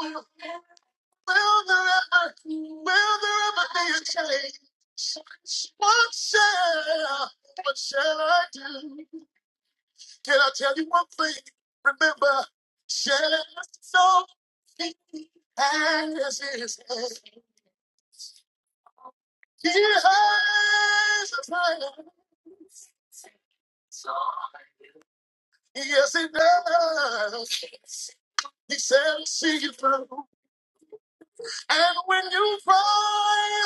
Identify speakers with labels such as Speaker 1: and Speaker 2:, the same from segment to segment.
Speaker 1: What shall, what shall I do? Can I tell you one thing? Remember, shall so be as it is. He has a plan. Yes, he does. He said, see you through. And when you cry.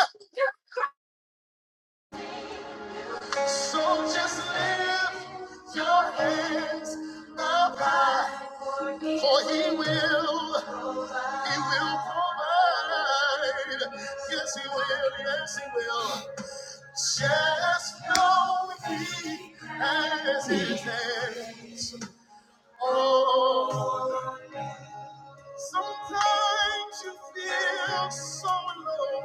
Speaker 1: So just lift your hands up high, for he will, he will provide. Yes, he will, yes, he will. Just know he has his hands. Oh, sometimes you feel so alone.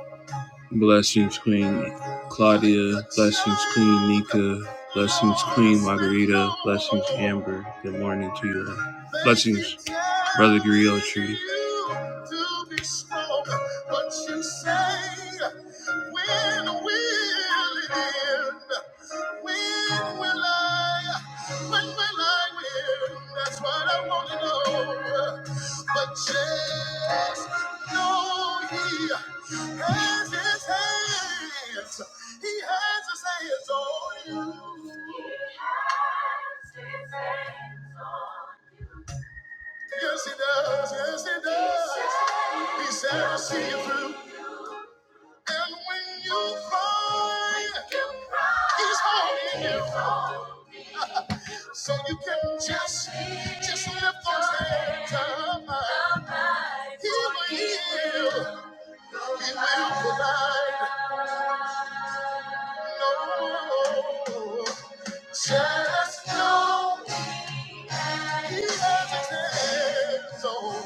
Speaker 1: Blessings, Queen Claudia. Blessings, Queen Nika. Blessings, Queen Margarita. Blessings, Amber. Good morning to you all. Blessings, Brother Griot Tree. When will it end? When will I? When will I win? That's what I want to know. But just know He has His hands. He has His hands on you. Yes, He does. Yes, He does. He said, "I'll see you through." And when you find, so you can just, just live for some time. He will, heal, he will provide. No, just know he has his own.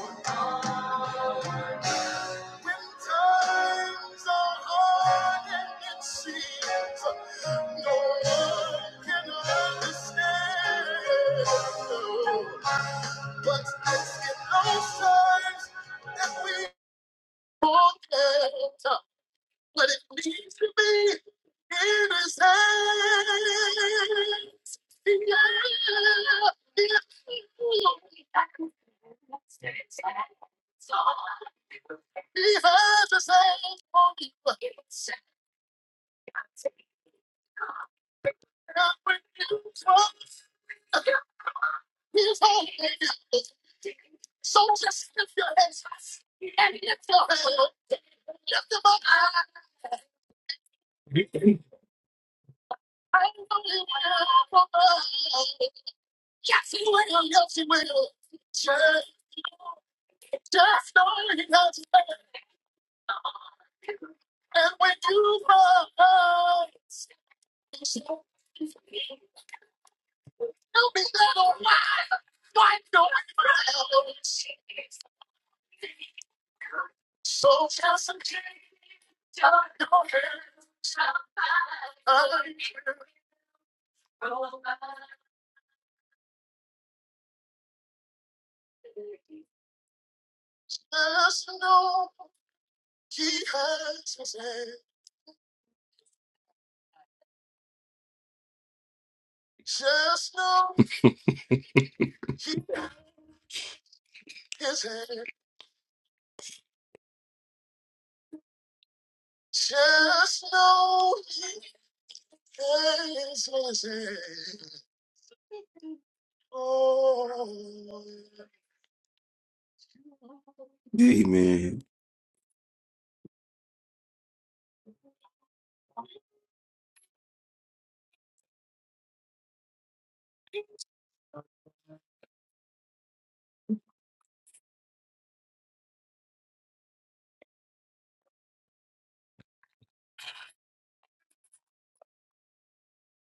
Speaker 1: When times are hard and it seems no one can understand, but it's in those times that we forget what it means to be. So just lift your hands And I saw the love. So I just said, "Oh, I'm so in love." Just know he pays his way. Oh,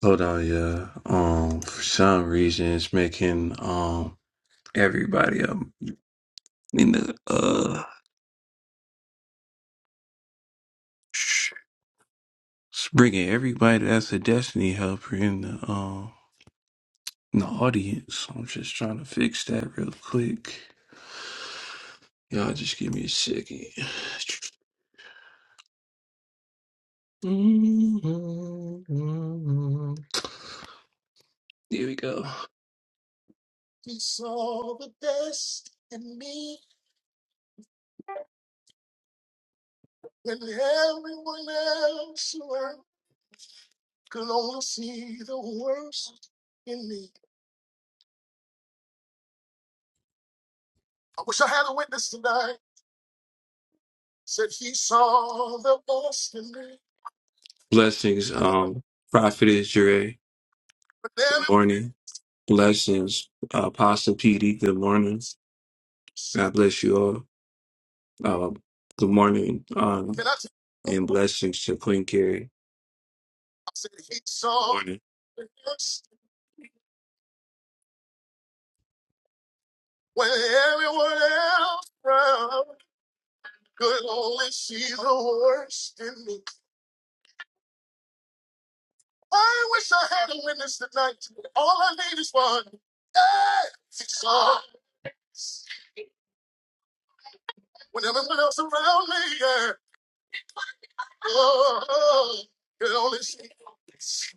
Speaker 1: Hold on, yeah. Um, for some reason, it's making um everybody um in the uh, sh- it's bringing everybody that's a Destiny helper in the um in the audience. So I'm just trying to fix that real quick. Y'all, just give me a second. There we go. He saw the best in me when everyone else around could only see the worst in me. Said sorry. Blessings, um, Prophetess Jure. Good morning. Blessings, uh, Apostle PD. Good morning. God bless you all. Uh, good morning. Um, And blessings to Queen Carrie. Good morning. when everyone else around could only see the worst in me. I wish I had a witness tonight. All I need is one. Hey, so when everyone else around me, yeah, oh, it only seems.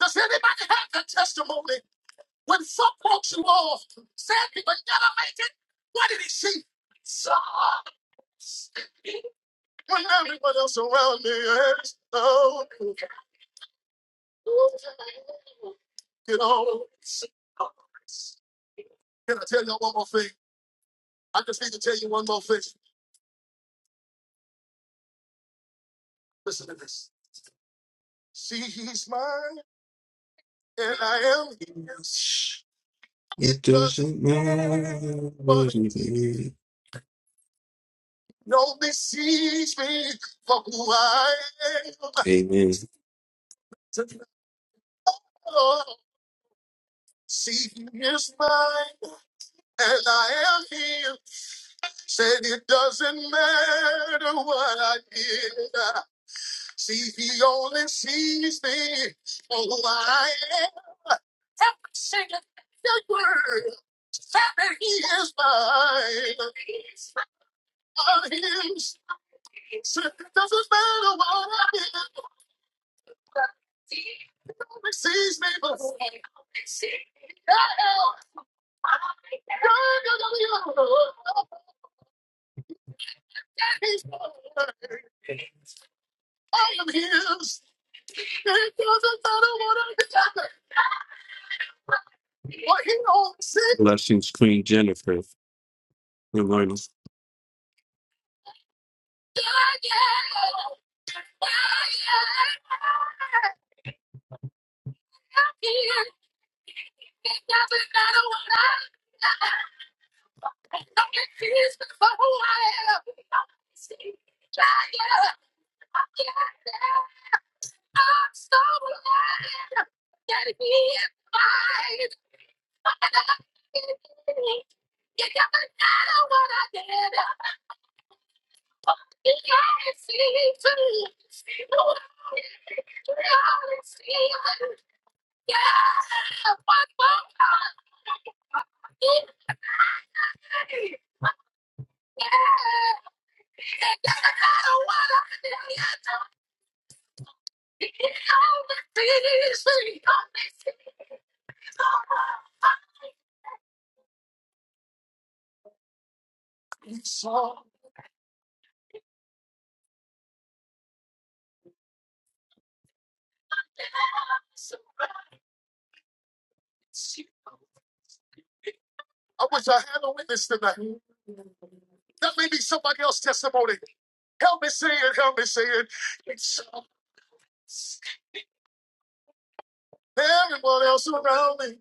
Speaker 1: Does anybody have that testimony? When some walks you off, said you would never make it, what did he see? So when everyone else around me is oh, you know. Can I tell you one more thing? I just need to tell you one more thing. Listen to this. See, he's mine, and I am his. It doesn't matter what it is. Nobody sees me for who I am. Amen. Oh, see, he is mine, and I am his. Said it doesn't matter what I did. See, he only sees me for who I am. Every single word. Blessings, Queen Jennifer. Good morning. It It doesn't doesn't Don't Can't matter matter what what I I I'm confused for who I am. I'm see. I am. I I'm I'm so alive. That he is mine. And I am me. It doesn't matter what I did. for who who am. am. He oversees me. I'm so so so. I wish I had a witness tonight. That may be somebody else's testimony. Help me see it. Help me see it. It's so everyone else around me.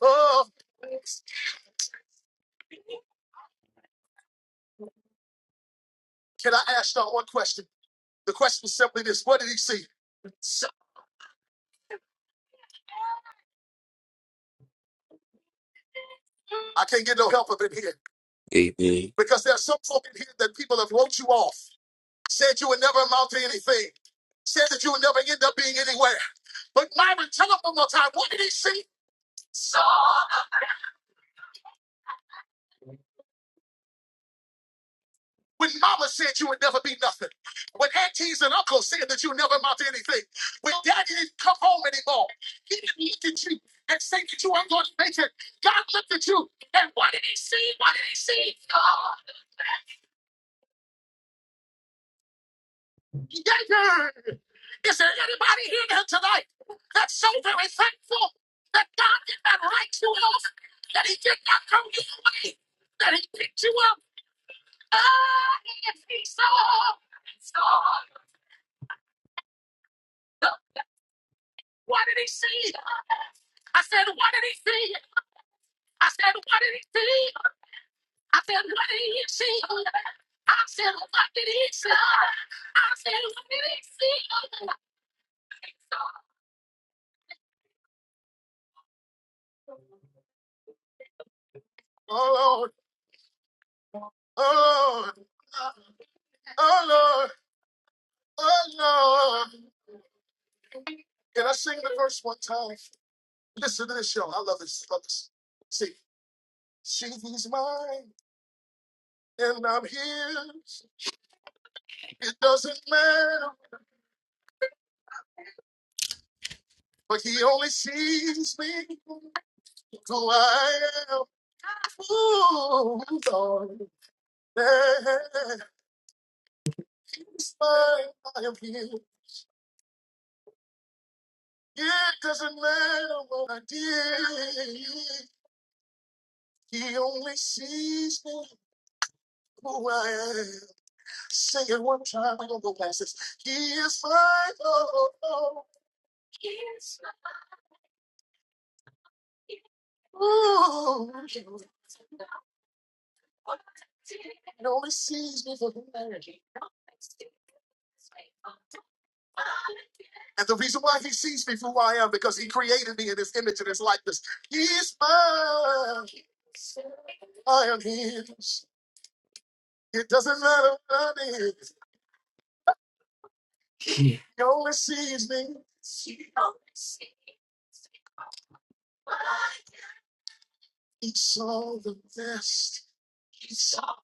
Speaker 1: Oh. Amen. When mama said you would never be nothing. When aunties and uncles said that you never amount to anything. When daddy didn't come home anymore. He didn't look at you and say that you weren't going to make it. God looked at you and what did he see? What did he see? God. Is there anybody here tonight that's so very thankful that God did not write you off, that He did not throw you away, that He picked you up? Ah, if He saw, saw. What did He see? I said, What did He see? I said, What did He see? I said, What did He see? I said, What did He see? I said, What did He see? Oh Lord, oh Lord, oh Lord, oh Lord. Can I sing the verse one time? Listen to this, y'all. I love this. Love this. See, she's mine and I'm his. It doesn't matter, but he only sees me who I am. Ooh, Lord, she's mine, I am his. It doesn't matter what I did. He only sees me one time. He, ooh, And the reason why I did this, you know, is me. He saw the best. He saw.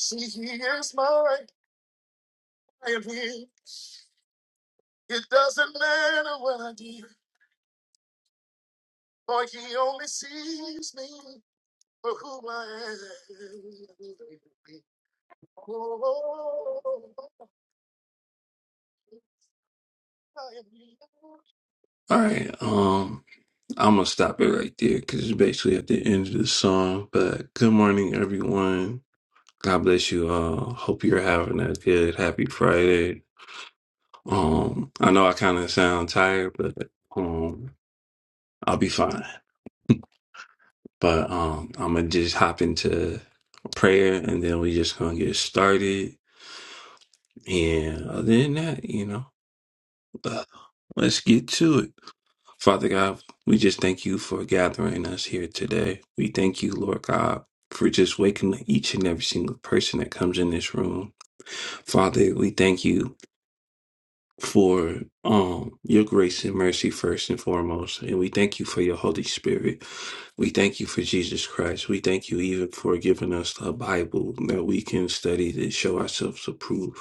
Speaker 1: See, he is my right hand. He, it doesn't matter what I do, for he only sees me for who I am. Oh, I am. All right, um, I'm gonna stop it right there because it's basically at the end of the song. But good morning, everyone. God bless you all. Hope you're having a good, happy Friday. Um, I know I kind of sound tired, but um, I'll be fine. But um, I'm gonna just hop into prayer, and then we just gonna get started. And other than that, you know, uh, let's get to it. Father God, we just thank you for gathering us here today. We thank you, Lord God, for just waking each and every single person that comes in this room. Father, we thank you for um your grace and mercy first and foremost and we thank you for your holy spirit we thank you for jesus christ we thank you even for giving us a bible that we can study to show ourselves approved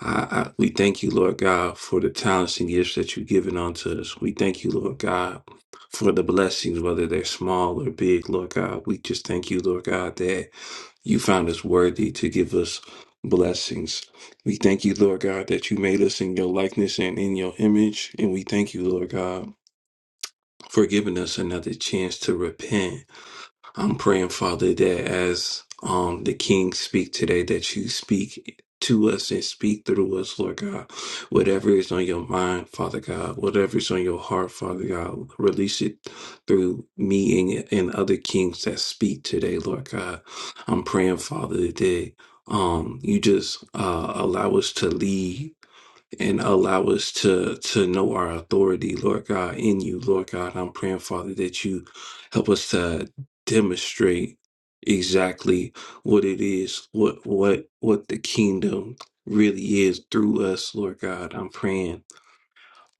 Speaker 1: I, I, we thank you lord god for the talents and gifts that you've given unto us we thank you lord god for the blessings whether they're small or big lord god we just thank you lord god that you found us worthy to give us blessings. We thank you, Lord God, that you made us in your likeness and in your image. And we thank you, Lord God, for giving us another chance to repent I'm praying, Father, that as um the King speak today, that you speak to us and speak through us, Lord God. Whatever is on your mind, Father God, whatever is on your heart, Father God, release it through me and, and other kings that speak today, Lord God. I'm praying, Father, that um you just uh allow us to lead and allow us to to know our authority, Lord God, in you, Lord God. I'm praying, Father, that you help us to demonstrate exactly what it is, what what what the kingdom really is through us, Lord God. I'm praying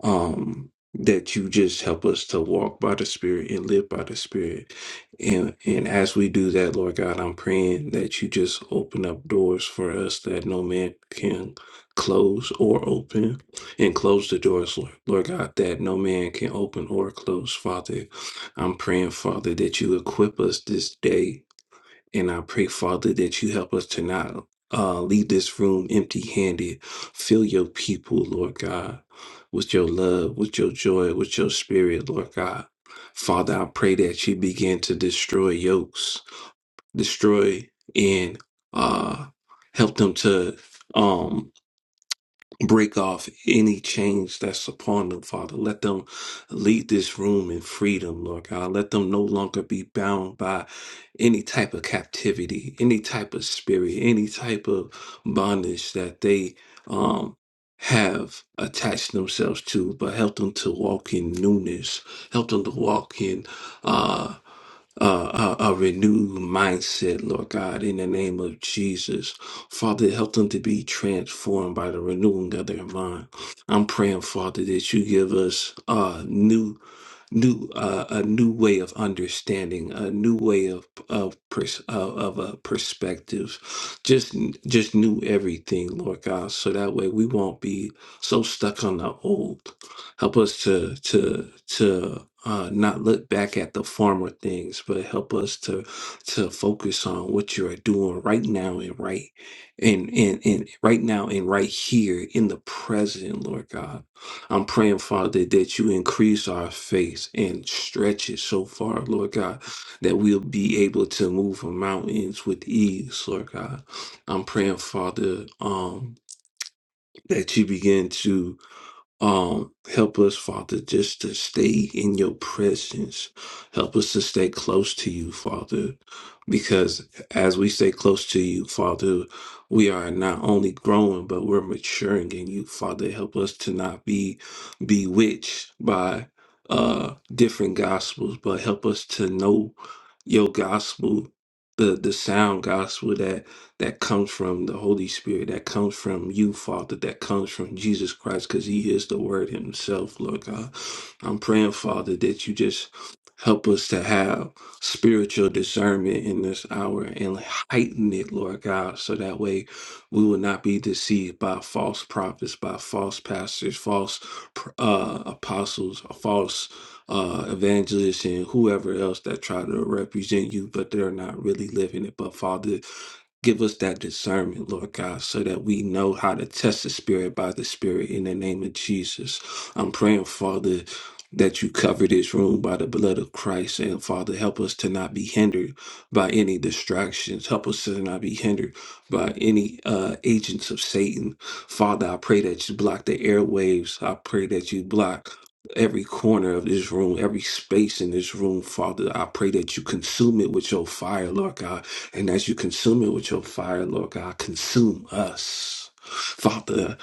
Speaker 1: um that you just help us to walk by the spirit and live by the spirit and and as we do that lord god i'm praying that you just open up doors for us that no man can close or open and close the doors lord, lord god that no man can open or close father i'm praying father that you equip us this day and I pray, Father, that you help us to not uh, leave this room empty handed. Fill your people, Lord God, with your love, with your joy, with your spirit, Lord God. Father, I pray that you begin to destroy yokes, destroy and uh, help them to. um, break off any chains that's upon them, Father. Let them lead this room in freedom, Lord God. Let them no longer be bound by any type of captivity, any type of spirit, any type of bondage that they um have attached themselves to, but help them to walk in newness. Help them to walk in uh uh, a, a renewed mindset, Lord God, in the name of Jesus. Father, help them to be transformed by the renewing of their mind. I'm praying, Father, that you give us uh, new new uh, a new way of understanding, a new way of of pers- of of a perspective, just just new everything, Lord God. So that way we won't be so stuck on the old. Help us to to to uh, not look back at the former things, but help us to to focus on what you are doing right now and right and and and right now and right here in the present, Lord God I'm praying, Father, that you increase our faith and stretch it so far, Lord God, that we'll be able to move mountains with ease, Lord God. I'm praying, Father, um, that you begin to um, help us, Father, just to stay in your presence. Help us to stay close to you, Father, because as we stay close to you, Father, we are not only growing, but we're maturing in you, Father. Help us to not be bewitched by uh different gospels, but help us to know your gospel, the the sound gospel that comes from the Holy Spirit, that comes from you, Father, that comes from Jesus Christ, because He is the Word Himself, Lord God. I'm praying, Father, that you just help us to have spiritual discernment in this hour and heighten it, Lord God, so that way we will not be deceived by false prophets, by false pastors, false pr- uh, apostles, false uh, evangelists, and whoever else that try to represent you, but they're not really living it. But Father, Give us that discernment, Lord God, so that we know how to test the spirit by the spirit in the name of Jesus. I'm praying, Father, that you cover this room by the blood of Christ. And Father, help us to not be hindered by any distractions. Help us to not be hindered by any uh, agents of Satan. Father, I pray that you block the airwaves. I pray that you block every corner of this room, every space in this room, Father. I pray that you consume it with your fire, Lord God. And as you consume it with your fire, Lord God, consume us. Father,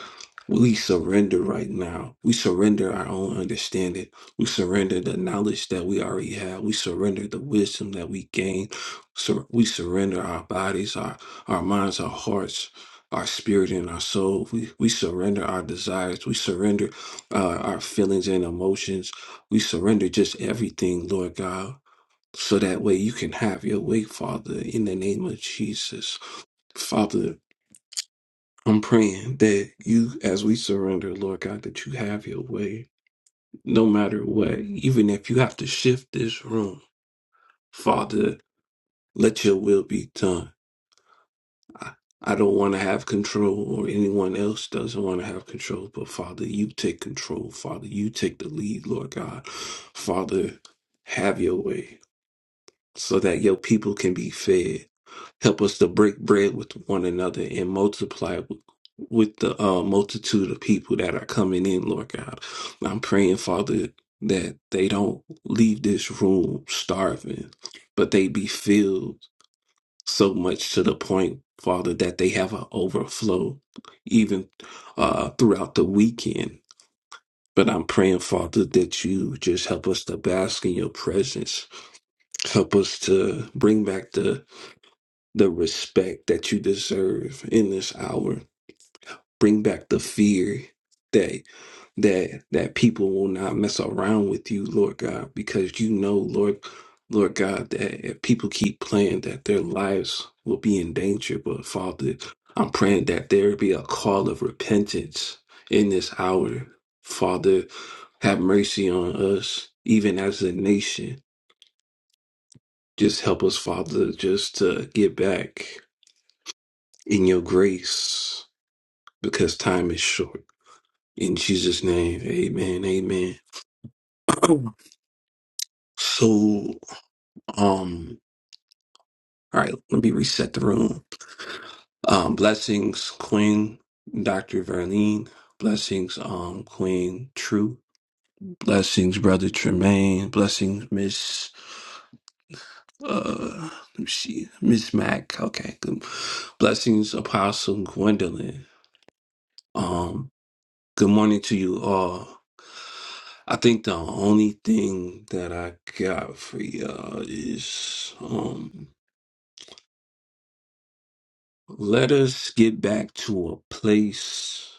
Speaker 1: we surrender right now. We surrender our own understanding. We surrender the knowledge that we already have. We surrender the wisdom that we gain. Sur- we surrender our bodies, our, our minds, our hearts, our spirit, and our soul. We, we surrender our desires. We surrender uh, our feelings and emotions. We surrender just everything, Lord God so that way you can have your way, Father, in the name of Jesus. Father, I'm praying that you, as we surrender, Lord God, that you have your way no matter what, even if you have to shift this room, Father, let your will be done. I I don't want to have control, or anyone else doesn't want to have control, but Father, you take control. Father, you take the lead, Lord God. Father, have your way so that your people can be fed Help us to break bread with one another and multiply with with the uh, multitude of people that are coming in, Lord God. I'm praying, Father, that they don't leave this room starving, but they be filled so much to the point, Father, that they have an overflow even uh, throughout the weekend. But I'm praying, Father, that you just help us to bask in your presence. Help us to bring back the the respect that you deserve in this hour. Bring back the fear that that that people will not mess around with you, Lord God, because you know, Lord, Lord God, that if people keep playing that their lives will be in danger. But Father, I'm praying that there be a call of repentance in this hour. Father, have mercy on us, even as a nation. Just help us, Father, just to get back in your grace because time is short. In Jesus' name, amen, amen. so, um, all right, let me reset the room. Um, blessings, Queen, Dr. Verlene. Blessings, um, Queen True. Blessings, Brother Tremaine. Blessings, Miss, uh, let me see, Miss Mac. Okay. Good. Blessings, Apostle Gwendolyn. Um, good morning to you all. I think the only thing that I got for y'all is um let us get back to a place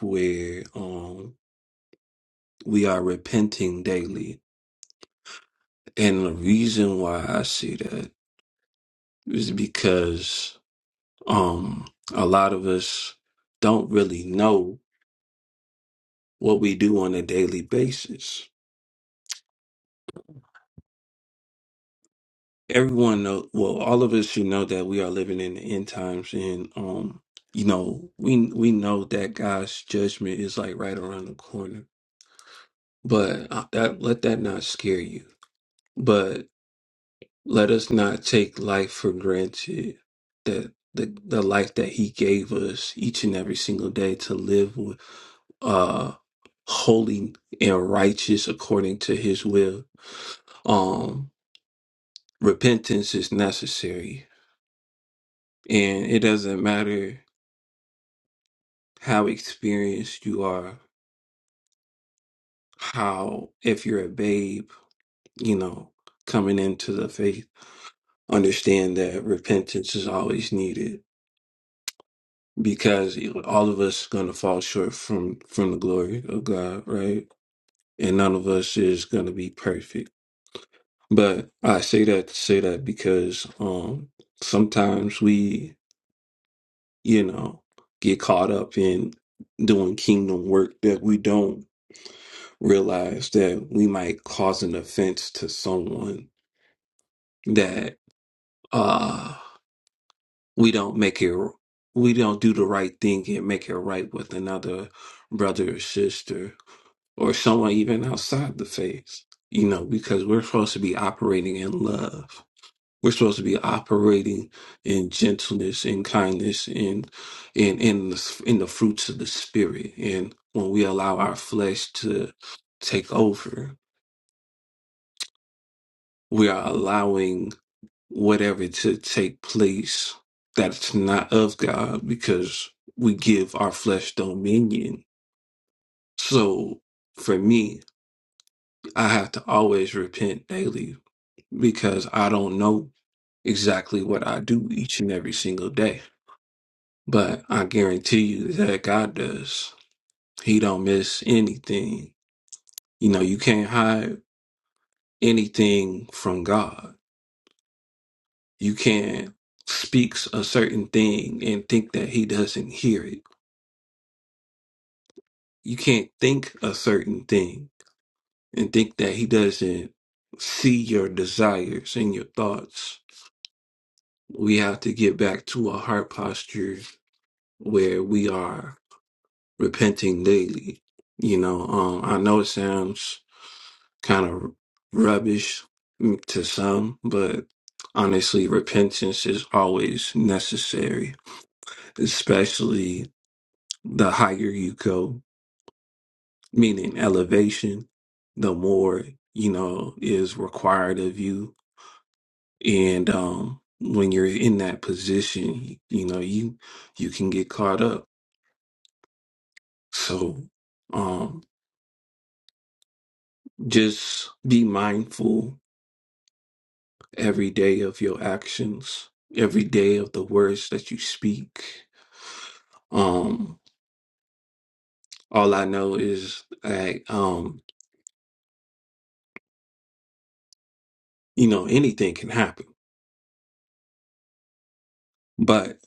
Speaker 1: where um we are repenting daily. And the reason why I say that is because um a lot of us don't really know what we do on a daily basis. everyone know well all of us should know that we are living in the end times and um you know we we know that god's judgment is like right around the corner but uh, that let that not scare you but let us not take life for granted that the, the life that he gave us each and every single day to live with uh holy and righteous according to his will um repentance is necessary And it doesn't matter how experienced you are, how, if you're a babe, you know, coming into the faith, understand that repentance is always needed because all of us going to fall short from from the glory of God, right? And none of us is going to be perfect. But I say that to say that because um sometimes we, you know, get caught up in doing kingdom work that we don't realize that we might cause an offense to someone that uh we don't make it we don't do the right thing and make it right with another brother or sister or someone even outside the faith you know because we're supposed to be operating in love we're supposed to be operating in gentleness and kindness and in in the, in the fruits of the spirit and when we allow our flesh to take over we are allowing whatever to take place that's not of God because we give our flesh dominion. So for me, I have to always repent daily because I don't know exactly what I do each and every single day. But I guarantee you that God does. He don't miss anything. You know, you can't hide anything from God. You can't speak a certain thing and think that he doesn't hear it you can't think a certain thing and think that he doesn't see your desires and your thoughts. We have to get back to a heart posture where we are repenting daily. You know, um, I know it sounds kind of rubbish mm, to some, but honestly, repentance is always necessary, especially the higher you go. meaning elevation, the more, you know, is required of you. And um when you're in that position, you know, you you can get caught up. So um just be mindful every day of your actions, every day of the words that you speak. Um all I know is that um, you know, anything can happen. But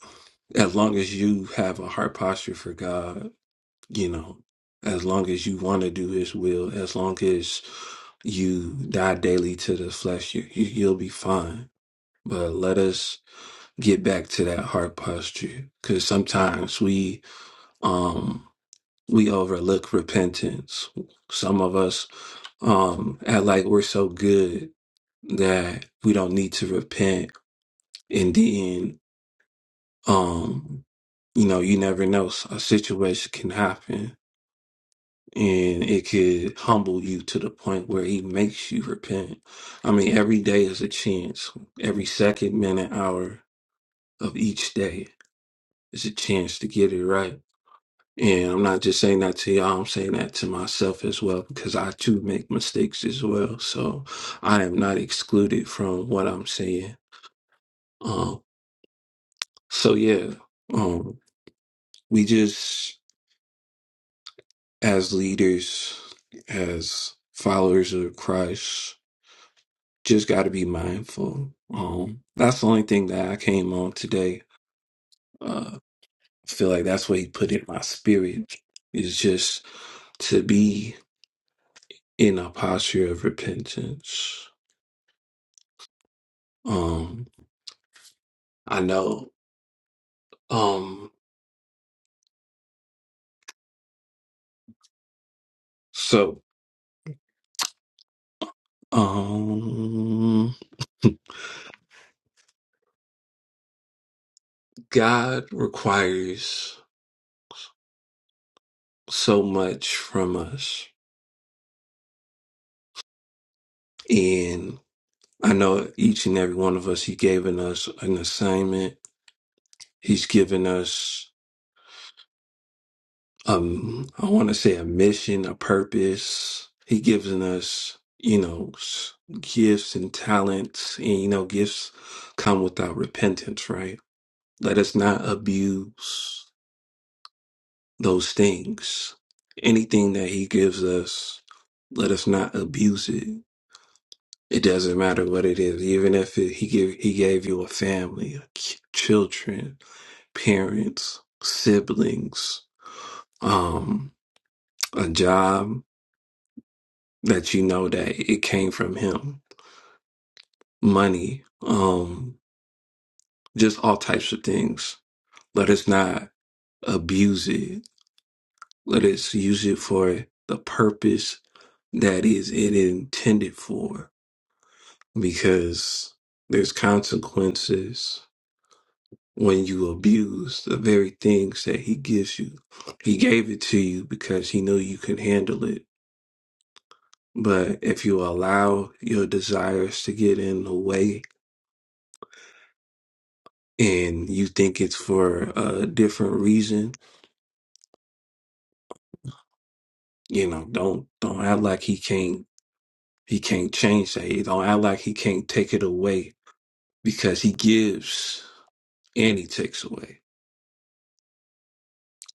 Speaker 1: as long as you have a heart posture for God you know, as long as you want to do His will, as long as you die daily to the flesh, you, you, you'll be fine. But let us get back to that heart posture, because sometimes we um we overlook repentance. Some of us um act like we're so good that we don't need to repent, and then um you know you never know a situation can happen and it could humble you to the point where he makes you repent. I mean, every day is a chance. Every second, minute, hour of each day is a chance to get it right. And I'm not just saying that to y'all, I'm saying that to myself as well, because I too make mistakes as well. So I am not excluded from what I'm saying. Um, so yeah, um, we just, as leaders, as followers of Christ, just got to be mindful. Um, that's the only thing that I came on today. Uh, I feel like that's what he put in my spirit is just to be in a posture of repentance. Um, I know. Um, so, um, God requires so much from us, and I know each and every one of us. He given us an assignment. He's given us um I want to say a mission, a purpose. He gives in us, you know, s- gifts and talents, and you know, gifts come without repentance, right? Let us not abuse those things. Anything that he gives us, let us not abuse it. It doesn't matter what it is, even if it, he give he gave you a family, a ki- children, parents, siblings, um, a job that you know that it came from him money um just all types of things let us not abuse it let us use it for the purpose that is it intended for because there's consequences when you abuse the very things that he gives you he gave it to you because he knew you could handle it but if you allow your desires to get in the way and you think it's for a different reason, you know, don't don't act like he can't he can't change that. You Don't act like he can't take it away because he gives and he takes away.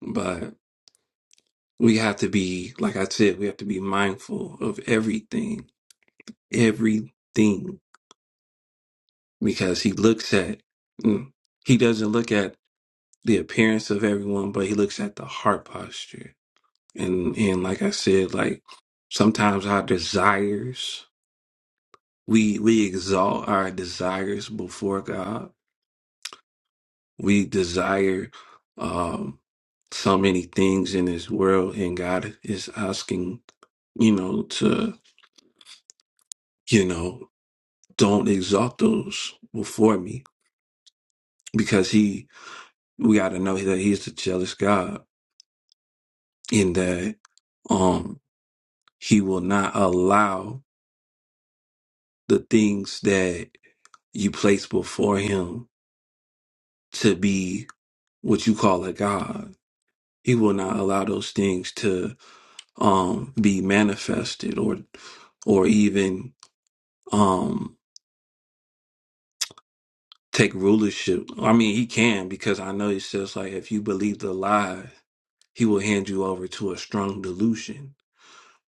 Speaker 1: But we have to be, like I said, we have to be mindful of everything, everything, because he looks at, mm, he doesn't look at the appearance of everyone, but he looks at the heart posture. And and like I said, like sometimes our desires We we exalt our desires before God. We desire um, so many things in this world, and God is asking, you know, to you know, don't exalt those before me, because He we got to know that He's the jealous God, in that um He will not allow the things that you place before Him to be what you call a god. He will not allow those things to um, be manifested or or even um, take rulership. I mean, he can because I know he says like if you believe the lie, he will hand you over to a strong delusion.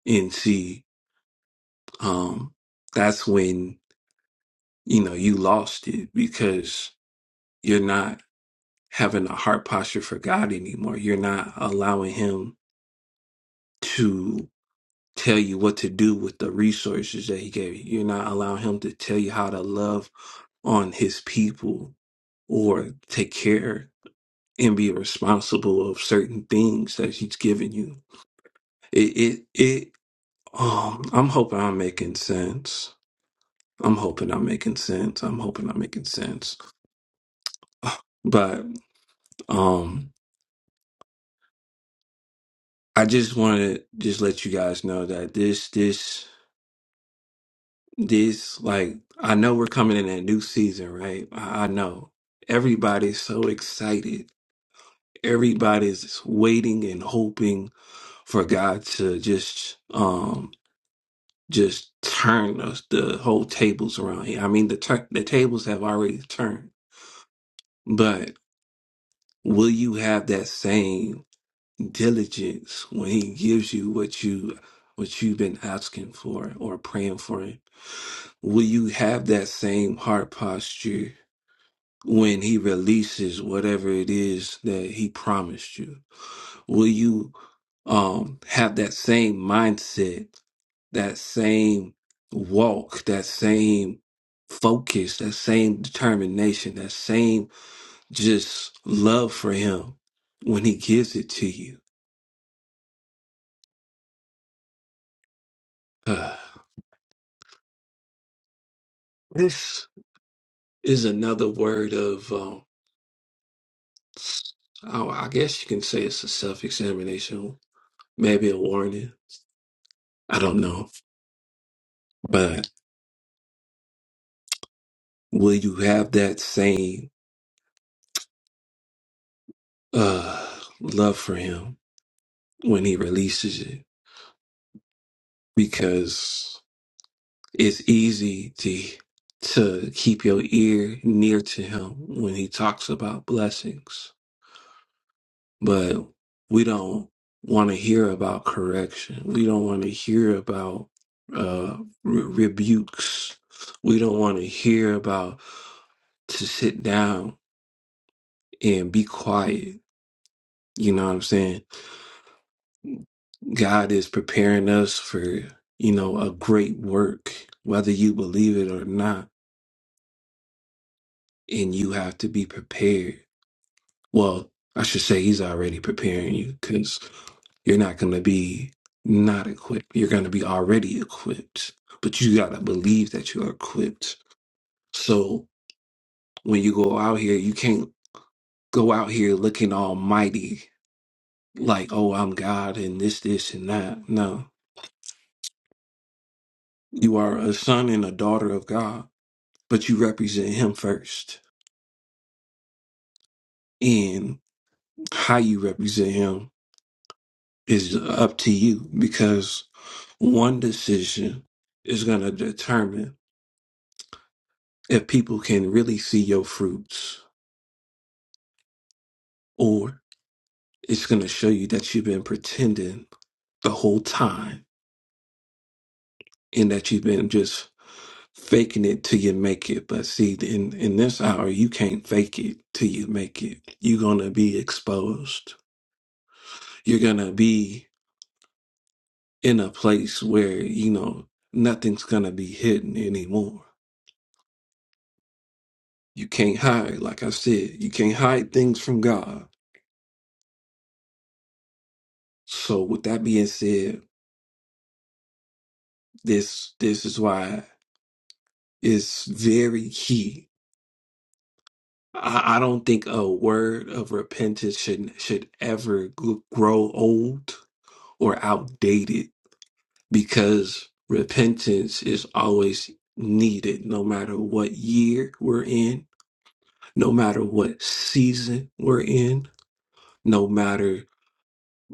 Speaker 1: And see, um, that's when you know you lost it because you're not having a heart posture for God anymore. You're not allowing Him to. tell you what to do with the resources that he gave you. You're not allowing him to tell you how to love on his people or take care and be responsible of certain things that he's given you. It it it um I'm hoping I'm making sense. I'm hoping I'm making sense. I'm hoping I'm making sense. But um I just want to just let you guys know that this this This, like, I know we're coming in a new season, right? I, I know. Everybody's so excited. Everybody's waiting and hoping for God to just, um, just turn us the whole tables around here. I mean, the tur the tables have already turned, but will you have that same diligence when He gives you what you what you've been asking for or praying for? Him? Will you have that same heart posture when he releases whatever it is that he promised you will you um have that same mindset that same walk that same focus that same determination that same just love for him when he gives it to you Ah, this is another word of um I I guess you can say it's a self-examination maybe a warning i don't know will you have that same uh, love for him when he releases it? Because it's easy to to keep your ear near to him when he talks about blessings, but we don't want to hear about correction. We don't want to hear about uh, re- rebukes. We don't want to hear about to sit down and be quiet. You know what I'm saying? God is preparing us for, you know, a great work, whether you believe it or not, and you have to be prepared. Well, I should say he's already preparing you because you're not going to be not equipped. You're going to be already equipped, but you got to believe that you're equipped. So when you go out here, you can't go out here looking almighty, like, oh, I'm God and this, this, and that. No, you are a son and a daughter of God. but you represent him first. And how you represent him is up to you because one decision is going to determine if people can really see your fruits or it's going to show you that you've been pretending the whole time and that you've been just faking it till you make it. But see, in, in this hour, you can't fake it till you make it. You're going to be exposed. You're going to be in a place where you know nothing's gonna be hidden anymore. You can't hide, like I said, you can't hide things from God. So with that being said, this this is why it's very key. I, I don't think a word of repentance should should ever g- grow old or outdated because repentance is always needed no matter what year we're in no matter what season we're in no matter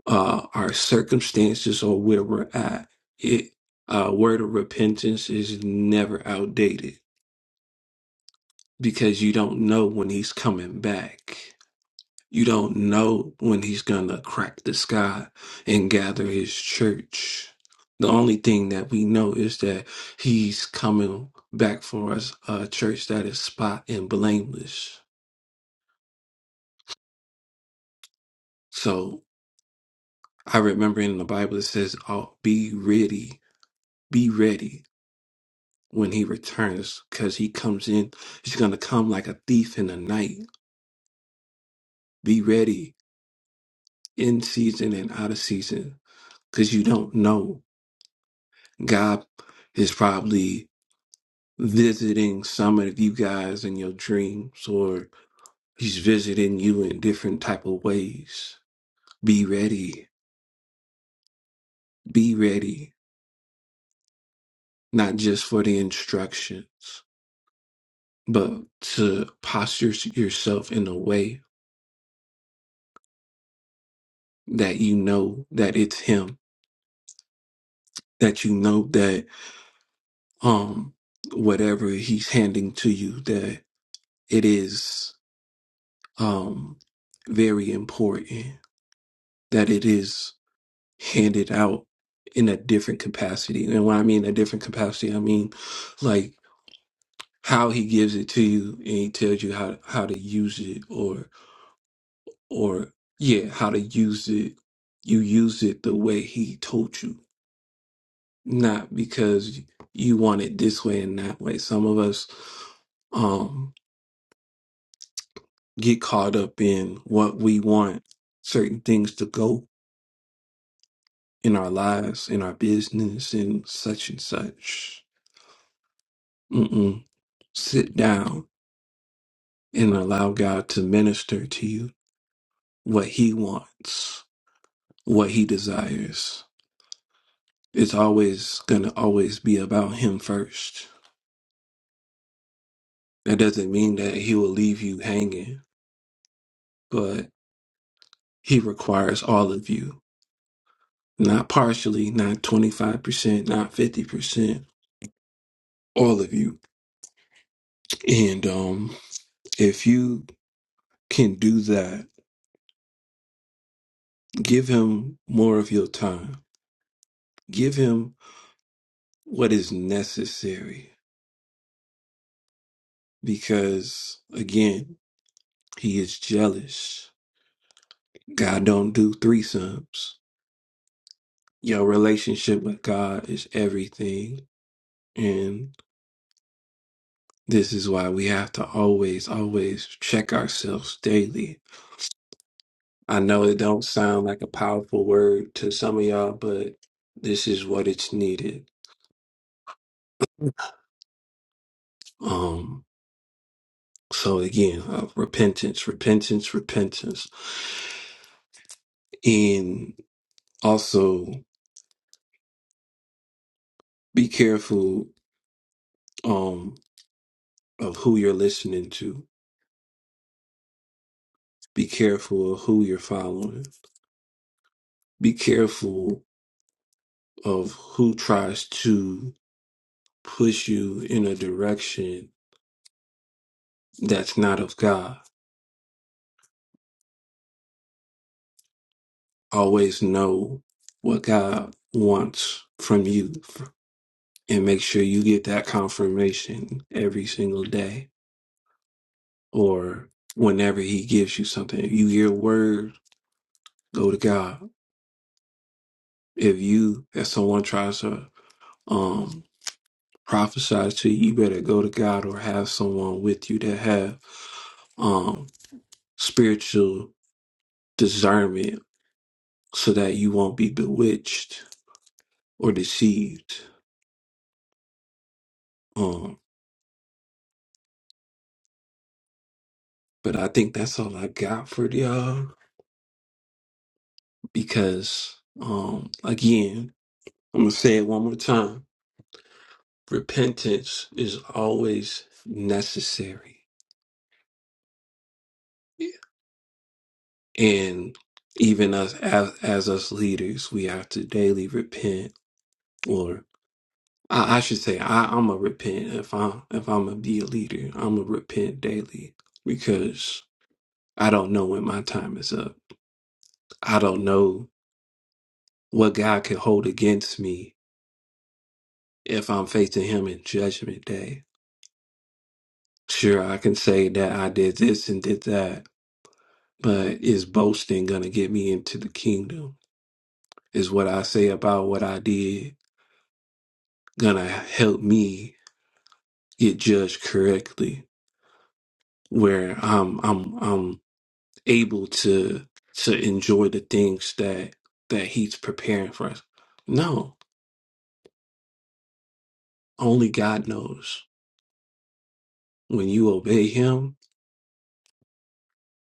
Speaker 1: uh, our circumstances or where we're at. It uh, word of repentance is never outdated because you don't know when he's coming back. You don't know when he's gonna crack the sky and gather his church. The only thing that we know is that he's coming back for us, a church that is spot and blameless. So I remember in the Bible it says, "Oh, be ready, be ready." when he returns because he comes in he's going to come like a thief in the night be ready in season and out of season because you don't know god is probably visiting some of you guys in your dreams or he's visiting you in different type of ways be ready be ready not just for the instructions but to posture yourself in a way that you know that it's him that you know that. um whatever he's handing to you that it is um very important that it is handed out in a different capacity and when i mean a different capacity i mean like how he gives it to you and he tells you how how to use it or or yeah how to use it you use it the way he told you not because you want it this way and that way some of us um, get caught up in what we want certain things to go in our lives, in our business, and such and such. Mm-mm. Sit down and allow God to minister to you what He wants, what He desires. It's always going to always be about Him first. That doesn't mean that He will leave you hanging, but He requires all of you. Not partially, not 25%, not 50%, all of you. And um If you can do that, give him more of your time. Give him what is necessary because again, he is jealous. God don't do threesomes. Your relationship with God is everything. And this is why we have to always, always check ourselves daily. I know it don't sound like a powerful word to some of y'all, but this is what it's needed. Um. So again, uh, repentance, repentance, repentance, and also be careful um, of who you're listening to. Be careful of who you're following. Be careful of who tries to push you in a direction that's not of God. Always know what God wants from you, and make sure you get that confirmation every single day or whenever he gives you something. If you hear a word, go to God. If you, if someone tries to um prophesy to you, you better go to God or have someone with you that have um spiritual discernment so that you won't be bewitched or deceived. Um but I think that's all I got for y'all because um again, I'm gonna say it one more time. Repentance is always necessary and even us as, as us leaders we have to daily repent or i, I should say I, i'm a repent if i if i'm gonna be a leader i'm gonna repent daily because i don't know when my time is up i don't know what god can hold against me if i'm facing him in judgment day sure i can say that i did this and did that but is boasting gonna get me into the kingdom is what i say about what i did gonna help me get judged correctly, where I'm I'm I'm able to to enjoy the things that that He's preparing for us. No, only God knows. When you obey Him,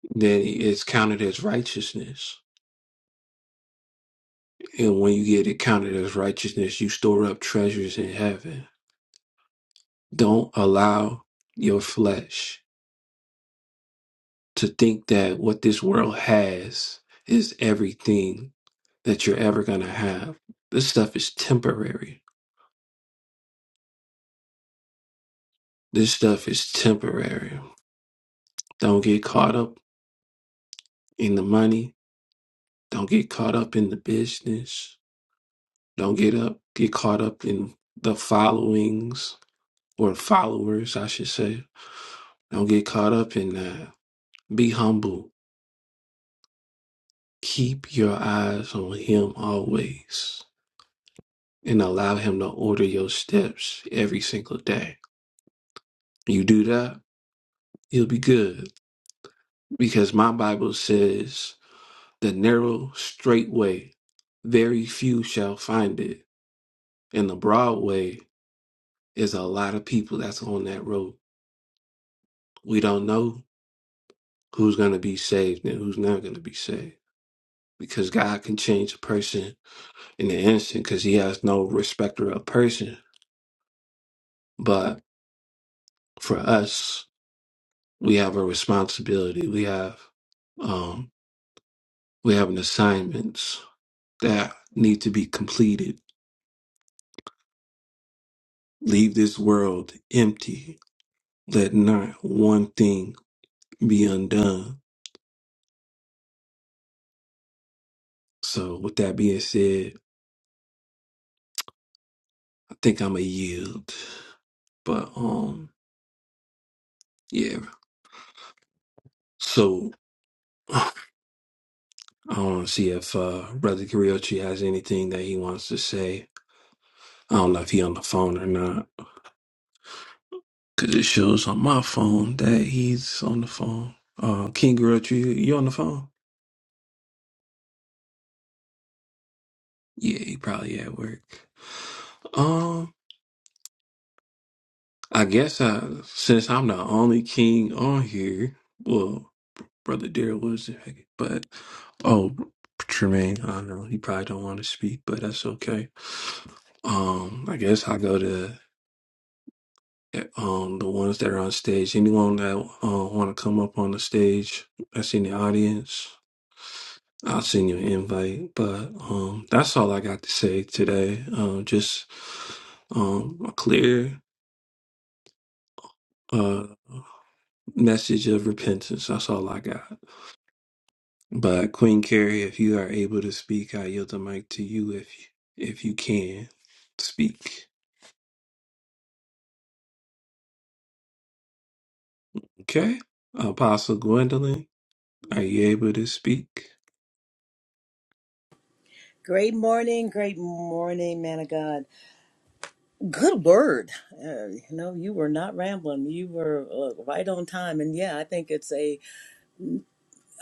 Speaker 1: then it's counted as righteousness, and when you get it counted as righteousness, you store up treasures in heaven. Don't allow your flesh to think that what this world has is everything that you're ever going to have. This stuff is temporary This stuff is temporary. Don't get caught up in the money. Don't get caught up in the business. Don't get up get caught up in the followings or followers, I should say. Don't get caught up in that. Be humble. Keep your eyes on him always and allow him to order your steps every single day. You do that, you'll be good. Because my Bible says The narrow, straight way, very few shall find it. And the broad way is a lot of people that's on that road. We don't know who's going to be saved and who's not going to be saved because God can change a person in an instant because he has no respecter of person. But for us, we have a responsibility. We have, um, we have an assignments that need to be completed. Leave this world empty. Let not one thing be undone. So with that being said, I think I'm a yield. But um yeah. So I don't see if uh Brother Griochi has anything that he wants to say. I don't know if he on the phone or not. Cause it shows on my phone that he's on the phone. Uh King Griochi, you on the phone? Yeah, he probably at work. Um I guess I since I'm the only king on here, well Brother Daryl was there, but oh, Tremaine, I don't know he probably don't want to speak, but that's okay. Um, I guess I go to eh, um the ones that are on stage. Anyone that uh, want to come up on the stage, that's in the audience. I'll send you an invite, but um, that's all I got to say today. Um, just um, a clear uh message of repentance. That's all I got. But Queen Carrie, if you are able to speak, I yield the mic to you if if you can speak. Okay, Apostle Gwendolyn, are you able to speak?
Speaker 2: Great morning, great morning, man of God. Good word. Uh, you know, you were not rambling. You were uh, right on time. And yeah, I think it's a,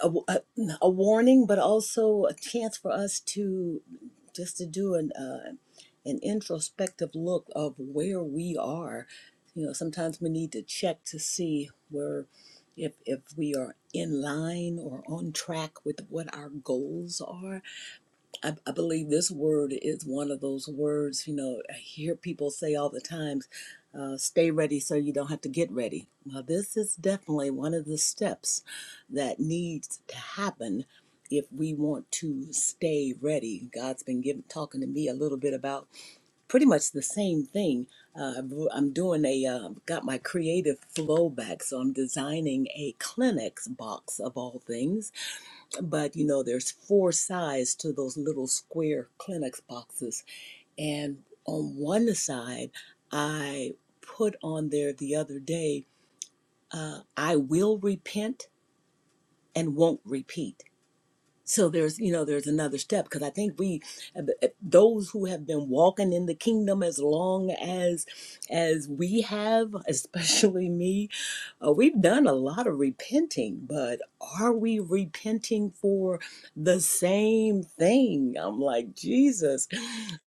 Speaker 2: a a a warning, but also a chance for us to just to do an uh, an introspective look of where we are. You know, sometimes we need to check to see where if if we are in line or on track with what our goals are I, I believe this word is one of those words, you know, I hear people say all the time, uh, stay ready so you don't have to get ready. Well, this is definitely one of the steps that needs to happen if we want to stay ready. God's been giving, talking to me a little bit about pretty much the same thing. Uh, i am doing a, uh, got my creative flow back, so I'm designing a Kleenex box of all things but you know there's four sides to those little square Kleenex boxes and on one side i put on there the other day uh, i will repent and won't repeat so there's you know there's another step because i think we those who have been walking in the kingdom as long as as we have especially me uh, we've done a lot of repenting but are we repenting for the same thing i'm like jesus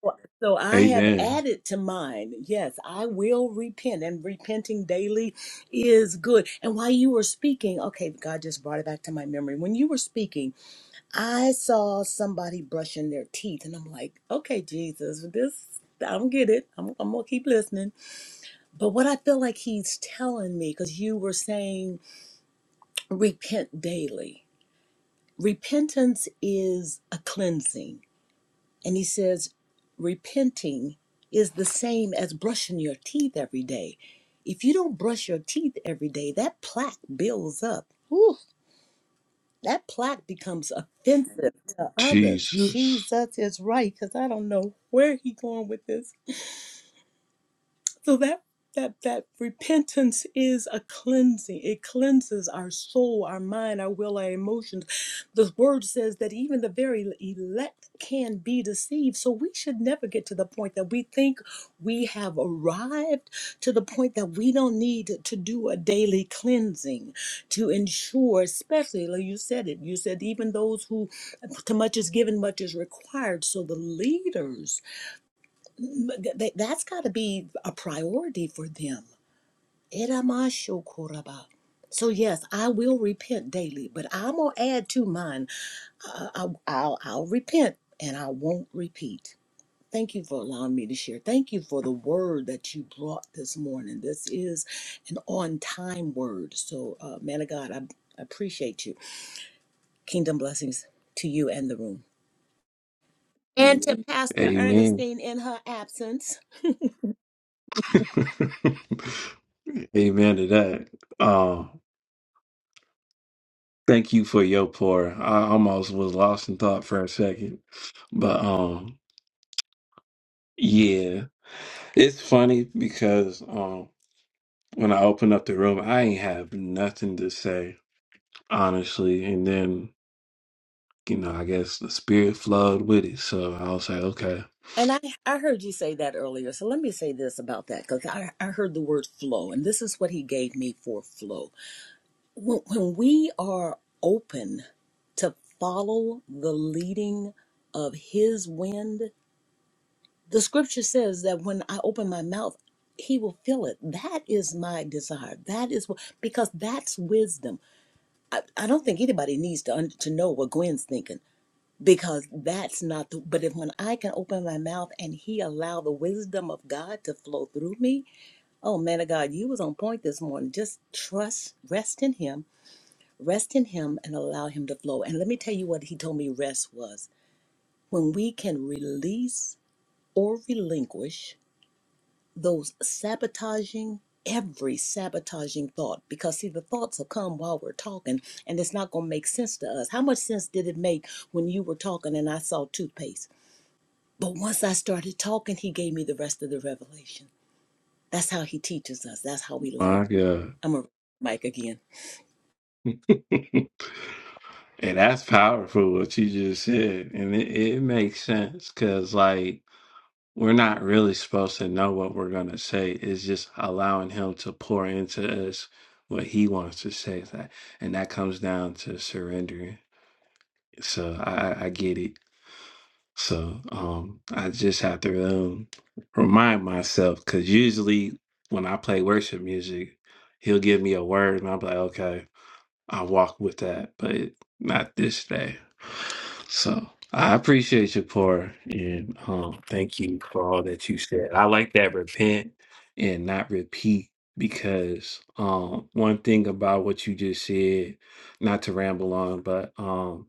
Speaker 2: Well, so i have
Speaker 1: Amen.
Speaker 2: added to mine yes i will repent and repenting daily is good and while you were speaking okay god just brought it back to my memory when you were speaking I saw somebody brushing their teeth, and I'm like, okay, Jesus, this, I don't get it. I'm, I'm gonna keep listening. But what I feel like he's telling me, because you were saying, repent daily. Repentance is a cleansing. And he says, repenting is the same as brushing your teeth every day. If you don't brush your teeth every day, that plaque builds up. Whew. that plaque becomes offensive to others.
Speaker 1: Jesus.
Speaker 2: Jesus is right, because I don't know where he going with this. So that that that repentance is a cleansing. It cleanses our soul, our mind, our will, our emotions. The word says that even the very elect can be deceived. So we should never get to the point that we think we have arrived to the point that we don't need to do a daily cleansing to ensure, especially like you said it, you said even those who to much is given, much is required. So the leaders but That's got to be a priority for them. Eramashokoraba. So yes, I will repent daily, but I'm gonna add to mine. I, I, I'll, I'll repent and I won't repeat. Thank you for allowing me to share. Thank you for the word that you brought this morning. This is an on-time word. So, uh, man of God, I I appreciate you. Kingdom blessings to you and the room, and to Pastor
Speaker 1: Amen.
Speaker 2: Ernestine in her absence.
Speaker 1: Amen to that. Um, thank you for your pour. I almost was lost in thought for a second, but um, yeah, it's funny because um, when I opened up the room, I ain't have nothing to say. honestly. And then, you know, I guess the spirit flowed with it. So I was like, okay,
Speaker 2: And I, I heard you say that earlier. So let me say this about that because I, I heard the word flow, and this is what he gave me for flow. When, when we are open to follow the leading of his wind, the scripture says that when I open my mouth, he will fill it. That is my desire. That is what, because that's wisdom. I, I don't think anybody needs to, un- to know what Gwen's thinking because that's not the but if when i can open my mouth and he allow the wisdom of god to flow through me oh man of god you was on point this morning just trust rest in him rest in him and allow him to flow and let me tell you what he told me rest was when we can release or relinquish those sabotaging every sabotaging thought because see the thoughts will come while we're talking and it's not going to make sense to us how much sense did it make when you were talking and i saw toothpaste But once I started talking, he gave me the rest of the revelation. That's how he teaches us. That's how we
Speaker 1: my
Speaker 2: learn.
Speaker 1: God.
Speaker 2: I'm a mic again.
Speaker 1: and that's powerful what you just said. And it, it makes sense because, like, we're not really supposed to know what we're going to say. It's just allowing Him to pour into us what He wants to say. That- And that comes down to surrendering. So I, I I get it. So um, I just have to um, remind myself because usually when I play worship music, he'll give me a word and I'm like, okay, I walk with that, but it- not this day. So I appreciate your pour and um, thank you for all that you said. I like that repent and not repeat because um, one thing about what you just said, not to ramble on, but um,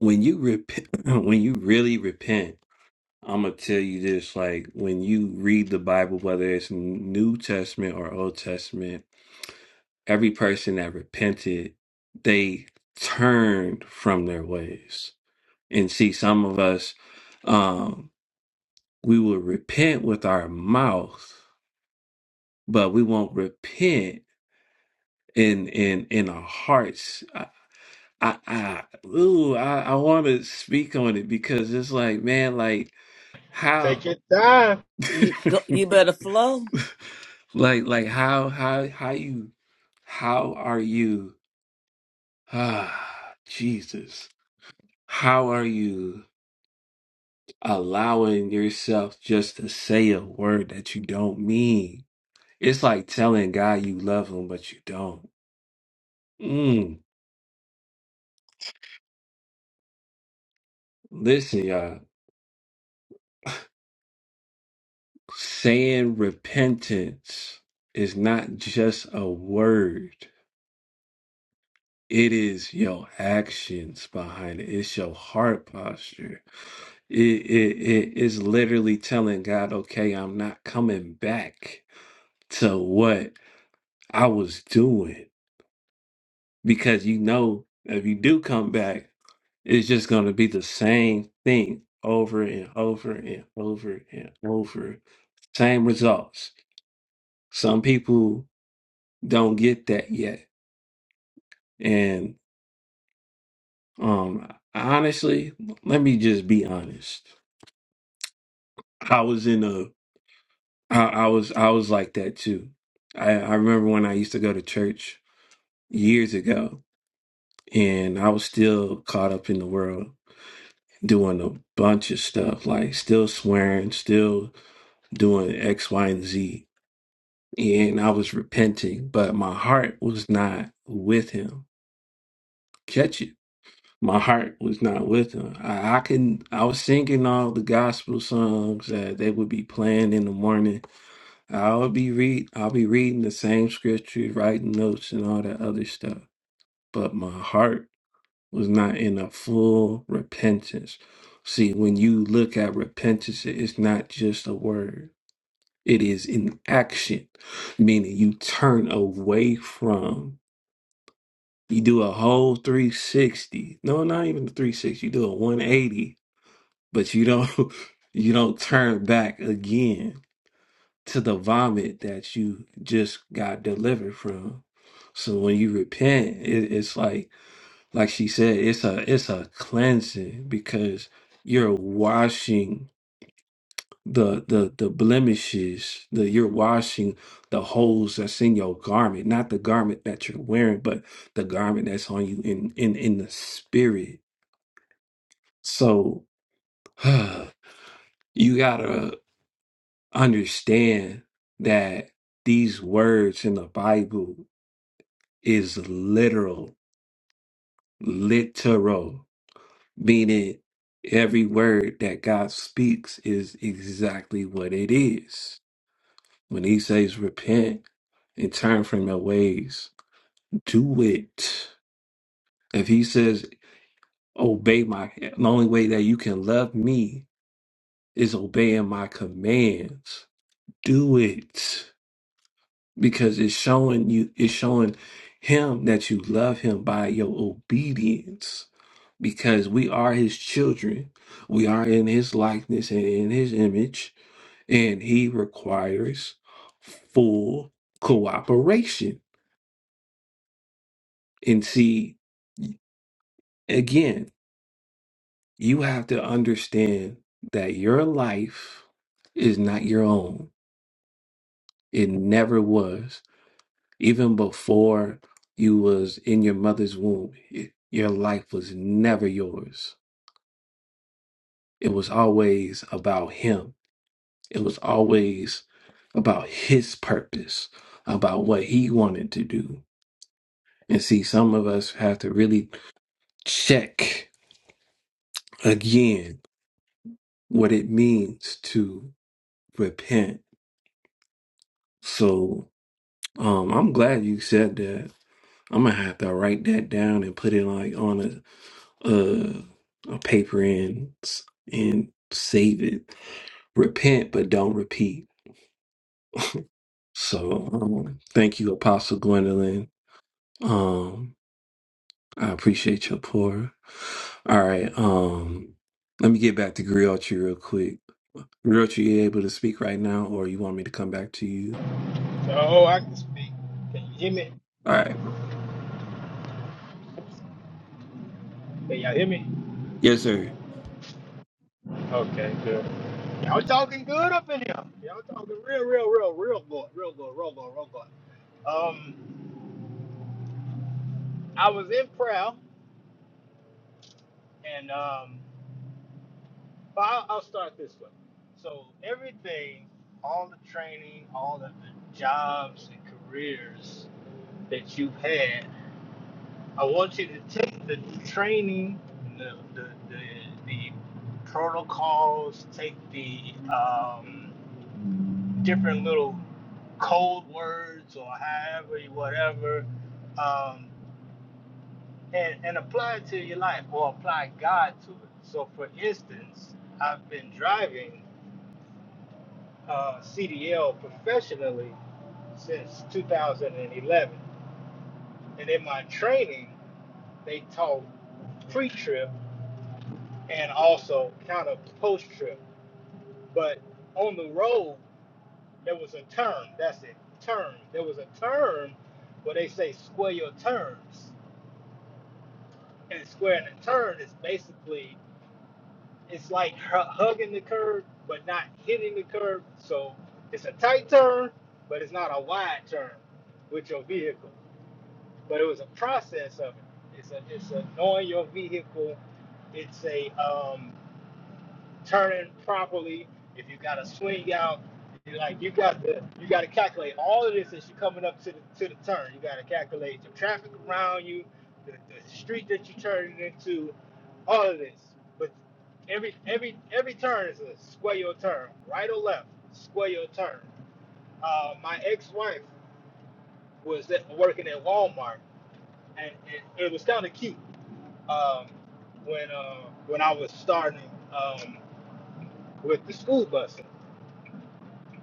Speaker 1: when you repent, when you really repent. I'm gonna tell you this, like when you read the Bible, whether it's New Testament or Old Testament, every person that repented, they turned from their ways. And see, some of us, um, we will repent with our mouth, but we won't repent in in in our hearts. I I, I ooh, I, I want to speak on it because it's like, man, like how.
Speaker 3: Take your time.
Speaker 2: You go. You better flow.
Speaker 1: Like like how how how you how are you ah Jesus how are you allowing yourself just to say a word that you don't mean? It's like telling God you love him but you don't. Mm, listen, y'all. Saying repentance is not just a word. It is your actions behind it. It's your heart posture It, it, it is literally telling God, okay, I'm not coming back to what I was doing. Because you know, if you do come back, it's just going to be the same thing over and over and over and over. Same results. Some people don't get that yet. And um honestly, let me just be honest. I was in a I, I was I was like that too. I, I remember when I used to go to church years ago, and I was still caught up in the world doing a bunch of stuff, like still swearing, still doing X, Y, and Z. And I was repenting, but my heart was not with him. Catch it. My heart was not with him. I, I can I was singing all the gospel songs that they would be playing in the morning. I'll be read I'll be reading the same scriptures, writing notes and all that other stuff. But my heart was not in a full repentance. See, when you look at repentance, it's not just a word, it is an action, meaning you turn away from. You do a whole 360. No, not even the 360. You do a 180, but you don't you don't turn back again to the vomit that you just got delivered from. So when you repent, it, it's like like she said, it's a it's a cleansing because you're washing the the the blemishes, the you're washing the holes that's in your garment, not the garment that you're wearing, but the garment that's on you in in in the spirit. So you gotta understand that these words in the Bible is literal, literal. meaning every word that God speaks is exactly what it is. When he says repent and turn from your ways, do it. If he says obey my, the only way that you can love me is obeying my commands. Do it because it's showing you, it's showing him that you love him by your obedience because we are his children. We are in his likeness and in his image and he requires full cooperation. And see, again, you have to understand that your life is not your own. It never was. Even before you was in your mother's womb, it- your life was never yours. It was always about him. It was always about his purpose, about what he wanted to do. And see, some of us have to really check again what it means to repent. So um, I'm glad you said that. I'm gonna have to write that down and put it like on a a, a paper and s- and save it. Repent, but don't repeat. So um, thank you, Apostle Gwendolyn. Um, I appreciate your pour. All right. Um, let me get back to Griotri real quick. Grilled, you able to speak right now, or you want me to come back to you?
Speaker 3: Oh, I can speak. Can you hear me?
Speaker 1: All right.
Speaker 3: Can y'all hear me?
Speaker 1: Yes, sir.
Speaker 3: Okay, good. Y'all talking good up in here. Y'all talking real, real, real, real good, real good, real good, real good. Um, I was in prayer, and um, but I'll, I'll start this way. So everything, all the training, all of the jobs and careers that you've had. I want you to take the training, the the the, the protocols, take the um, different little code words or however you- whatever, um, and and apply it to your life or apply God to it. So, for instance, I've been driving uh, CDL professionally since 2011, and in my training, they taught pre-trip and also kind of post trip. But on the road, there was a turn. That's it. Turn. There was a turn where they say square your turns. And squaring a turn is basically, it's like hu- hugging the curb, but not hitting the curb. So it's a tight turn, but it's not a wide turn with your vehicle. But it was a process of it. It's a, it's a knowing your vehicle. It's a, um. turning properly, if you got a swing out, you like you got to, you got to calculate all of this as you're coming up to the to the turn. You got to calculate the traffic around you, the, the street that you're turning into, all of this. But every every every turn is a square your turn, right or left, square your turn. Uh, my ex-wife was at, working at Walmart, and it, it was kind of cute um, when uh, when I was starting um, with the school bus.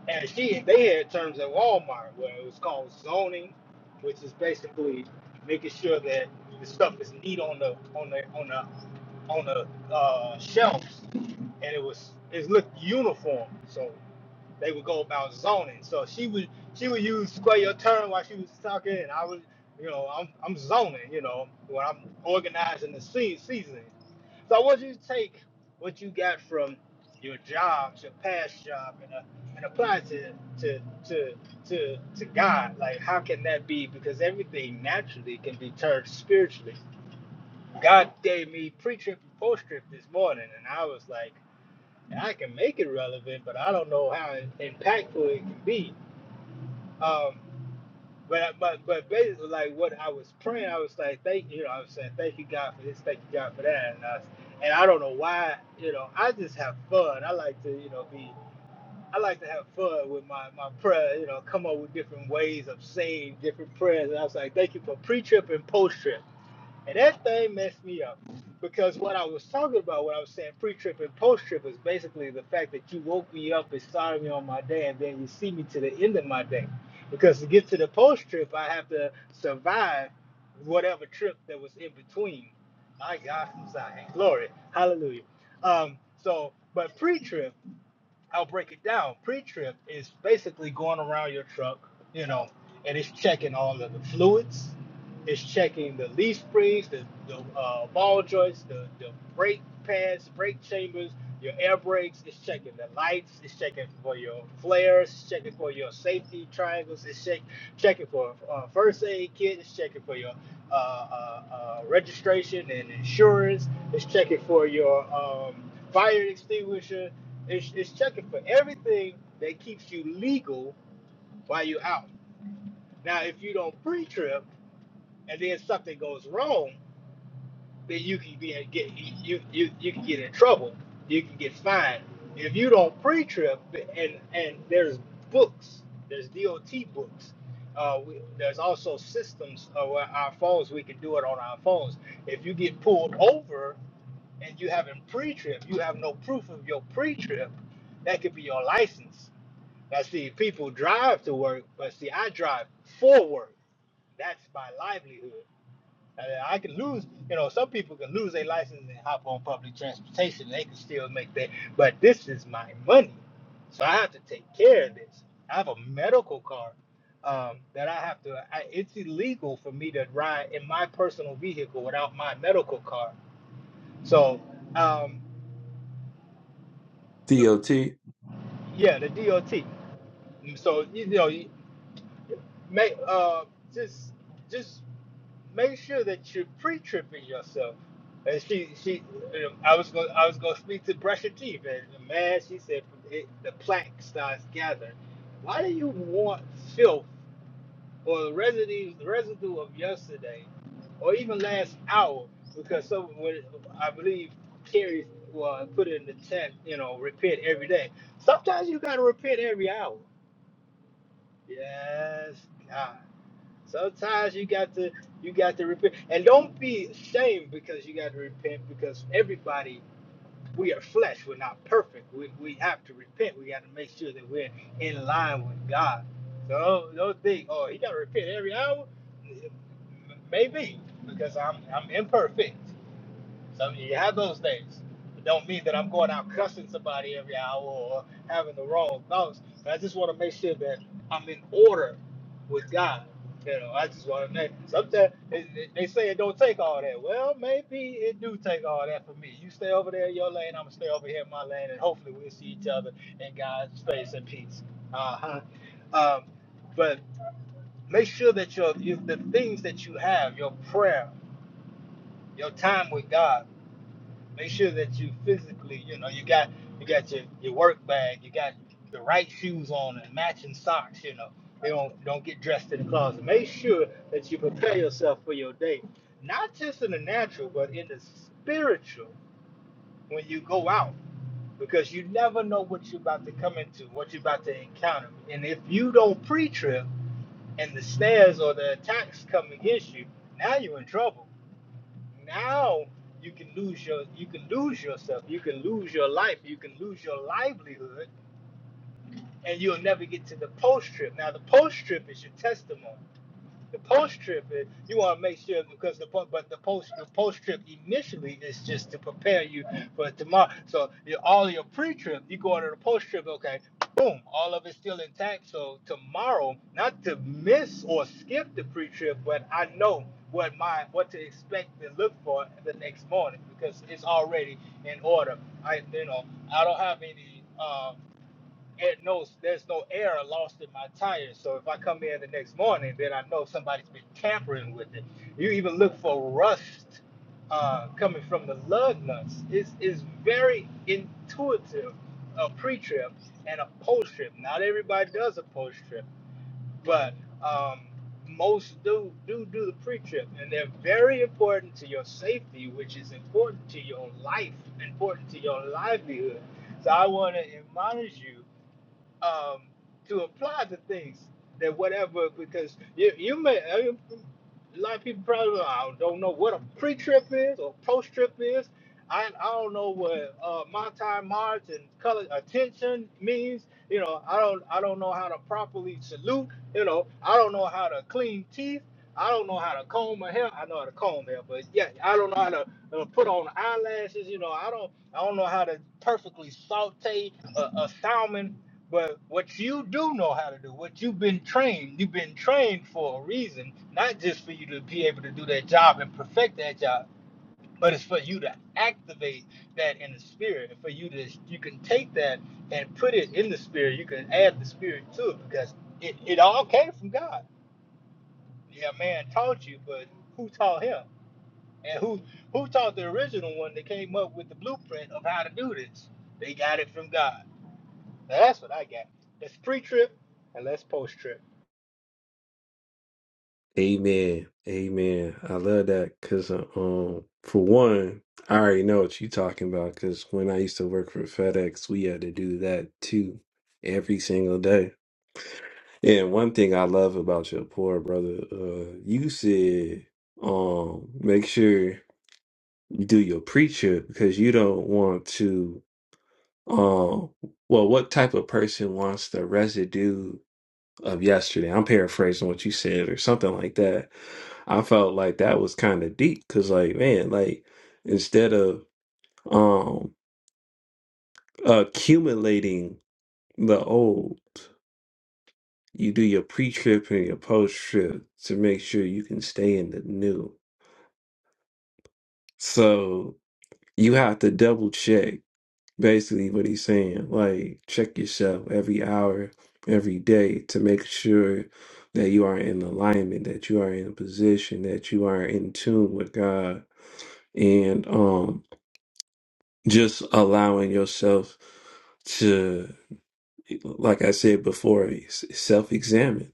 Speaker 3: and she they had terms at Walmart where it was called zoning, which is basically making sure that the stuff is neat on the on the on the on the uh, shelves, and it was it looked uniform. So they would go about zoning. So she would she would use square your turn while she was talking, and I was, you know, I'm I'm zoning, you know, when I'm organizing the se- season. So I want you to take what you got from your job, your past job, and uh, and apply it to to to to to God. Like, how can that be? Because everything naturally can be turned spiritually. God gave me pre-trip and post-trip this morning, and I was like. I can make it relevant, but I don't know how impactful it can be. Um, but but but basically, like what I was praying, I was like, thank you know, I was saying, thank you God for this, thank you God for that, and I, and I don't know why, you know, I just have fun. I like to, you know, be. I like to have fun with my, my prayer, you know, come up with different ways of saying different prayers. And I was like, thank you for pre trip and post trip. And that thing messed me up because what I was talking about, what I was saying pre trip and post trip, is basically the fact that you woke me up and started me on my day, and then you see me to the end of my day. Because to get to the post trip, I have to survive whatever trip that was in between. My God, from Zion. Glory. Hallelujah. Um, so, but pre trip, I'll break it down. Pre-trip is basically going around your truck, you know, and it's checking all of the fluids. It's checking the leaf springs, the, the uh, ball joints, the, the brake pads, brake chambers, your air brakes. It's checking the lights. It's checking for your flares. It's checking for your safety triangles. It's check, checking for uh, first aid kit. It's checking for your uh, uh, uh, registration and insurance. It's checking for your um, fire extinguisher it's, it's checking for everything that keeps you legal while you're out. Now, if you don't pre-trip and then something goes wrong, then you can be get you you you can get in trouble. You can get fined. If you don't pre-trip and and there's books, there's DOT books. Uh, we, there's also systems of our our phones. We can do it on our phones. If you get pulled over and you haven't pre-trip, you have no proof of your pre-trip. That could be your license Now, see, people drive to work, but see, I drive for work. That's my livelihood. I can lose, you know, some people can lose their license and hop on public transportation. They can still make that, but this is my money. So I have to take care of this. I have a medical card um, that I have to, I, it's illegal for me to ride in my personal vehicle without my medical card. So, um, the, yeah, the DOT. So, you know, you may, uh, just, just make sure that you're pre-tripping yourself. And she, she, um, I was going, to I was going to speak to brush your teeth, and man, she said it, the plaque starts gathering. Why do you want filth or the residue, the residue of yesterday, or even last hour? Because some, when- I believe Carrie well, put it in the chat, you know, repent every day. Sometimes you got to repent every hour. Yes, God. Sometimes you got to you got to repent, and don't be ashamed because you got to repent because everybody we are flesh. We're not perfect. We, we have to repent. We got to make sure that we're in line with God. So don't think, oh, he got to repent every hour. Maybe because I'm I'm imperfect. So you have those things. It don't mean that I'm going out cussing somebody every hour or having the wrong thoughts. But I just want to make sure that I'm in order with God. You know, I just want to make. Sometimes it- it- they say it don't take all that. Well, maybe it do take all that for me. You stay over there in your lane. I'm gonna stay over here in my lane, and hopefully we'll see each other in God's face and peace. Uh huh. Um, but make sure that your you, the things that you have, your prayer, your time with God make sure that you physically, you know, you got you got your, your work bag, you got the right shoes on and matching socks, you know. They don't don't get dressed in the closet. Make sure that you prepare yourself for your day. Not just in the natural, but in the spiritual when you go out. Because you never know what you're about to come into, what you're about to encounter. And if you don't pre trip and the snares or the attacks come against you, now you're in trouble now you can lose your you can lose yourself you can lose your life you can lose your livelihood and you'll never get to the post trip now the post trip is your testimony the post trip, you want to make sure because the but the post the post trip initially is just to prepare you for tomorrow. So your, all your pre trip, you go to the post trip, okay, boom, all of it's still intact. So tomorrow, not to miss or skip the pre trip, but I know what my what to expect and look for the next morning because it's already in order. I you know I don't have any. Uh, it no, there's no air lost in my tires. So if I come in the next morning, then I know somebody's been tampering with it. You even look for rust uh, coming from the lug nuts. It's, it's very intuitive, a pre-trip and a post-trip. Not everybody does a post-trip, but um, most do, do do the pre-trip. And they're very important to your safety, which is important to your life, important to your livelihood. So I want to admonish you um, to apply to things that whatever because you you may I mean, a lot of people probably well, I don't know what a pre-trip is or post-trip is. I, I don't know what uh, time march and color attention means. You know I don't I don't know how to properly salute. You know I don't know how to clean teeth. I don't know how to comb my hair. I know how to comb hair, but yeah, I don't know how to uh, put on eyelashes. You know I don't I don't know how to perfectly saute a, a salmon but what you do know how to do, what you've been trained, you've been trained for a reason, not just for you to be able to do that job and perfect that job, but it's for you to activate that in the spirit. And for you to, you can take that and put it in the spirit. You can add the spirit to it because it, it all came from God. Yeah, man taught you, but who taught him? And who who taught the original one that came up with the blueprint of how to do this? They got it from God. Now That's what I got. That's pre trip and that's post trip.
Speaker 1: Amen. Amen. I love that because, um, for one, I already know what you're talking about because when I used to work for FedEx, we had to do that too every single day. And one thing I love about your poor brother, uh, you said, um, make sure you do your preacher because you don't want to, um, well, what type of person wants the residue? of yesterday. I'm paraphrasing what you said or something like that. I felt like that was kind of deep because, like, man, like instead of um accumulating the old, you do your pre trip and your post trip to make sure you can stay in the new. So you have to double check. basically what he's saying. Like, check yourself every hour, every day to make sure that you are in alignment, that you are in a position, that you are in tune with God, and um, just allowing yourself to, like I said before, self examine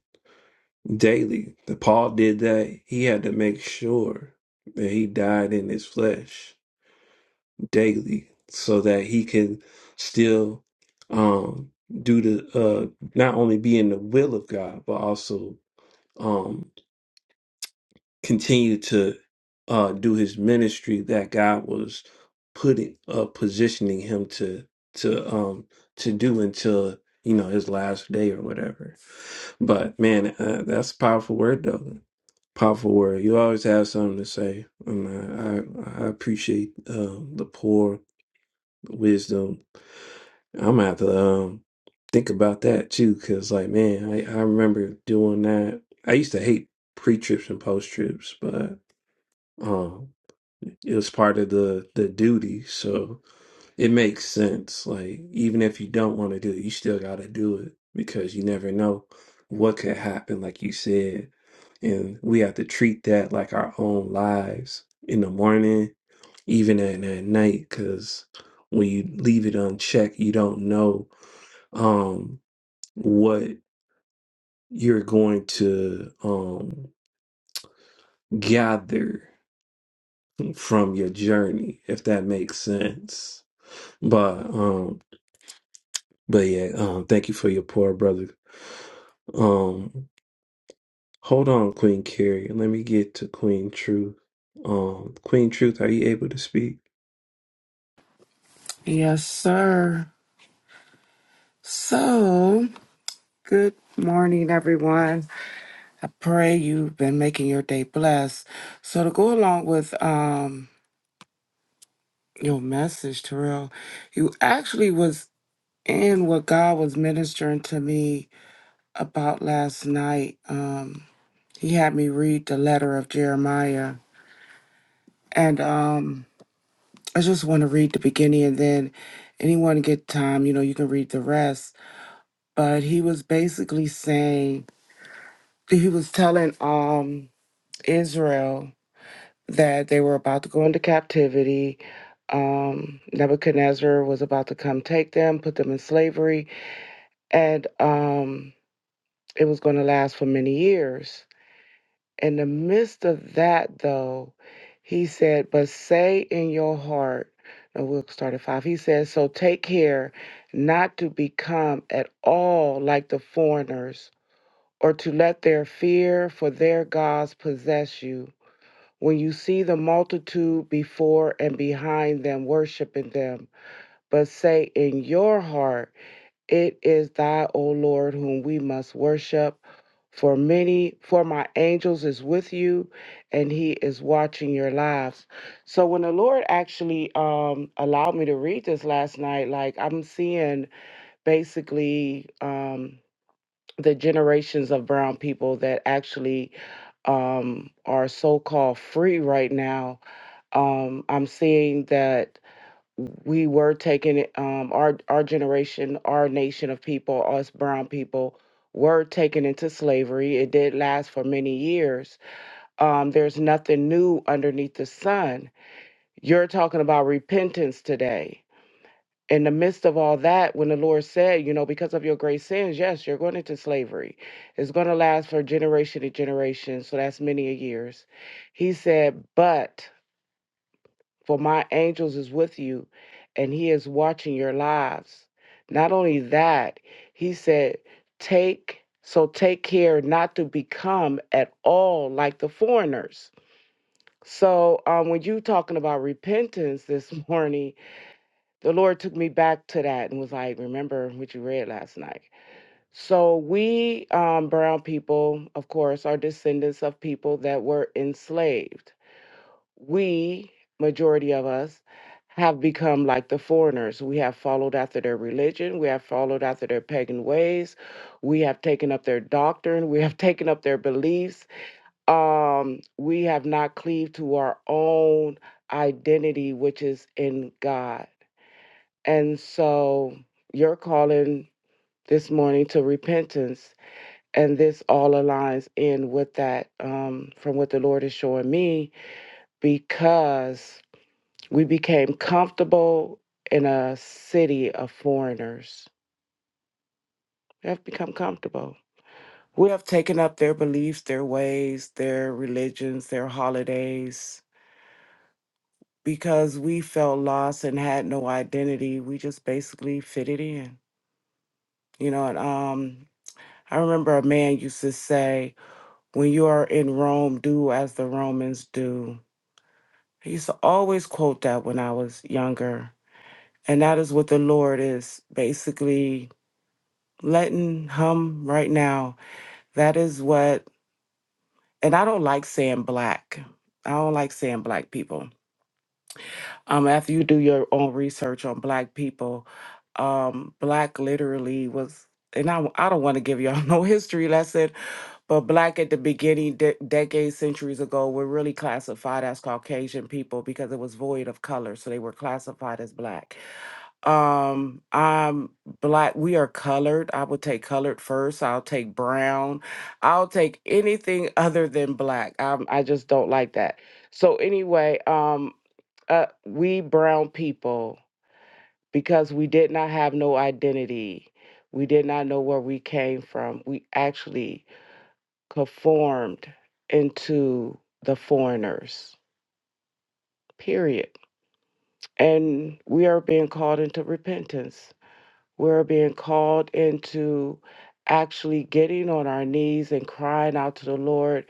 Speaker 1: daily. The Paul did that. He had to make sure that he died in his flesh daily so that he can still um do the uh not only be in the will of God but also um continue to uh do his ministry that God was putting uh positioning him to to um to do until you know his last day or whatever but man uh, that's a powerful word though powerful word you always have something to say and I, I, I appreciate uh, the poor wisdom I'm gonna have to um, think about that too, because like, man, I, I remember doing that. I used to hate pre-trips and post-trips, but um, it was part of the the duty, so it makes sense. Like, even if you don't want to do it, you still gotta do it because you never know what could happen, like you said. And we have to treat that like our own lives in the morning, even at, at night, because when you leave it unchecked, you don't know um what you're going to um gather from your journey if that makes sense but um but yeah um thank you for your poor brother um Hold on, Queen Carrie. Let me get to Queen Truth. Um, Queen Truth, are you able to speak?
Speaker 4: Yes, sir. So, good morning, everyone. I pray you've been making your day blessed. So, to go along with um your message, Terrell, you actually was in what God was ministering to me about last night. Um, he had me read the letter of Jeremiah, and um, I just want to read the beginning, and then anyone get time, you know, you can read the rest. But he was basically saying he was telling um Israel that they were about to go into captivity. Um, Nebuchadnezzar was about to come take them, put them in slavery, and um, it was going to last for many years. In the midst of that, though, he said, "But say in your heart." No, we'll start at five. He says, "So take care not to become at all like the foreigners, or to let their fear for their gods possess you." when you see the multitude before and behind them worshiping them, but say in your heart, It is thy, O Lord, whom we must worship. For many, for my angels is with you, and he is watching your lives. So when the Lord actually um, allowed me to read this last night, like I'm seeing basically um, the generations of brown people that actually um, are so called free right now um, I'm seeing that we were taking um, our our generation, our nation of people, us brown people, were taken into slavery. It did last for many years. Um, there's nothing new underneath the sun. You're talking about repentance today. In the midst of all that, when the Lord said, you know, because of your great sins, yes, you're going into slavery. It's going to last for generation to generation. So that's many a years. He said, but for my angels is with you and he is watching your lives not only that he said take so take care not to become at all like the foreigners so um, when you talking about repentance this morning the lord took me back to that and was like remember what you read last night so we um, brown people of course are descendants of people that were enslaved we, majority of us, have become like the foreigners. We have followed after their religion. We have followed after their pagan ways. We have taken up their doctrine. We have taken up their beliefs. Um, we have not cleaved to our own identity, which is in God. And so you're calling this morning to repentance. And this all aligns in with that um, from what the Lord is showing me because we became comfortable in a city of foreigners. We have become comfortable. We have taken up their beliefs, their ways, their religions, their holidays. Because we felt lost and had no identity, we just basically fitted in. You know, and um, I remember a man used to say, When you are in Rome, do as the Romans do. I used to always quote that when I was younger. And that is what the Lord is basically letting hum right now. That is what, and I don't like saying black. I don't like saying black people. Um, after you do your own research on black people, um, black literally was, and I, I don't want to give y'all no history lesson, but black at the beginning, de- decades, centuries ago, were really classified as Caucasian people because it was void of color. So they were classified as black. Um, I'm black. We are colored. I would take colored first. I'll take brown. I'll take anything other than black. Um, I just don't like that. So anyway, um, uh, we brown people, because we did not have no identity, we did not know where we came from. We actually conformed into the foreigners. Period. And we are being called into repentance. We're being called into actually getting on our knees and crying out to the Lord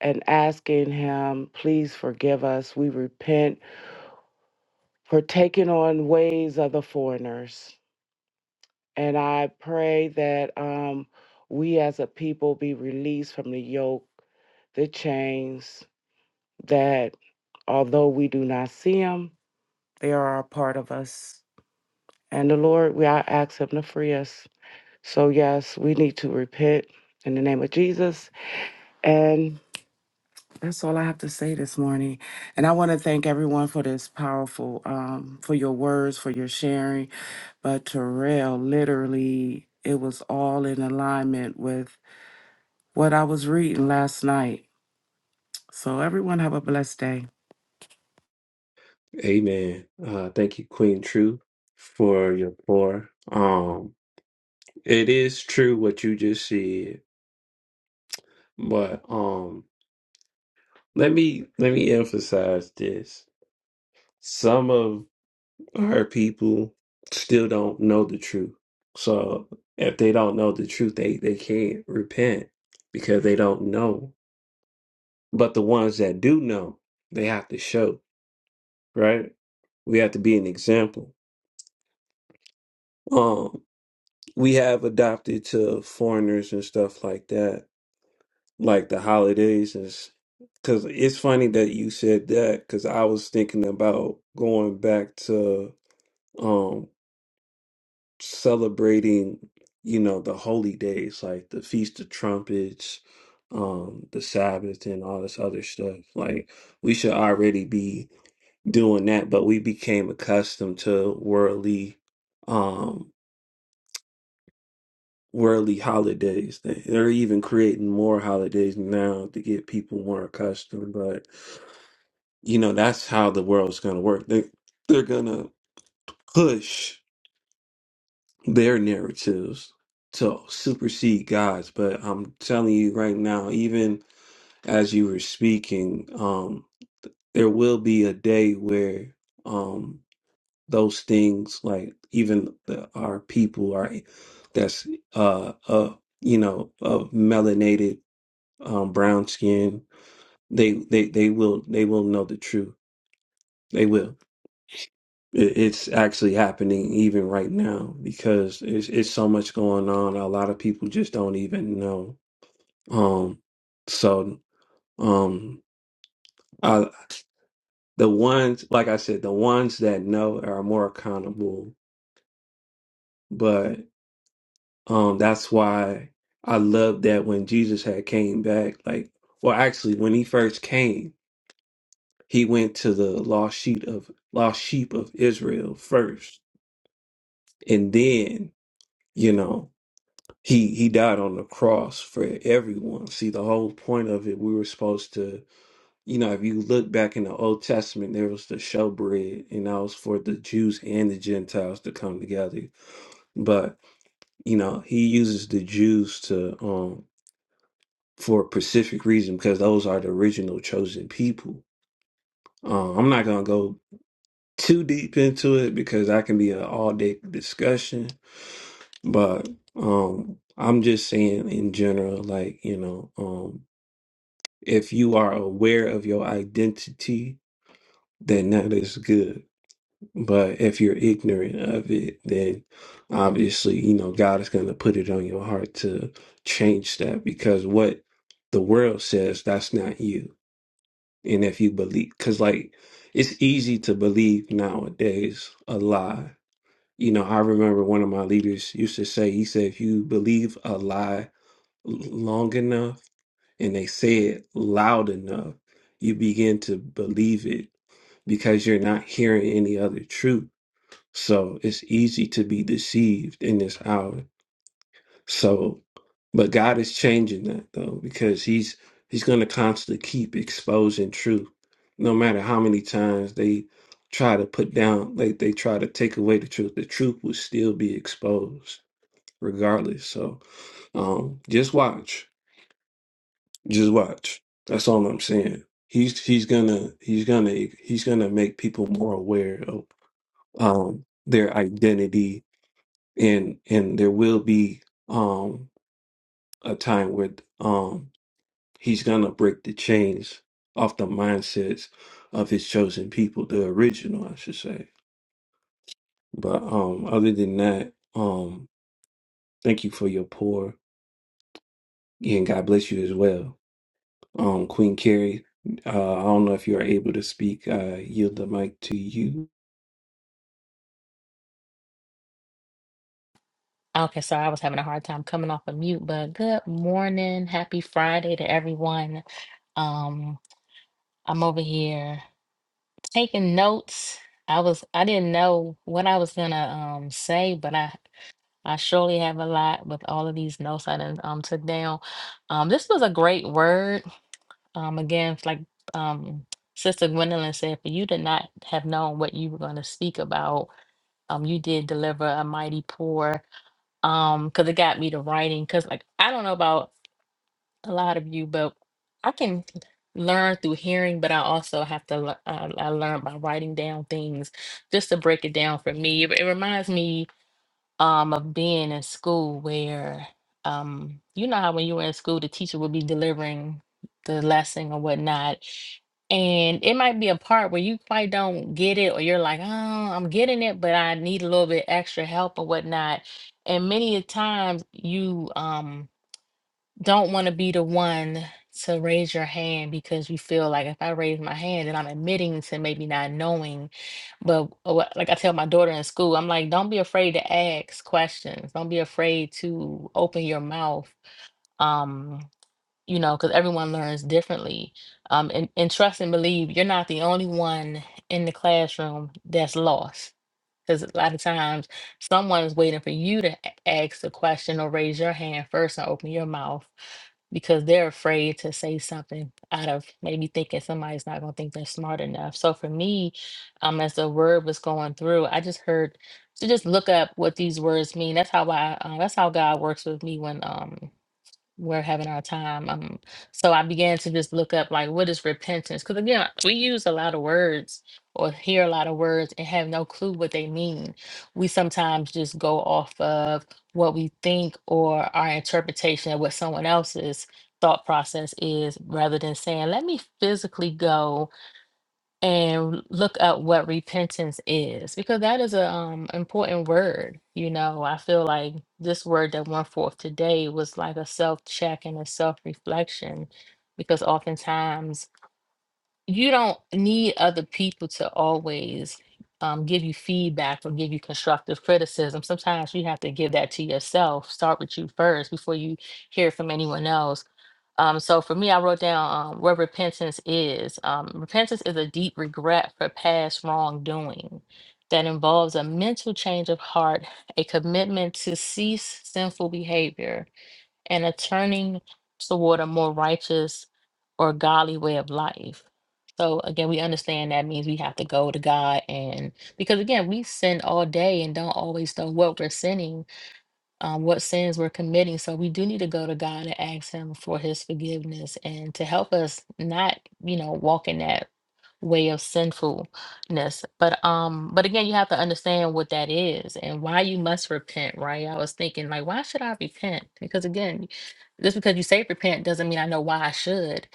Speaker 4: and asking Him, please forgive us. We repent for taking on ways of the foreigners. And I pray that um, we as a people be released from the yoke, the chains, that although we do not see them, they are a part of us. And the Lord, we I ask Him to free us. So, yes, we need to repent in the name of Jesus. And that's all I have to say this morning. And I want to thank everyone for this powerful, um, for your words, for your sharing. But Terrell, literally, it was all in alignment with what I was reading last night. So, everyone, have a blessed day.
Speaker 1: Amen. Uh, thank you, Queen Truth, for your pour. Um, it is true what you just said, but um. Let me let me emphasize this. Some of our people still don't know the truth. So if they don't know the truth, they, they can't repent because they don't know. But the ones that do know, they have to show, right? We have to be an example. Um, we have adopted to foreigners and stuff like that, like the holidays and s- Cause it's funny that you said that, cause I was thinking about going back um celebrating you know the holy days like the feast of trumpets um the sabbath and all this other stuff like we should already be doing that but we became accustomed to worldly um worldly holidays They- they're even creating more holidays now to get people more accustomed but you know that's how the world's going to work they they're going to push their narratives to supersede God's. But I'm telling you right now, even as you were speaking, um, there will be a day where um, those things, like even the, our people, are that's uh, uh, you know, of melanated um, brown skin, they they they will they will know the truth. They will. It- It's actually happening even right now because it's it's so much going on. A lot of people just don't even know. Um, so um, I, the ones like I said, the ones that know are more accountable. But um, that's why I love that when Jesus had came back, like, well, actually, when he first came, he went to the lost sheep of lost sheep of Israel first, and then you know. He he died on the cross for everyone. See, the whole point of it, we were supposed to, you know, if you look back in the Old Testament, there was the showbread, and that was for the Jews and the Gentiles to come together. But you know, he uses the Jews to um for a specific reason because those are the original chosen people. Uh, I'm not gonna go too deep into it because that can be an all day discussion, but um. I'm just saying in general, like, you know, um. if you are aware of your identity, then that is good. But if you're ignorant of it, then obviously, you know, God is going to put it on your heart to change that because what the world says, that's not you. And if you believe, because like it's easy to believe nowadays a lie. You know, I remember one of my leaders used to say, he said, if you believe a lie long enough, and they say it loud enough, you begin to believe it because you're not hearing any other truth. So it's easy to be deceived in this hour. So, but God is changing that though, because He's He's going to constantly keep exposing truth, no matter how many times they try to put down, like they try to take away the truth. The truth will still be exposed, regardless. So, um, just watch. Just watch. That's all I'm saying. He's he's gonna he's gonna he's gonna make people more aware of um their identity and and there will be um a time where um he's gonna break the chains off the mindsets of his chosen people, the original I should say. But um other than that, um thank you for your pour and God bless you as well. Um, Queen Carrie, uh, I don't know if you are able to speak. Uh, yield the mic to you.
Speaker 5: Okay, sorry, I was having a hard time coming off of mute, but good morning. Happy Friday to everyone. Um, I'm over here taking notes. I was I didn't know what I was gonna um say, but I I surely have a lot with all of these notes I done um took down. Um, this was a great word. Um, again, it's like um Sister Gwendolyn said, for you to not have known what you were gonna speak about, um, you did deliver a mighty pour um because it got me to writing because like i don't know about a lot of you but i can learn through hearing but i also have to le- uh, i learn by writing down things just to break it down for me it, it reminds me um, of being in school where um, you know how when you were in school, the teacher would be delivering the lesson or whatnot. And it might be a part where you quite don't get it, or you're like, oh, I'm getting it, but I need a little bit extra help or whatnot. And many a times you, um, don't want to be the one to raise your hand because you feel like if I raise my hand, then I'm admitting to maybe not knowing. But uh, what- like I tell my daughter in school, I'm like, don't be afraid to ask questions. Don't be afraid to open your mouth. Um, you know, because everyone learns differently. Um, and, and trust and believe you're not the only one in the classroom that's lost because a lot of times someone is waiting for you to a- ask the question or raise your hand first and open your mouth because they're afraid to say something out of maybe thinking somebody's not going to think they're smart enough. So for me, um, as the word was going through, I just heard to just look up what these words mean. That's how I, uh, that's how God works with me when, Um we're having our time. Um, so I began to just look up like what is repentance? Because again, we use a lot of words or hear a lot of words and have no clue what they mean. We sometimes just go off of what we think or our interpretation of what someone else's thought process is rather than saying, let me physically go and look up what repentance is because that is a um important word you know i feel like this word that went forth today was like a self check and a self reflection because oftentimes you don't need other people to always um, give you feedback or give you constructive criticism sometimes you have to give that to yourself start with you first before you hear from anyone else um, so for me, I wrote down um, what repentance is. Um, repentance is a deep regret for past wrongdoing that involves a mental change of heart, a commitment to cease sinful behavior, and a turning toward a more righteous or godly way of life. So again, we understand that means we have to go to God and because again, we sin all day and don't always know what we're sinning um, what sins we're committing. So we do need to go to God and ask Him for His forgiveness and to help us not, you know, walk in that way of sinfulness. But um, but again, you have to understand what that is and why you must repent, right? I was thinking like, why should I repent? Because again, just because you say repent doesn't mean I know why I should.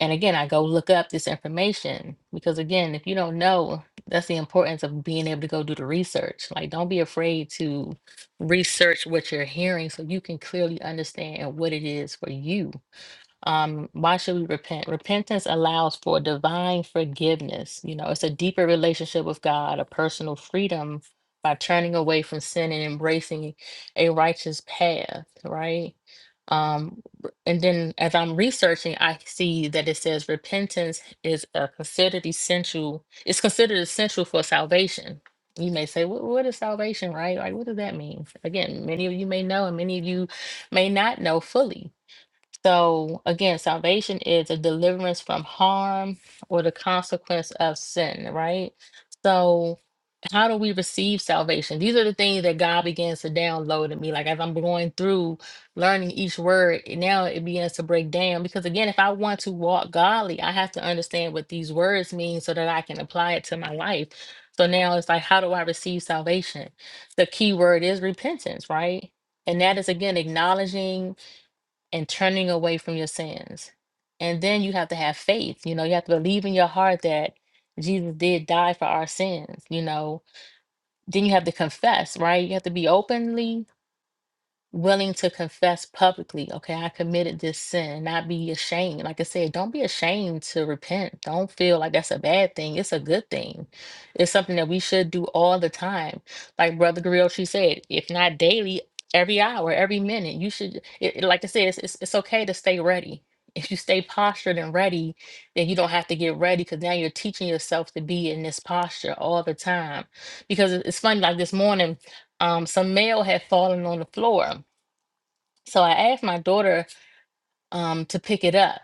Speaker 5: And again, I go look up this information because again, if you don't know, that's the importance of being able to go do the research. Like, don't be afraid to research what you're hearing so you can clearly understand what it is for you um, why should we repent? Repentance allows for divine forgiveness. You know, it's a deeper relationship with God, a personal freedom by turning away from sin and embracing a righteous path, right? Um, r- and then as I'm researching, I see that it says repentance is a considered essential, it's considered essential for salvation. You may say, what, what is salvation, right? Like, what does that mean? Again, many of you may know, and many of you may not know fully so again, salvation is a deliverance from harm or the consequence of sin, right? So, how do we receive salvation? These are the things that God begins to download in me. Like, as I'm going through learning each word, and now it begins to break down. Because, again, if I want to walk godly, I have to understand what these words mean so that I can apply it to my life. So, now it's like, how do I receive salvation? The key word is repentance, right? And that is, again, acknowledging and turning away from your sins. And then you have to have faith. You know, you have to believe in your heart that Jesus did die for our sins. You know, then you have to confess, right? You have to be openly willing to confess publicly, okay, I committed this sin, and not be ashamed. Like I said, don't be ashamed to repent. Don't feel like that's a bad thing. It's a good thing. It's something that we should do all the time. Like Brother Griochi said, if not daily, every hour, every minute, you should, it, it- like I said, it's, it's, it's okay to stay ready. If you stay postured and ready, then you don't have to get ready because now you're teaching yourself to be in this posture all the time. Because it- it's funny, like this morning, um, some mail had fallen on the floor so I asked my daughter um, to pick it up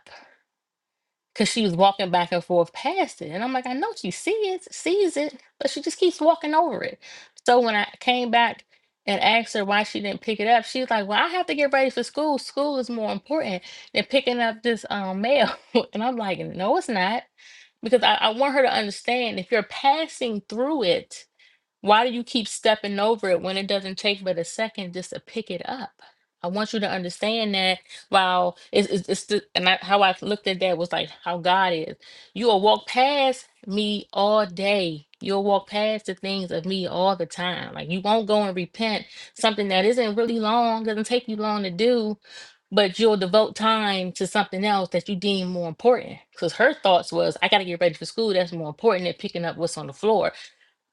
Speaker 5: because she was walking back and forth past it. And I'm like, I know she sees sees it, but she just keeps walking over it. So when I came back and asked her why she didn't pick it up, she was like, Well, I have to get ready for school. School is more important than picking up this um, mail. and I'm like, No, it's not. Because I, I want her to understand if you're passing through it, why do you keep stepping over it when it doesn't take but a second just to pick it up? I want you to understand that while it's, it's, it's the, and I, how I looked at that was like how God is. You will walk past me all day. You'll walk past the things of me all the time. Like you won't go and repent something that isn't really long, doesn't take you long to do, but you'll devote time to something else that you deem more important. Because her thoughts was, I got to get ready for school. That's more important than picking up what's on the floor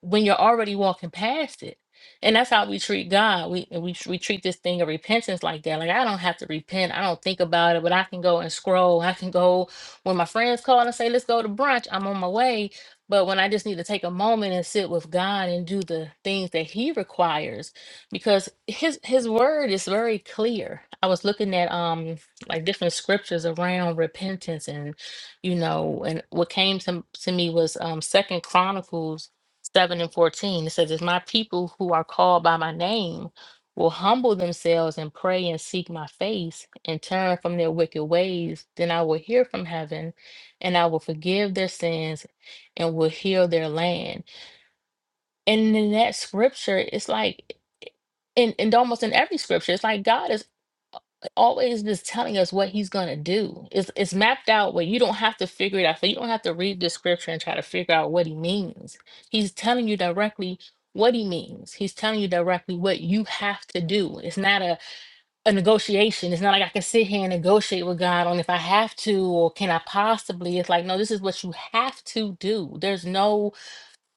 Speaker 5: when you're already walking past it. And that's how we treat God. We and we we treat this thing of repentance like that. Like I don't have to repent. I don't think about it, but I can go and scroll. I can go when my friends call and say, "Let's go to brunch." I'm on my way. But when I just need to take a moment and sit with God and do the things that He requires, because His His Word is very clear. I was looking at um like different scriptures around repentance, and you know, and what came to to me was um Second Chronicles 7 and 14. It says, If my people who are called by my name will humble themselves and pray and seek my face and turn from their wicked ways, then I will hear from heaven and I will forgive their sins and will heal their land. And in that scripture, it's like, in, and almost in every scripture, it's like God is always just telling us what he's going to do. It's, it's mapped out where you don't have to figure it out. So you don't have to read the scripture and try to figure out what he means. He's telling you directly what he means. He's telling you directly what you have to do. It's not a, a negotiation. It's not like I can sit here and negotiate with God on if I have to or can I possibly. It's like, no, this is what you have to do. There's no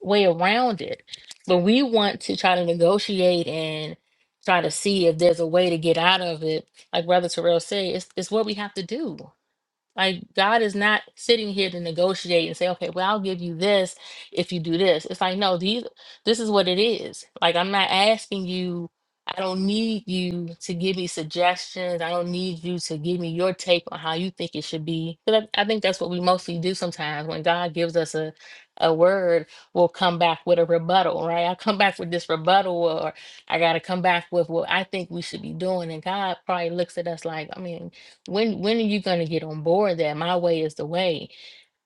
Speaker 5: way around it. But we want to try to negotiate and try to see if there's a way to get out of it. Like Brother Terrell said, it's, it's what we have to do. Like God is not sitting here to negotiate and say, okay, well, I'll give you this if you do this. It's like, no, these this is what it is. Like I'm not asking you, I don't need you to give me suggestions. I don't need you to give me your take on how you think it should be. Because I, I think that's what we mostly do sometimes. When God gives us a a word, we'll come back with a rebuttal, right? I come back with this rebuttal or I gotta come back with what I think we should be doing. And God probably looks at us like, I mean, when when are you going to get on board that my way is the way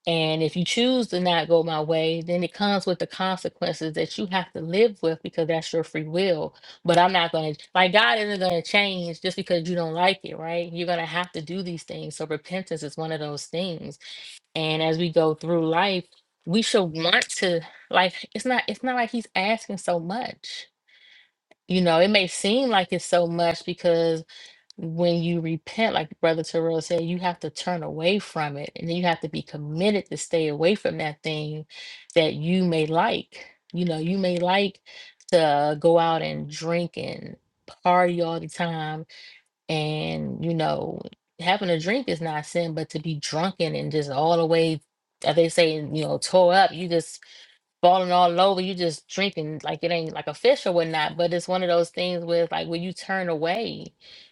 Speaker 5: and if you choose to not go my way then it comes with the consequences that you have to live with because that's your free will but i'm not going to like god isn't going to change just because you don't like it right you're going to have to do these things so repentance is one of those things and as we go through life we should want to like it's not it's not like he's asking so much you know it may seem like it's so much because when you repent, like Brother Terrell said, you have to turn away from it. And then you have to be committed to stay away from that thing that you may like. You know, you may like to go out and drink and party all the time. And, you know, having a drink is not sin, but to be drunken and just all the way, as they say, you know, tore up, you just falling all over. You just drinking like it ain't like a fish or whatnot. But it's one of those things where it's like when you turn away,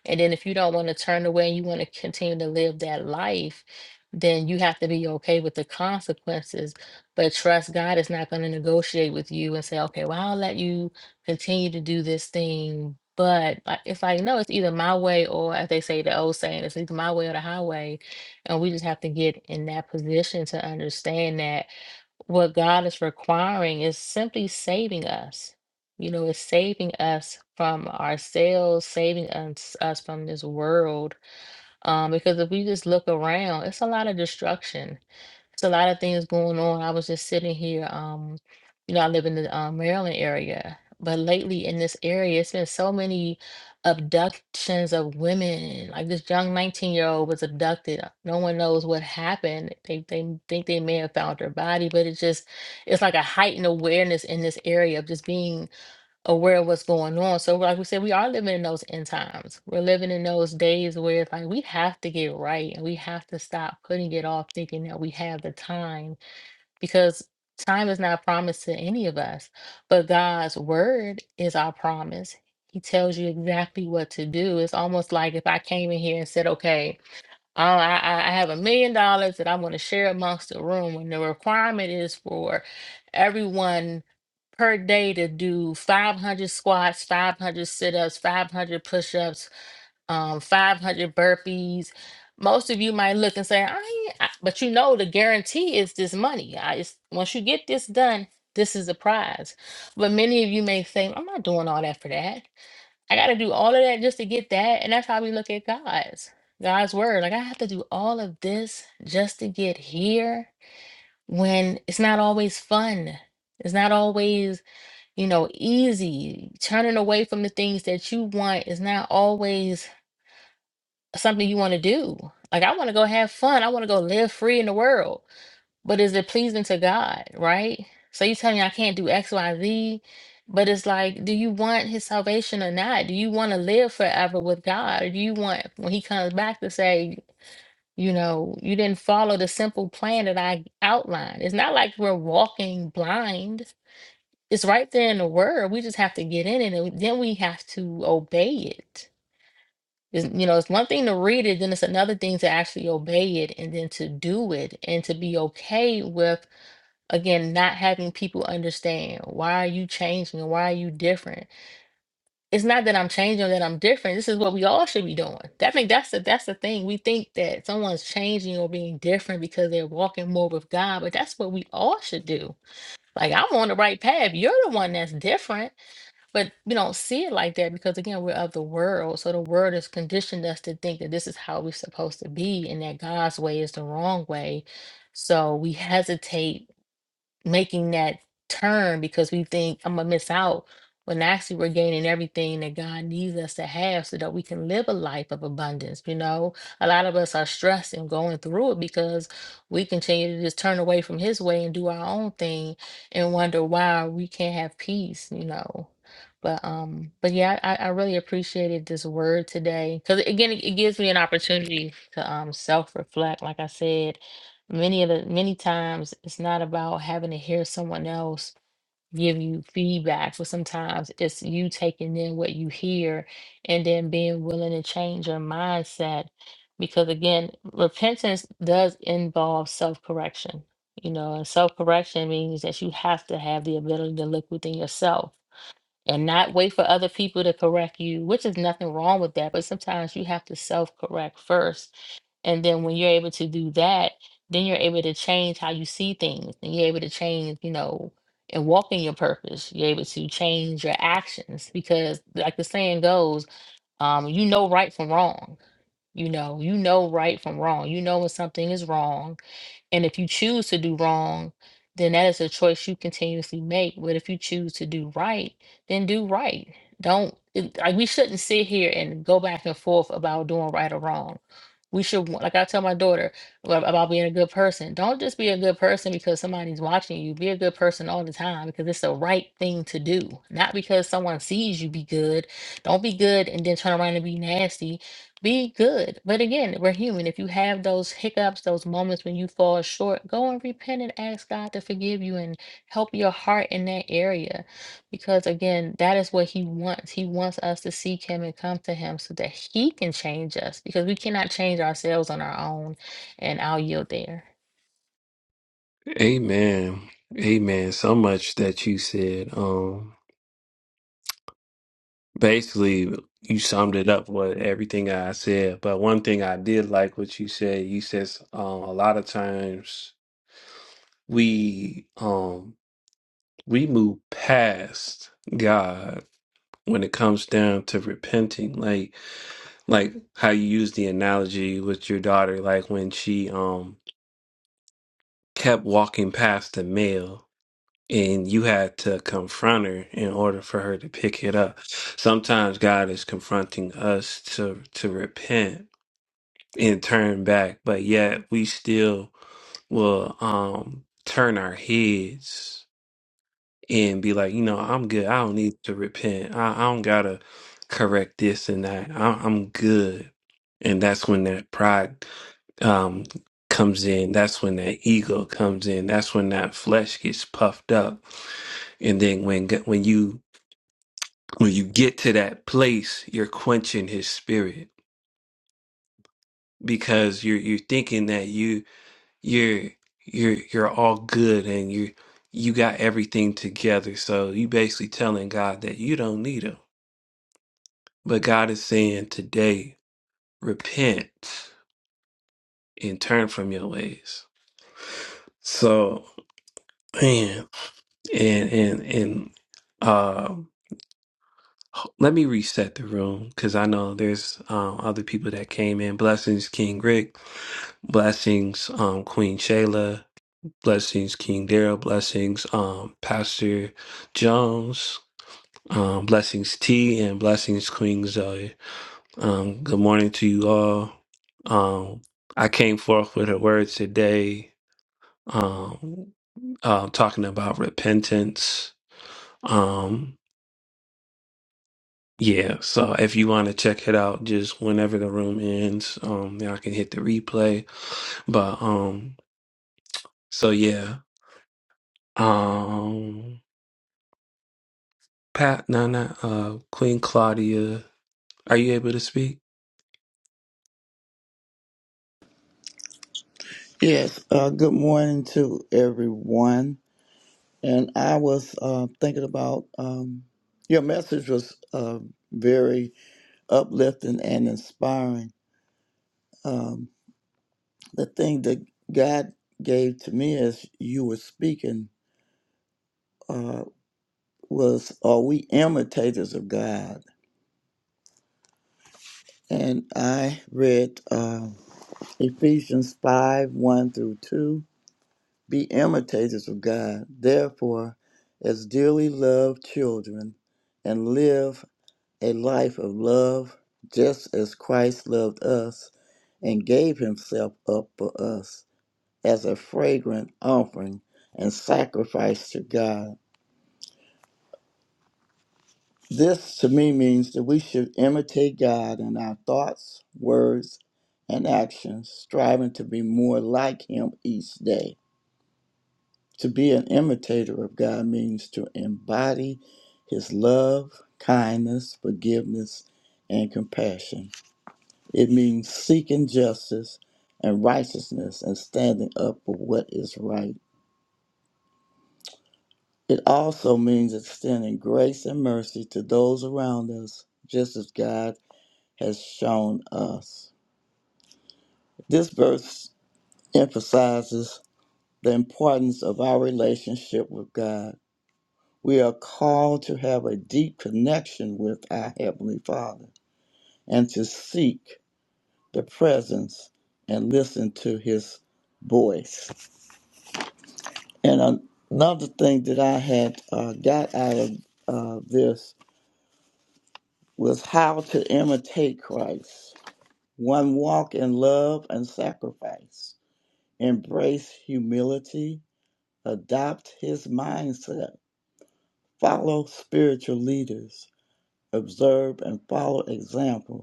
Speaker 5: and then if you don't want to turn away and you want to continue to live that life, then you have to be okay with the consequences. But trust God is not going to negotiate with you and say, okay, well I'll let you continue to do this thing. But like, it's like no, it's either my way or as they say the old saying, it's either my way or the highway, and we just have to get in that position to understand that what God is requiring is simply saving us. You know, it's saving us from ourselves, saving us, us from this world. Um, because if we just look around, it's a lot of destruction. It's a lot of things going on. I was just sitting here, um, you know, I live in the um, Maryland area, but lately in this area, it's been so many abductions of women. Like this young 19 year old was abducted. uh, No one knows what happened. They they m- think they may have found her body, but it's just it's like a heightened awareness in this area of just being aware of what's going on. So, like we said, we are living in those end times. We're living in those days where it's like we have to get right and we have to stop putting it off thinking that we have the time because time is not promised to any of us, but God's word is our promise. He tells you exactly what to do. It's almost like if I came in here and said, okay, Oh, I, I I have a million dollars that I want to share amongst the room, and the requirement is for everyone per day to do 500 squats, 500 sit-ups, 500 push-ups, um, 500 burpees. Most of you might look and say, "I," ain't- I-" but you know the guarantee is this money. I, it's, once you get this done, this is the prize. But many of you may think, "I'm not doing all that for that." I got to do all of that just to get that. And that's how we look at God's God's word. Like I have to do all of this just to get here when it's not always fun. It's not always, you know, easy. Turning away from the things that you want is not always something you want to do. Like I want to go have fun. I want to go live free in the world. But is it pleasing to God, right? So you tell me I can't do X, Y, Z, but it's like, do you want his salvation or not? Do you want to live forever with God? Or do you want when he comes back to say, you know, you didn't follow the simple plan that I outlined? It's not like we're walking blind. It's right there in the word. We just have to get in it and then we have to obey it. It's, you know, it's one thing to read it, then it's another thing to actually obey it and then to do it and to be okay with again not having people understand why are you changing why are you different it's not that i'm changing or that i'm different this is what we all should be doing i think that's the that's the thing we think that someone's changing or being different because they're walking more with god but that's what we all should do like i'm on the right path you're the one that's different but we don't see it like that because again we're of the world so the world has conditioned us to think that this is how we're supposed to be and that god's way is the wrong way so we hesitate making that turn because we think I'm gonna miss out when actually we're gaining everything that God needs us to have so that we can live a life of abundance. You know, a lot of us are stressed and going through it because we continue to just turn away from His way and do our own thing and wonder why we can't have peace, you know. But um, but yeah, I, I really appreciated this word today because again, it, it gives me an opportunity to um self reflect, like I said, many of the many times it's not about having to hear someone else give you feedback but sometimes it's you taking in what you hear and then being willing to change your mindset because again repentance does involve self-correction you know and self-correction means that you have to have the ability to look within yourself and not wait for other people to correct you which is nothing wrong with that but sometimes you have to self-correct first and then when you're able to do that, then you're able to change how you see things and you're able to change, you know, and walk in your purpose. You're able to change your actions because like the saying goes, um, you know right from wrong. You know, you know right from wrong. You know when something is wrong and if you choose to do wrong, then that is a choice you continuously make. But if you choose to do right, then do right. Don't it- like we shouldn't sit here and go back and forth about doing right or wrong. We should, wa- like I tell my daughter wa- about being a good person. Don't just be a good person because somebody's watching you. Be a good person all the time because it's the right thing to do, not because someone sees you be good. Don't be good and then turn around and be nasty be good. But again, we're human. If you have those hiccups, those moments when you fall short, go and repent and ask God to forgive you and help your heart in that area. Because again, that is what He wants. He wants us to seek Him and come to Him so that He can change us because we cannot change ourselves on our own. And I'll yield there.
Speaker 1: Amen. Amen. So much that you said. Um, basically, you summed it up with everything I said. But one thing I did like what you said. You says um, a lot of times we um we move past God when it comes down to repenting. Like like how you use the analogy with your daughter. Like when she um kept walking past the mail and you had to confront her in order for her to pick it up. Sometimes God is confronting us to to repent and turn back, but yet we still will um turn our heads and be like, you know, I'm good. I don't need to repent. I, I don't gotta correct this and that. I, I'm good. And that's when that pride um, comes in. That's when that ego comes in. That's when that flesh gets puffed up. And then when g- when you when you get to that place, you're quenching His Spirit because you're you're thinking that you you're you're you're all good and you you got everything together so you basically telling god that you don't need him but god is saying today repent and turn from your ways so man and and and um let me reset the room because I know there's um, other people that came in. Blessings, King Rick. Blessings, um, Queen Shayla. Blessings, King Daryl. Blessings, um, Pastor Jones. Um, blessings, T, and blessings, Queen Zoe. Um, good morning to you all. Um, I came forth with a word today, um, uh, talking about repentance. Um, yeah, so if you want to check it out, just whenever the room ends, um, y'all can hit the replay. But um, so yeah, um. Pat, no, no, uh, Queen Claudia, are you able to speak?
Speaker 6: Yes, uh, good morning to everyone. And I was uh, thinking about um, your message was uh, very uplifting and inspiring. Um, the thing that God gave to me as you were speaking uh, was, are we imitators of God? And I read uh, Ephesians 5 1 through 2 Be imitators of God, therefore, as dearly loved children, and live a life of love, just as Christ loved us and gave himself up for us as a fragrant offering and sacrifice to God. This to me means that we should imitate God in our thoughts, words, and actions, striving to be more like him each day. To be an imitator of God means to embody His love, kindness, forgiveness, and compassion. It means seeking justice and righteousness and standing up for what is right. It also means extending grace and mercy to those around us, just as God has shown us. This verse emphasizes the importance of our relationship with God We are called to have a deep connection with our Heavenly Father and to seek the presence and listen to His voice. And an- another thing that I had uh, got out of uh, this was how to imitate Christ. One walk in love and sacrifice, embrace humility, adopt His mindset, follow spiritual leaders, observe and follow examples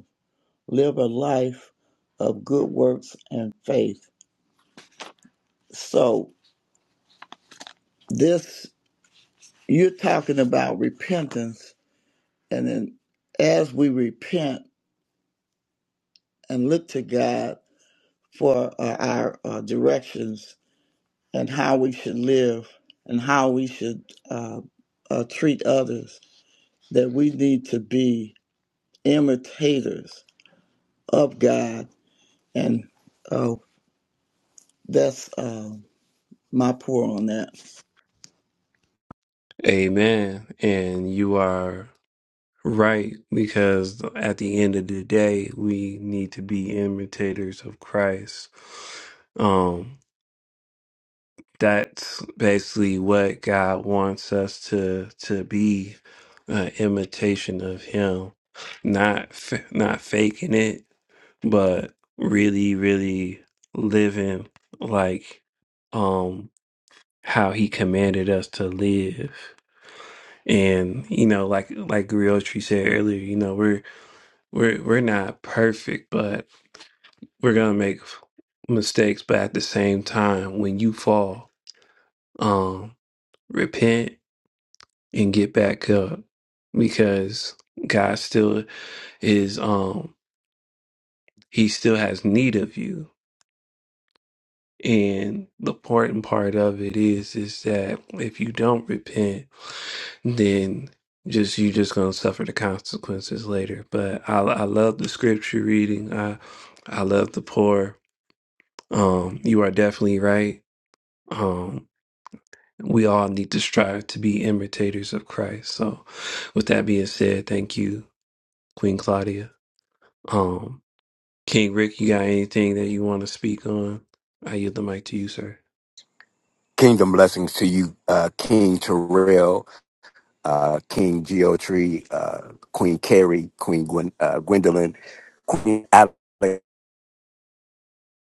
Speaker 6: live a life of good works and faith. So this you're talking about repentance, and then as we repent and look to God for uh, our uh, directions and how we should live and how we should uh, uh, treat others, that we need to be imitators of God, and uh, that's uh, my pour on that.
Speaker 1: Amen. And you are right because at the end of the day, we need to be imitators of Christ. Um, that's basically what God wants us to to be, an imitation of Him, not f- not faking it, but really, really living like um how he commanded us to live. And you know, like like Griotri said earlier, you know, we're we're we're not perfect, but we're gonna make mistakes. But at the same time, when you fall, um, repent and get back up because God still is um he still has need of you And the important part of it is is that if you don't repent, then just you just gonna suffer the consequences later. But I I love the scripture reading. I I love the poor. Um, you are definitely right. Um, we all need to strive to be imitators of Christ. So, with that being said, thank you, Queen Claudia. Um, King Rick, you got anything that you want to speak on? I yield the mic to you, sir.
Speaker 7: Kingdom blessings to you, uh, King Terrell, uh, King Geotree, uh, Queen Carrie, Queen Gwen, uh, Gwendolyn, Queen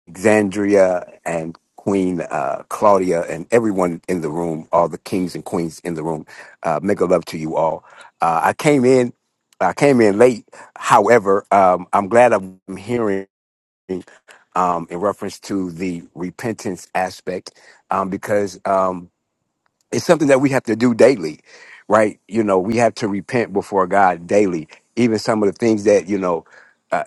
Speaker 7: Alexandria, and Queen uh, Claudia, and everyone in the room, all the kings and queens in the room. Uh, make a love to you all. Uh, I came in, I came in late. However, um, I'm glad I'm hearing um, in reference to the repentance aspect um, because. um, it's something that we have to do daily, right? You know, we have to repent before God daily. Even some of the things that you know. uh,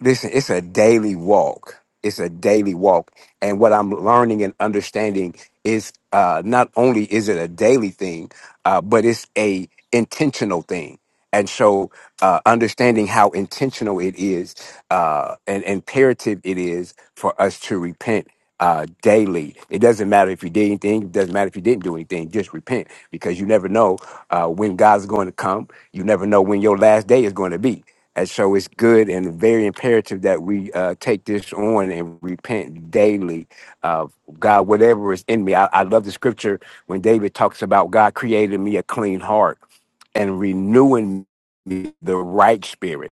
Speaker 7: listen, it's a daily walk. It's a daily walk. And what I'm learning and understanding is uh, not only is it a daily thing, uh, but it's a intentional thing. And so uh, understanding how intentional it is uh, and imperative it is for us to repent uh, daily. It doesn't matter if you did anything. It doesn't matter if you didn't do anything. Just repent because you never know uh, when God's going to come. You never know when your last day is going to be. And so it's good and very imperative that we uh, take this on and repent daily. Uh, God, whatever is in me, I, I love the scripture when David talks about God created me a clean heart and renewing me the right spirit.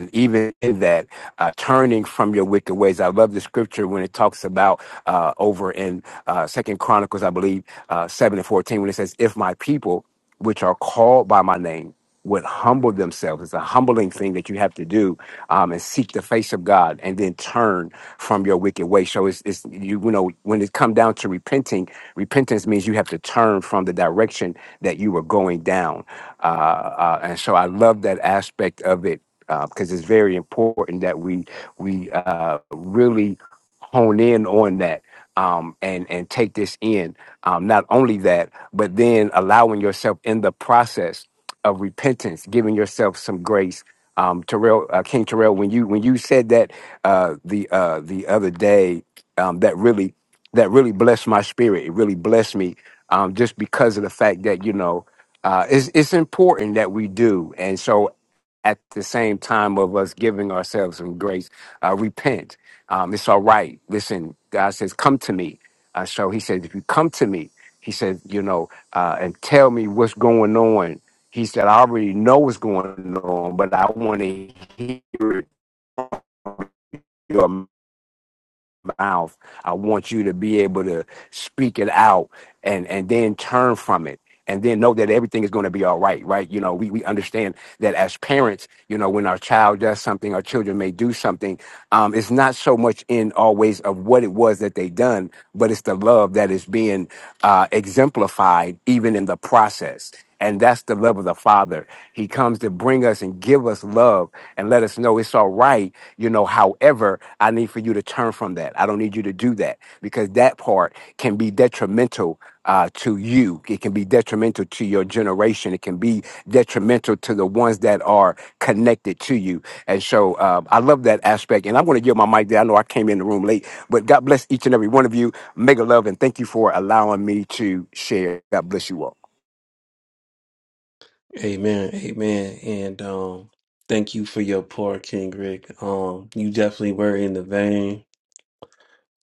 Speaker 7: And even in that, uh, turning from your wicked ways. I love the scripture when it talks about uh, over in uh, Second Chronicles, I believe, uh, seven and fourteen, when it says, "If my people, which are called by my name," would humble themselves. It's a humbling thing that you have to do um, and seek the face of God and then turn from your wicked way. So it's, it's you, you know when it come down to repenting, repentance means you have to turn from the direction that you were going down. Uh, uh, and so I love that aspect of it because it's very important that we we uh, really hone in on that um, and and take this in. Um, not only that, but then allowing yourself in the process of repentance, giving yourself some grace. Um, Terrell, uh, King Terrell, when you when you said that uh, the uh, the other day, um, that really that really blessed my spirit. It really blessed me um, just because of the fact that you know uh, it's it's important that we do. And so at the same time of us giving ourselves some grace, uh, repent. Um, it's all right. Listen, God says, come to me. Uh, so he said, if you come to me, he said, you know, uh, and tell me what's going on. He said, I already know what's going on, but I want to hear it mouth. I want you to be able to speak it out and and then turn from it and then know that everything is going to be all right, right? You know, we, we understand that as parents, you know, when our child does something, our children may do something. Um, it's not so much in always of what it was that they done, but it's the love that is being uh, exemplified even in the process. And that's the love of the Father. He comes to bring us and give us love and let us know it's all right. You know, however, I need for you to turn from that. I don't need you to do that because that part can be detrimental uh, to you. It can be detrimental to your generation. It can be detrimental to the ones that are connected to you. And so uh, I love that aspect. And I'm going to give my mic there. I know I came in the room late, but God bless each and every one of you. Mega love and thank you for allowing me to share. God bless you all.
Speaker 1: Amen. Amen. And um thank you for your pour, King Rick. Um you definitely were in the vein.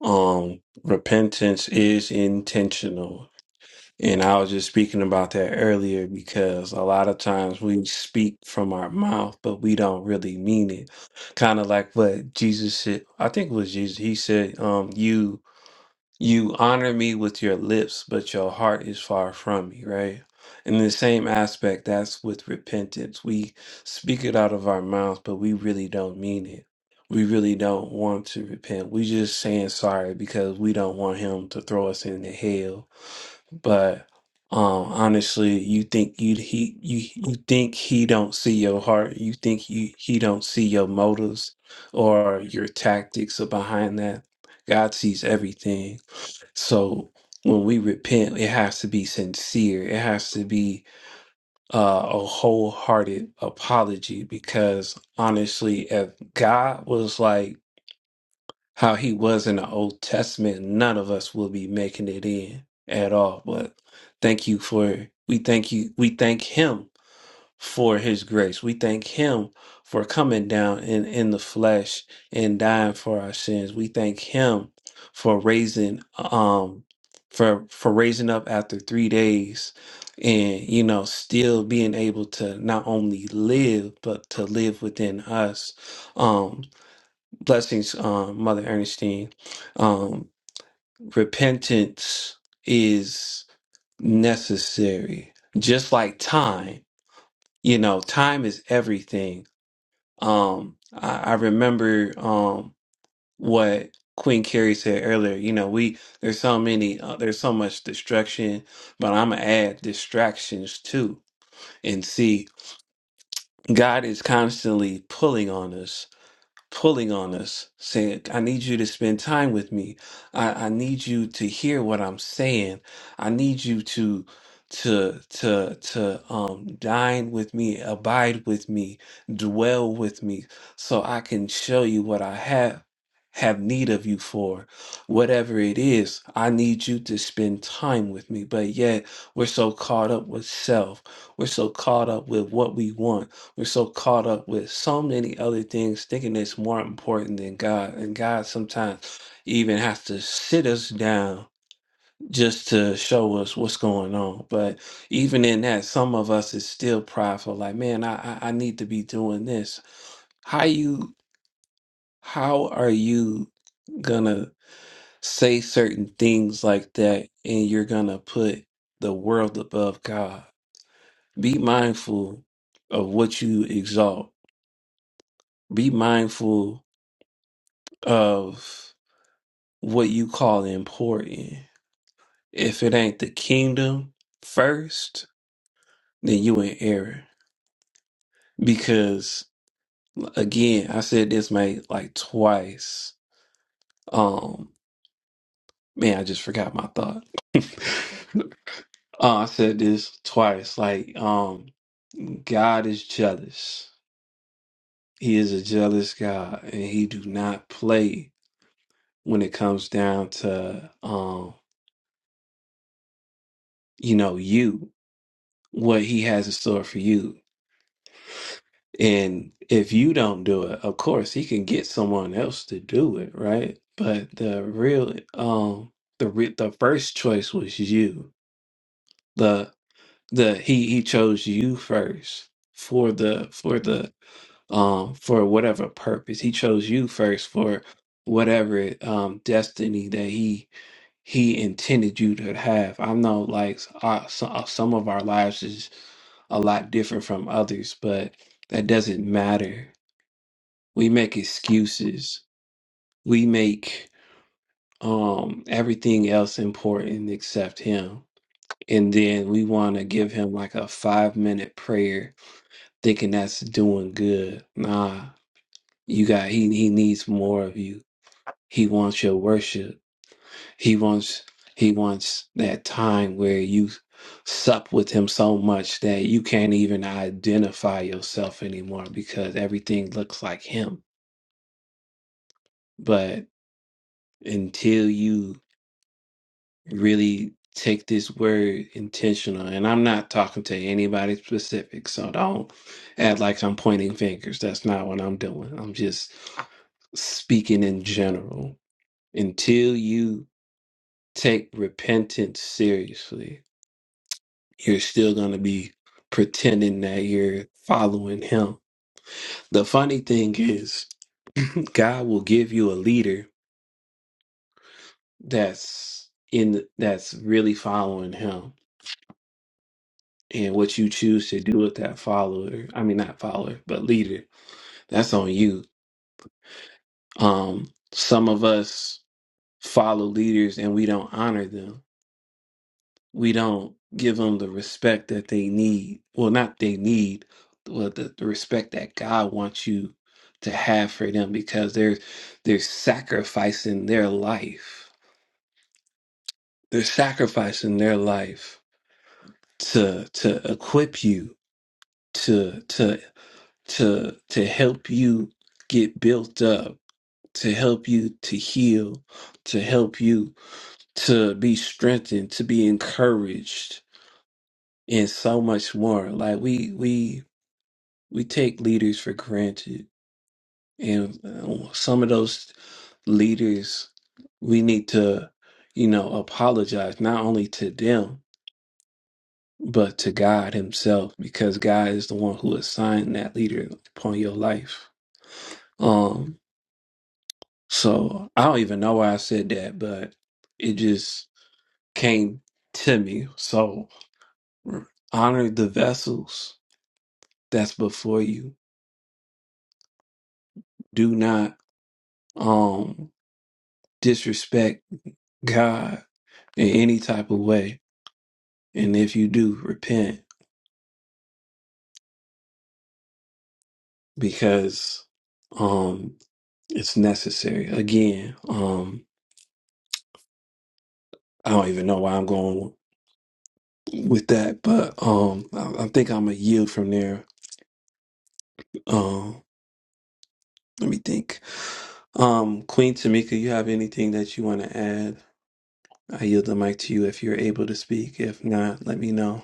Speaker 1: Um repentance is intentional. And I was just speaking about that earlier because a lot of times we speak from our mouth, but we don't really mean it. Kind of like what Jesus said. I think it was Jesus. He said, um, you you honor me with your lips, but your heart is far from me, right? In the same aspect, that's with repentance. We speak it out of our mouths, but we really don't mean it. We really don't want to repent. We just saying sorry because we don't want him to throw us into hell but um honestly you think you he you you think he don't see your heart you think he he don't see your motives or your tactics are behind that god sees everything so when we repent it has to be sincere it has to be uh, a wholehearted apology because honestly if god was like how he was in the Old Testament, none of us will be making it in at all. But thank you for we thank you we thank him for his grace. We thank him for coming down in, in the flesh and dying for our sins. We thank him for raising um for for raising up after three days and you know still being able to not only live but to live within us. Um Blessings, um, Mother Ernestine. Um, repentance is necessary, just like time. You know, time is everything. Um, I, I remember um, what Queen Carrie said earlier. You know, we there's so many, uh, there's so much distraction, but I'm gonna add distractions too, and see, God is constantly pulling on us pulling on us, saying, I need you to spend time with me. I, I need you to hear what I'm saying. I need you to to to to um dine with me, abide with me, dwell with me, so I can show you what I have have need of you for whatever it is i need you to spend time with me but yet we're so caught up with self we're so caught up with what we want we're so caught up with so many other things, thinking it's more important than God. And God sometimes even has to sit us down just to show us what's going on. But even in that, some of us is still prideful, like, man, I, I, I need to be doing this. How you how are you gonna say certain things like that and you're gonna put the world above God? Be mindful of what you exalt. Be mindful of what you call important. If it ain't the kingdom first, then you in error. Because again, I said this mate like twice. Um man, I just forgot my thought. uh, I said this twice. Like, um, God is jealous. He is a jealous God and he do not play when it comes down to um, you know, you, what he has in store for you. And if you don't do it, of course he can get someone else to do it, right? But the real um the re- the first choice was you. The the he he chose you first for the for the um for whatever purpose. He chose you first for whatever um destiny that he he intended you to have. I know like uh, so, uh, some of our lives is a lot different from others, but that doesn't matter we make excuses we make um everything else important except him and then we want to give him like a five minute prayer thinking that's doing good nah you got he he needs more of you he wants your worship he wants he wants that time where you sup with him so much that you can't even identify yourself anymore because everything looks like him but until you really take this word intentional and i'm not talking to anybody specific so don't act like i'm pointing fingers that's not what i'm doing i'm just speaking in general until you take repentance seriously you're still going to be pretending that you're following him the funny thing is god will give you a leader that's in that's really following him and what you choose to do with that follower i mean not follower but leader that's on you um some of us follow leaders and we don't honor them we don't give them the respect that they need well not they need well the, the respect that god wants you to have for them because they're they're sacrificing their life they're sacrificing their life to to equip you to to. to to help you get built up to help you to heal to help you to be strengthened to be encouraged and so much more like we we we take leaders for granted and uh, some of those leaders we need to you know apologize not only to them but to God himself because God is the one who assigned that leader upon your life Um. So I don't even know why I said that, but it just came to me. So honor the vessels that's before you. Do not um disrespect God in any type of way. And if you do, repent because um it's necessary. Again, um I don't even know why I'm going with that, but um I, I think I'm gonna yield from there. Um let me think. Um, Queen Tamika, you have anything that you want to add? I yield the mic to you if you're able to speak. If not, let me know.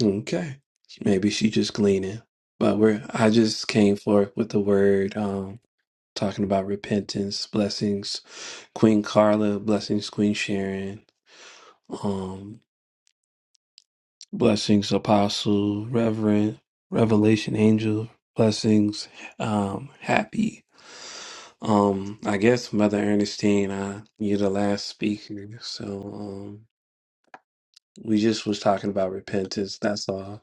Speaker 1: Okay. Maybe she just gleaning. But we're I just came forth with the word, um, talking about repentance, blessings, Queen Carla, blessings, Queen Sharon. um. Blessings, Apostle, Reverend, Revelation Angel. Blessings, um, happy. Um, I guess Mother Ernestine, uh, you're the last speaker. So, um, we just was talking about repentance. That's all.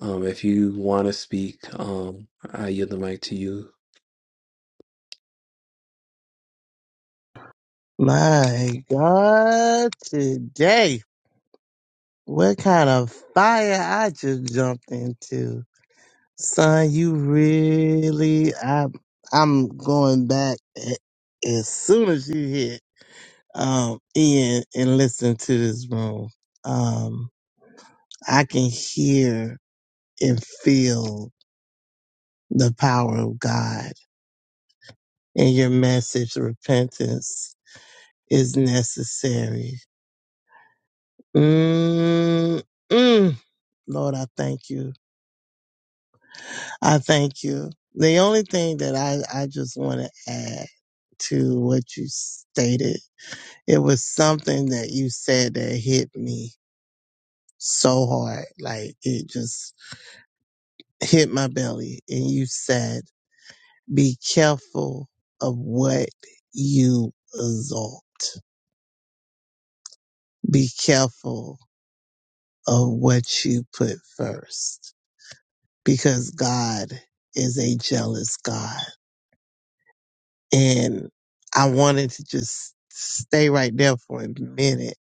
Speaker 1: Um, if you want to speak, um, I yield the mic to you.
Speaker 8: My God, today, what kind of fire I just jumped into. Son, you really, I, I'm going back a- as soon as you hit, um, in and listen to this room. Um, I can hear and feel the power of God and your message, repentance is necessary. Mm-mm. Lord, I thank you. I thank you. The only thing that I, I just want to add to what you stated, it was something that you said that hit me so hard. Like it just hit my belly. And you said, be careful of what you exalt. Be careful of what you put first because God is a jealous God. And I wanted to just stay right there for a minute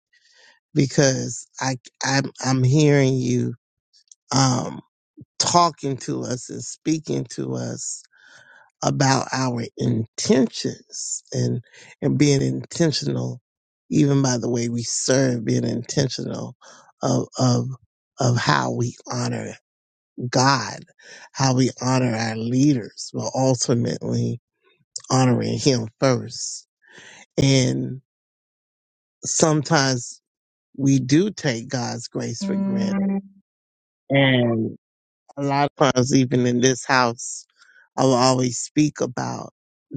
Speaker 8: because I, I'm, I'm hearing you, um, talking to us and speaking to us about our intentions and, and being intentional, even by the way we serve, being intentional of, of, of how we honor God, how we honor our leaders, but ultimately honoring Him first. sometimes we do take God's grace for granted. And a lot of times, even in this house, I will always speak about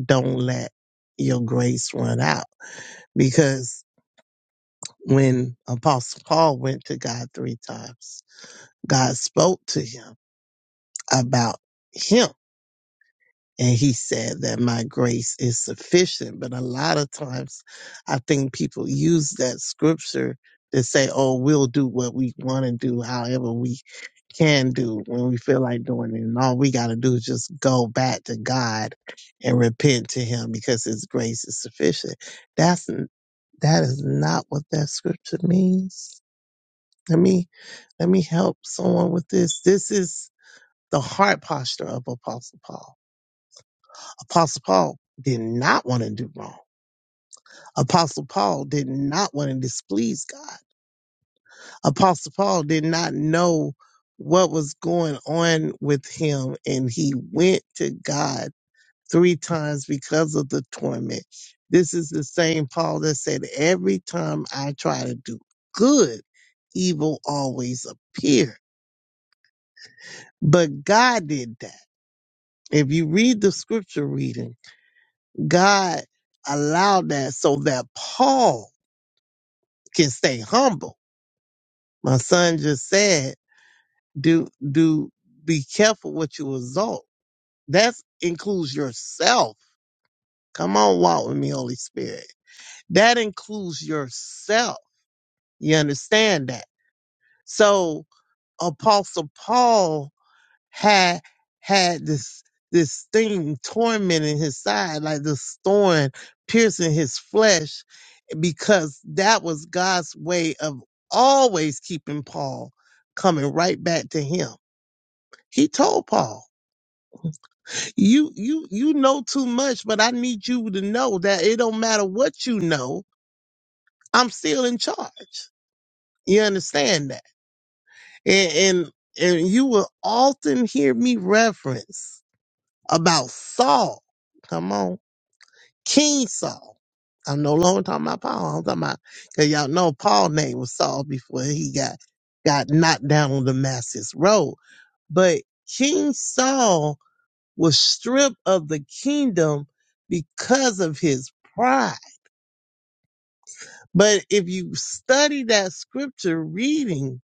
Speaker 8: don't let your grace run out. Because when Apostle Paul went to God three times, God spoke to him about him. And he said that my grace is sufficient. But a lot of times I think people use that scripture to say, oh, we'll do what we want to do, however we can do when we feel like doing it. And all we got to do is just go back to God and repent to him because his grace is sufficient. That's, n- that is not what that scripture means. Let me, let me help someone with this. This is the heart posture of Apostle Paul Apostle Paul did not want to do wrong. Apostle Paul did not want to displease God. Apostle Paul did not know what was going on with him, and he went to God three times because of the torment. This is the same Paul that said, Every time I try to do good, evil always appear. But God did that. If you read the scripture reading, God allowed that so that Paul can stay humble. My son just said, do do be careful what you exalt. That includes yourself. Come on, walk with me, Holy Spirit. That includes yourself. You understand that? So Apostle Paul had had this this thing tormenting his side, like this thorn piercing his flesh because that was God's way of always keeping Paul coming right back to him. He told Paul, "You you you know too much, but I need you to know that it don't matter what you know. I'm still in charge. You understand that?" And and, and you will often hear me reference about Saul. Come on King Saul. I'm no longer talking about Paul. I'm talking about because y'all know Paul's name was Saul before he got got knocked down on Damascus Road. But King Saul was stripped of the kingdom because of his pride. But if you study that scripture reading,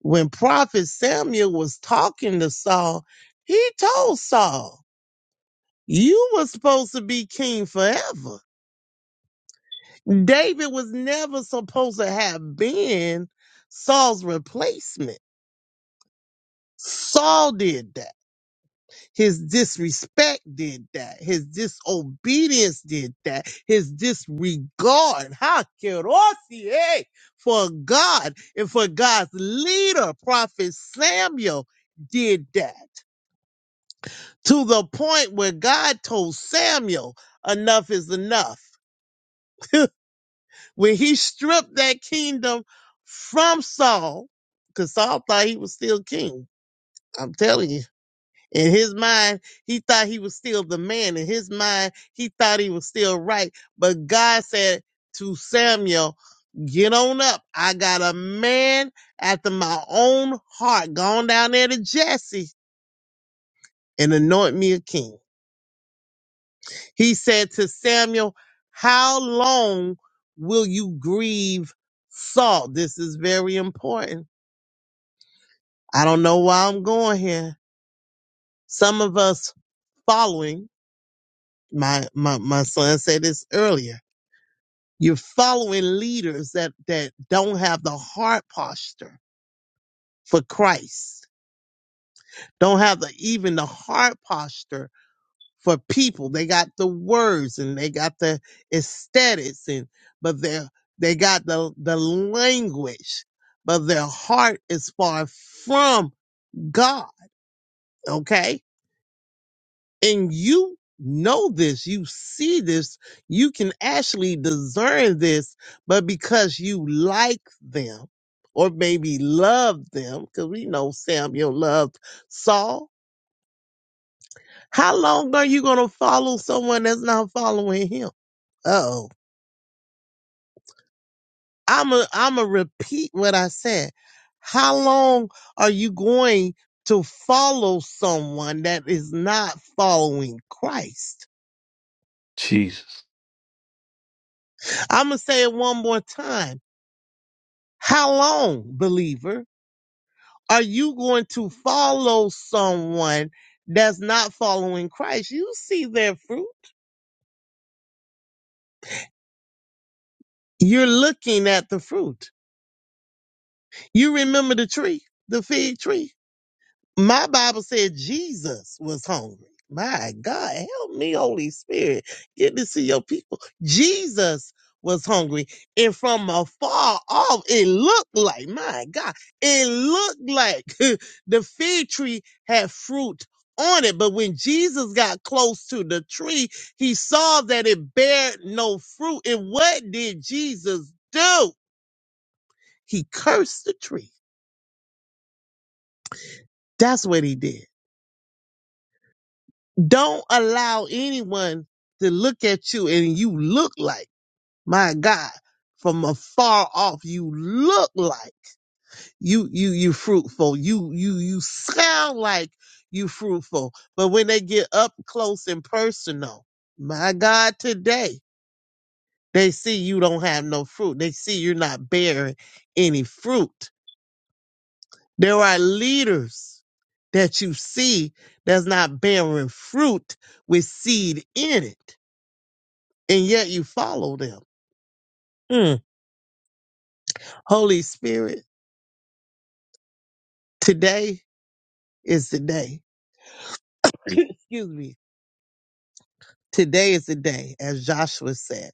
Speaker 8: when Prophet Samuel was talking to Saul, he told Saul, "You were supposed to be king forever." David was never supposed to have been Saul's replacement. Saul did that. His disrespect did that. His disobedience did that. His disregard. Ha kerosie, for God and for God's leader, Prophet Samuel, did that. To the point where God told Samuel, enough is enough. When he stripped that kingdom from Saul, because Saul thought he was still king. I'm telling you. In his mind, he thought he was still the man. In his mind, he thought he was still right. But God said to Samuel, Get on up. I got a man after my own heart. Go on down there to Jesse and anoint me a king. He said to Samuel, How long will you grieve Saul? This is very important. I don't know why I'm going here. Some of us following, my, my, my son said this earlier, you're following leaders that, that don't have the heart posture for Christ, don't have the, even the heart posture for people. They got the words and they got the aesthetics and but they they got the the language, but their heart is far from God. Okay, and you know this, you see this, you can actually discern this, but because you like them. Or maybe love them, because we know Samuel loved Saul. How long are you going to follow someone that's not following him? Uh oh I'm a, I'm a repeat what I said. How long are you going to follow someone that is not following Christ?
Speaker 1: Jesus.
Speaker 8: I'm going to say it one more time. How long, believer, are you going to follow someone that's not following Christ? You see their fruit. You're looking at the fruit. You remember the tree, the fig tree. My Bible said Jesus was hungry. My God, help me, Holy Spirit. Get this to your people. Jesus was hungry. And from afar off, it looked like, my God, it looked like the fig tree had fruit on it. But when Jesus got close to the tree, he saw that it bared no fruit. And what did Jesus do? He cursed the tree. That's what he did. Don't allow anyone to look at you and you look like, my God, from afar off, you look like you, you, you fruitful. You, you, you sound like you fruitful. But when they get up close and personal, my God, today they see you don't have no fruit. They see you're not bearing any fruit. There are leaders that you see that's not bearing fruit with seed in it and yet you follow them. Mm. Holy Spirit, today is the day. Excuse me. Today is the day, as Joshua said.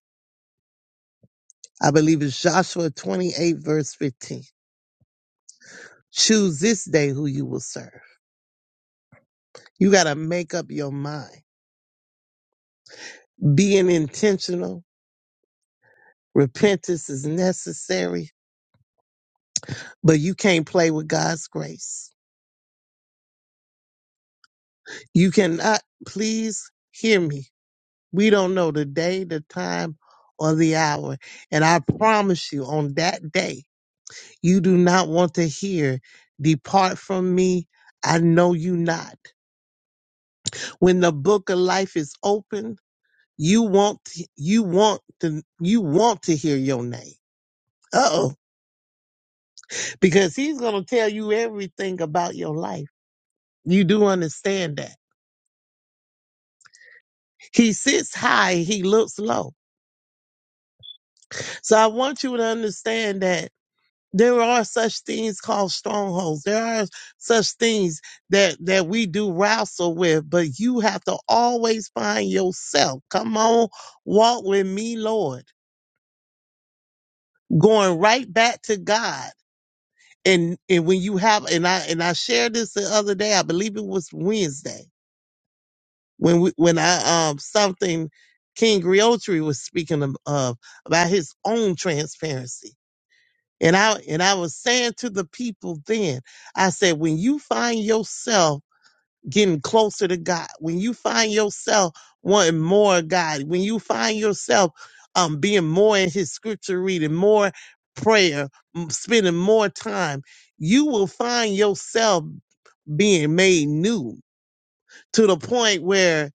Speaker 8: I believe it's Joshua 28, verse 15. Choose this day who you will serve. You got to make up your mind. Being intentional, repentance is necessary, but you can't play with God's grace. You cannot, please hear me We don't know the day, the time, or the hour. And I promise you, on that day, you do not want to hear, Depart from me, I know you not. When the book of life is open, you want you want to you want to hear your name. Uh oh. Because he's gonna tell you everything about your life. You do understand that. He sits high, he looks low. So I want you to understand that There are such things called strongholds. There are such things that that we do wrestle with, but you have to always find yourself. Come on, walk with me, Lord. Going right back to God. And and when you have and I and I shared this the other day, I believe it was Wednesday when we when I um something King Griotri was speaking of, of about his own transparency And I and I was saying to the people then, I said, when you find yourself getting closer to God, when you find yourself wanting more of God, when you find yourself um being more in his scripture reading, more prayer, m- spending more time, you will find yourself being made new to the point where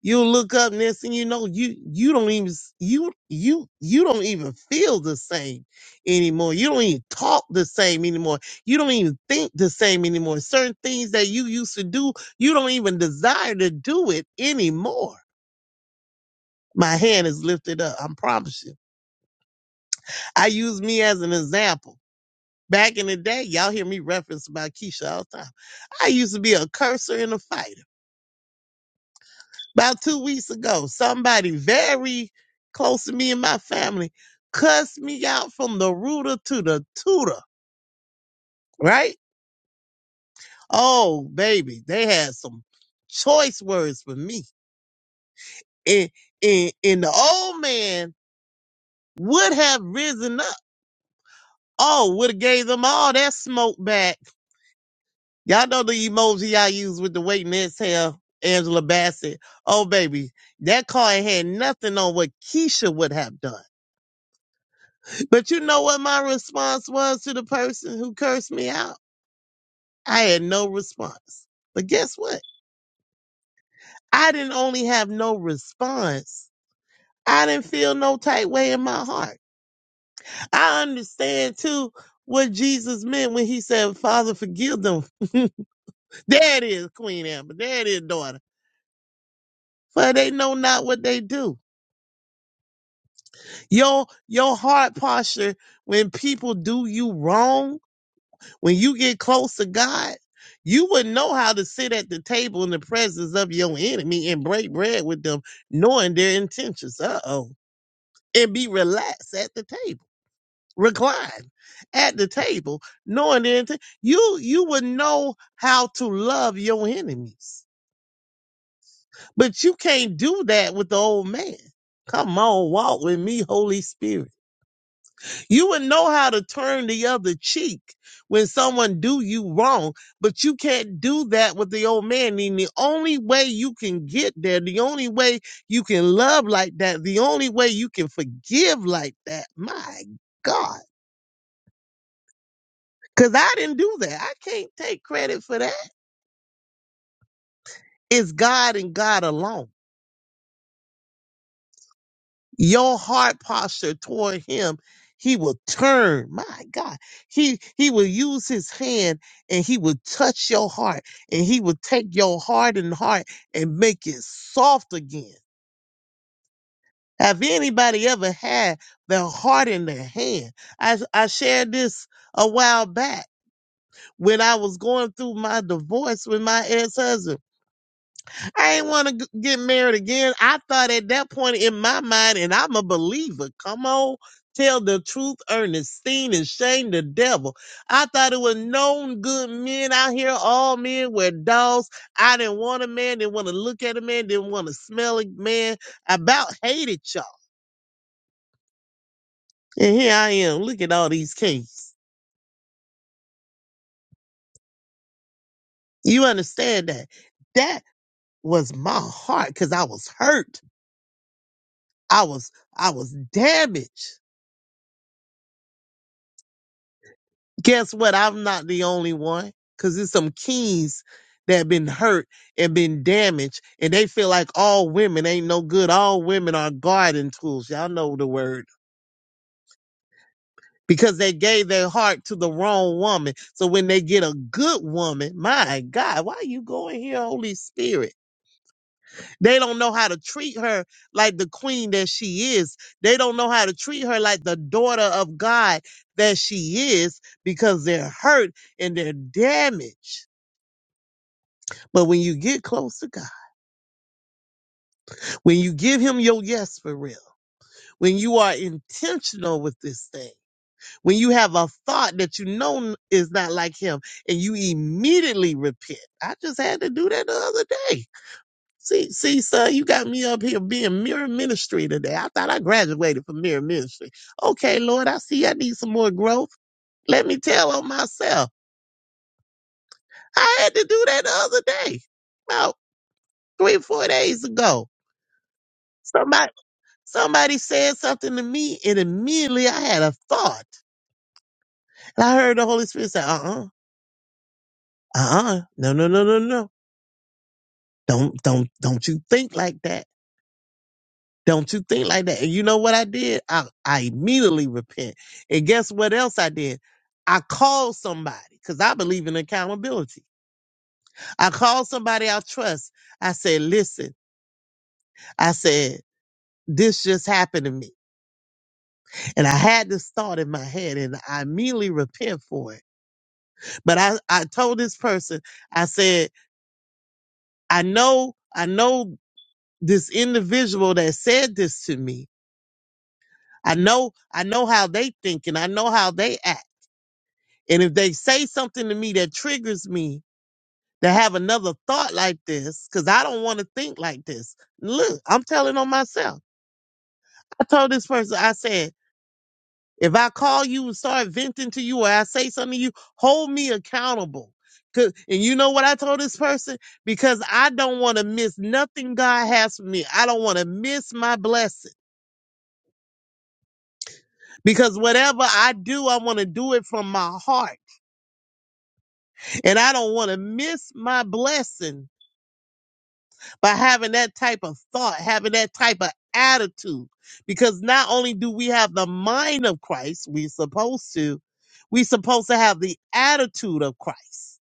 Speaker 8: You'll look up next and you know, you you don't even s- you you you don't even feel the same anymore. You don't even talk the same anymore. You don't even think the same anymore. Certain things that you used to do, you don't even desire to do it anymore. My hand is lifted up. I promise you. I use me as an example. Back in the day, y'all hear me reference about Keisha all the time. I used to be a cursor and a fighter. About two weeks ago, somebody very close to me and my family cussed me out from the rooter to the tutor, right? Oh, baby, they had some choice words for me. And, and, and the old man would have risen up. Oh, would have gave them all that smoke back. Y'all know the emoji I use with the wait and exhale, Angela Bassett. Oh, baby, that card had nothing on what Keisha would have done. But you know what my response was to the person who cursed me out? I had no response. But guess what? I didn't only have no response. I didn't feel no tight way in my heart. I understand too what Jesus meant when he said, Father, forgive them. there it is, Queen Amber. There it is, daughter. For they know not what they do. Your your heart posture when people do you wrong When you get close to God, you wouldn't know how to sit at the table in the presence of your enemy and break bread with them, knowing their intentions. Uh oh. And be relaxed at the table, recline at the table, knowing their intent. You you would know how to love your enemies, but you can't do that with the old man. Come on, walk with me, Holy Spirit. You would know how to turn the other cheek when someone do you wrong, but you can't do that with the old man. And the only way you can get there, the only way you can love like that, the only way you can forgive like that, my God. Cause I didn't do that. I can't take credit for that. It's God and God alone. your heart posture toward him, he will turn. My God. He he will use his hand and he will touch your heart and he will take your hardened heart and make it soft again. Have anybody ever had their heart in their hand? I, I shared this a while back when I was going through my divorce with my ex husband. I ain't want to get married again. I thought at that point in my mind, and I'm a believer. Come on, tell the truth, Ernestine, and shame the devil. I thought it was known good men out here. All men were dogs. I didn't want a man. Didn't want to look at a man. Didn't want to smell a man. I About hated y'all. And here I am. Look at all these kings. You understand that? That was my heart because I was hurt. I was I was damaged. guess what? I'm not the only one because there's some kings that have been hurt and been damaged, and they feel like all women ain't no good. All women are garden tools. Y'all know the word because they gave their heart to the wrong woman. So when they get a good woman, my God, why you going here, Holy Spirit? They don't know how to treat her like the queen that she is. They don't know how to treat her like the daughter of God that she is because they're hurt and they're damaged. But when you get close to God, when you give Him your yes for real, when you are intentional with this thing, when you have a thought that you know is not like Him, and you immediately repent. I just had to do that the other day. See, see, son, you got me up here being mirror ministry today. I thought I graduated from mirror ministry. Okay, Lord, I see I need some more growth. Let me tell on myself. I had to do that the other day, about three or four days ago. Somebody. Somebody said something to me, and immediately I had a thought. And I heard the Holy Spirit say, uh-uh, uh-uh, no, no, no, no, no. Don't, don't, don't you think like that. Don't you think like that. And you know what I did? I, I immediately repent. And guess what else I did? I called somebody because I believe in accountability. I called somebody I trust. I said, listen, I said, this just happened to me. And I had this thought in my head and I immediately repent for it. But I, I told this person, I said, I know, I know this individual that said this to me. I know, I know how they think and I know how they act. And if they say something to me that triggers me to have another thought like this, because I don't want to think like this. Look, I'm telling on myself. I told this person, I said, If I call you and start venting to you or I say something to you, hold me accountable. 'Cause- And you know what I told this person? Because I don't want to miss nothing God has for me. I don't want to miss my blessing. Because whatever I do, I want to do it from my heart. And I don't want to miss my blessing by having that type of thought, having that type of attitude. Because not only do we have the mind of Christ, we're supposed to, we're supposed to have the attitude of Christ.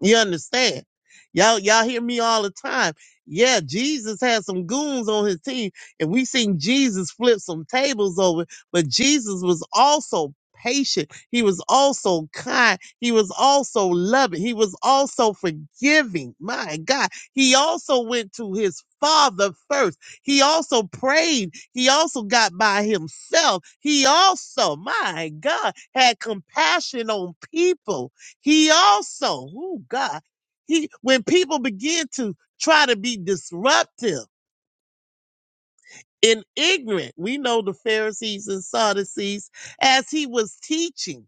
Speaker 8: You understand? Y'all, y'all hear me all the time. Yeah, Jesus had some goons on his team, and we seen Jesus flip some tables over, but Jesus was also patient. He was also kind. He was also loving. He was also forgiving. My God. He also went to his father first. He also prayed. He also got by himself. He also, my God, had compassion on people. He also, oh God, he when people begin to try to be disruptive and ignorant, we know the Pharisees and Sadducees as he was teaching.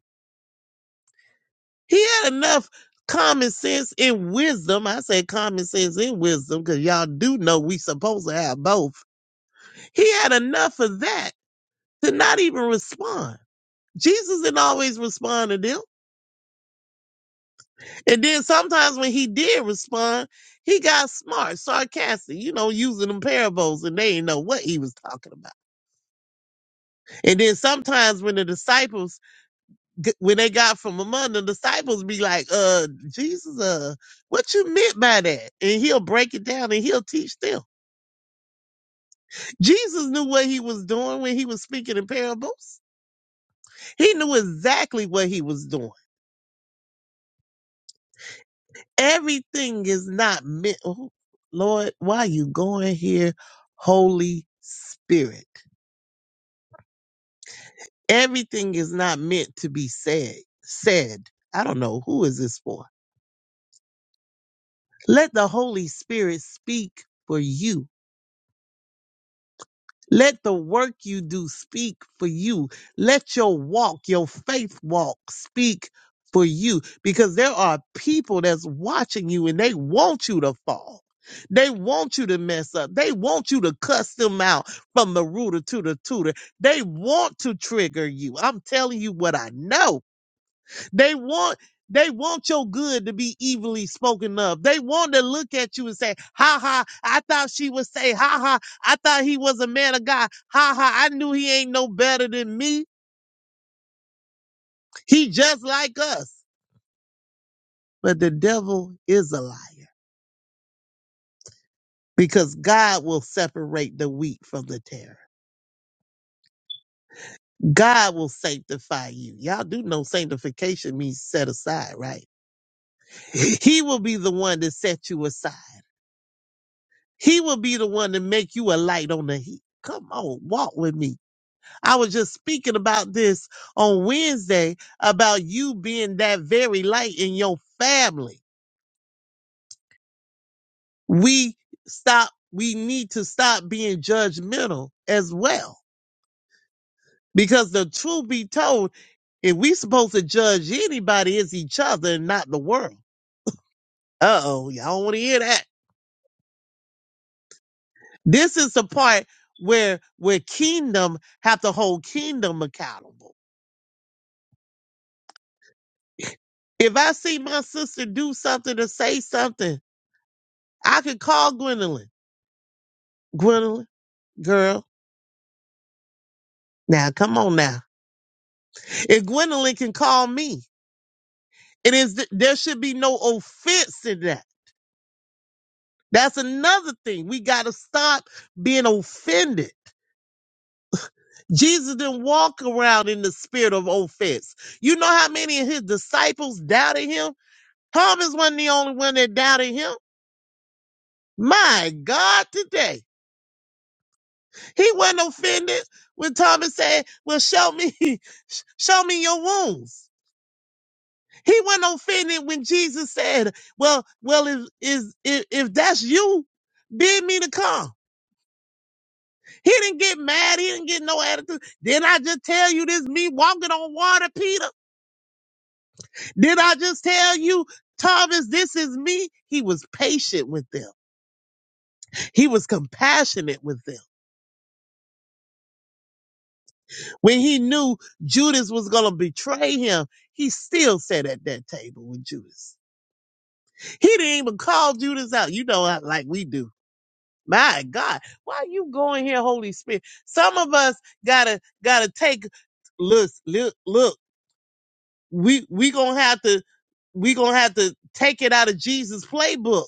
Speaker 8: He had enough common sense and wisdom. I say common sense and wisdom because y'all do know we supposed to have both. He had enough of that to not even respond. Jesus didn't always respond to them. And then sometimes when he did respond, he got smart, sarcastic, you know, using them parables, and they didn't know what he was talking about. And then sometimes when the disciples, g- when they got from among the disciples, be like, "Uh, Jesus, uh, what you meant by that?" And he'll break it down and he'll teach them. Jesus knew what he was doing when he was speaking in parables. He knew exactly what he was doing. Everything is not meant. Oh, Lord, why you going here, Holy Spirit? Everything is not meant to be said. Said. I don't know who is this for. Let the Holy Spirit speak for you. Let the work you do speak for you. Let your walk, your faith walk, speak for you because there are people that's watching you and they want you to fall. They want you to mess up. They want you to cuss them out from the rooter to the tutor. They want to trigger you. I'm telling you what I know. They want they want your good to be evilly spoken of. They want to look at you and say, "Ha ha! I thought she would say, ha ha! I thought he was a man of God. Ha ha! I knew he ain't no better than me. He just like us." But the devil is a liar because God will separate the wheat from the tare. God will sanctify you. Y'all do know sanctification means set aside, right? He will be the one to set you aside. He will be the one to make you a light on the heat. Come on, walk with me. I was just speaking about this on Wednesday about you being that very light in your family. We stop, we need to stop being judgmental as well. Because the truth be told, if we supposed to judge anybody, it's each other and not the world. Uh oh, y'all don't want to hear that. This is the part where where kingdom have to hold kingdom accountable If I see my sister do something or say something, I could call Gwendolyn. Gwendolyn, girl, now come on now. If Gwendolyn can call me, it is there should be no offense in that. That's another thing. We got to stop being offended. Jesus didn't walk around in the spirit of offense. You know how many of his disciples doubted him? Thomas wasn't the only one that doubted him. My God, today. He wasn't offended when Thomas said, Well, show me, show me your wounds. He wasn't offended when Jesus said, Well, well, if is if, if that's you, bid me to come. He didn't get mad. He didn't get no attitude. Did I just tell you this me walking on water, Peter? Did I just tell you, Thomas, this is me? He was patient with them. He was compassionate with them. When he knew Judas was going to betray him, he still sat at that table with Judas. He didn't even call Judas out, you know, how- like we do. My God, why are you going here, Holy Spirit? Some of us gotta gotta take look look look. We we gonna have to we gonna have to take it out of Jesus' playbook.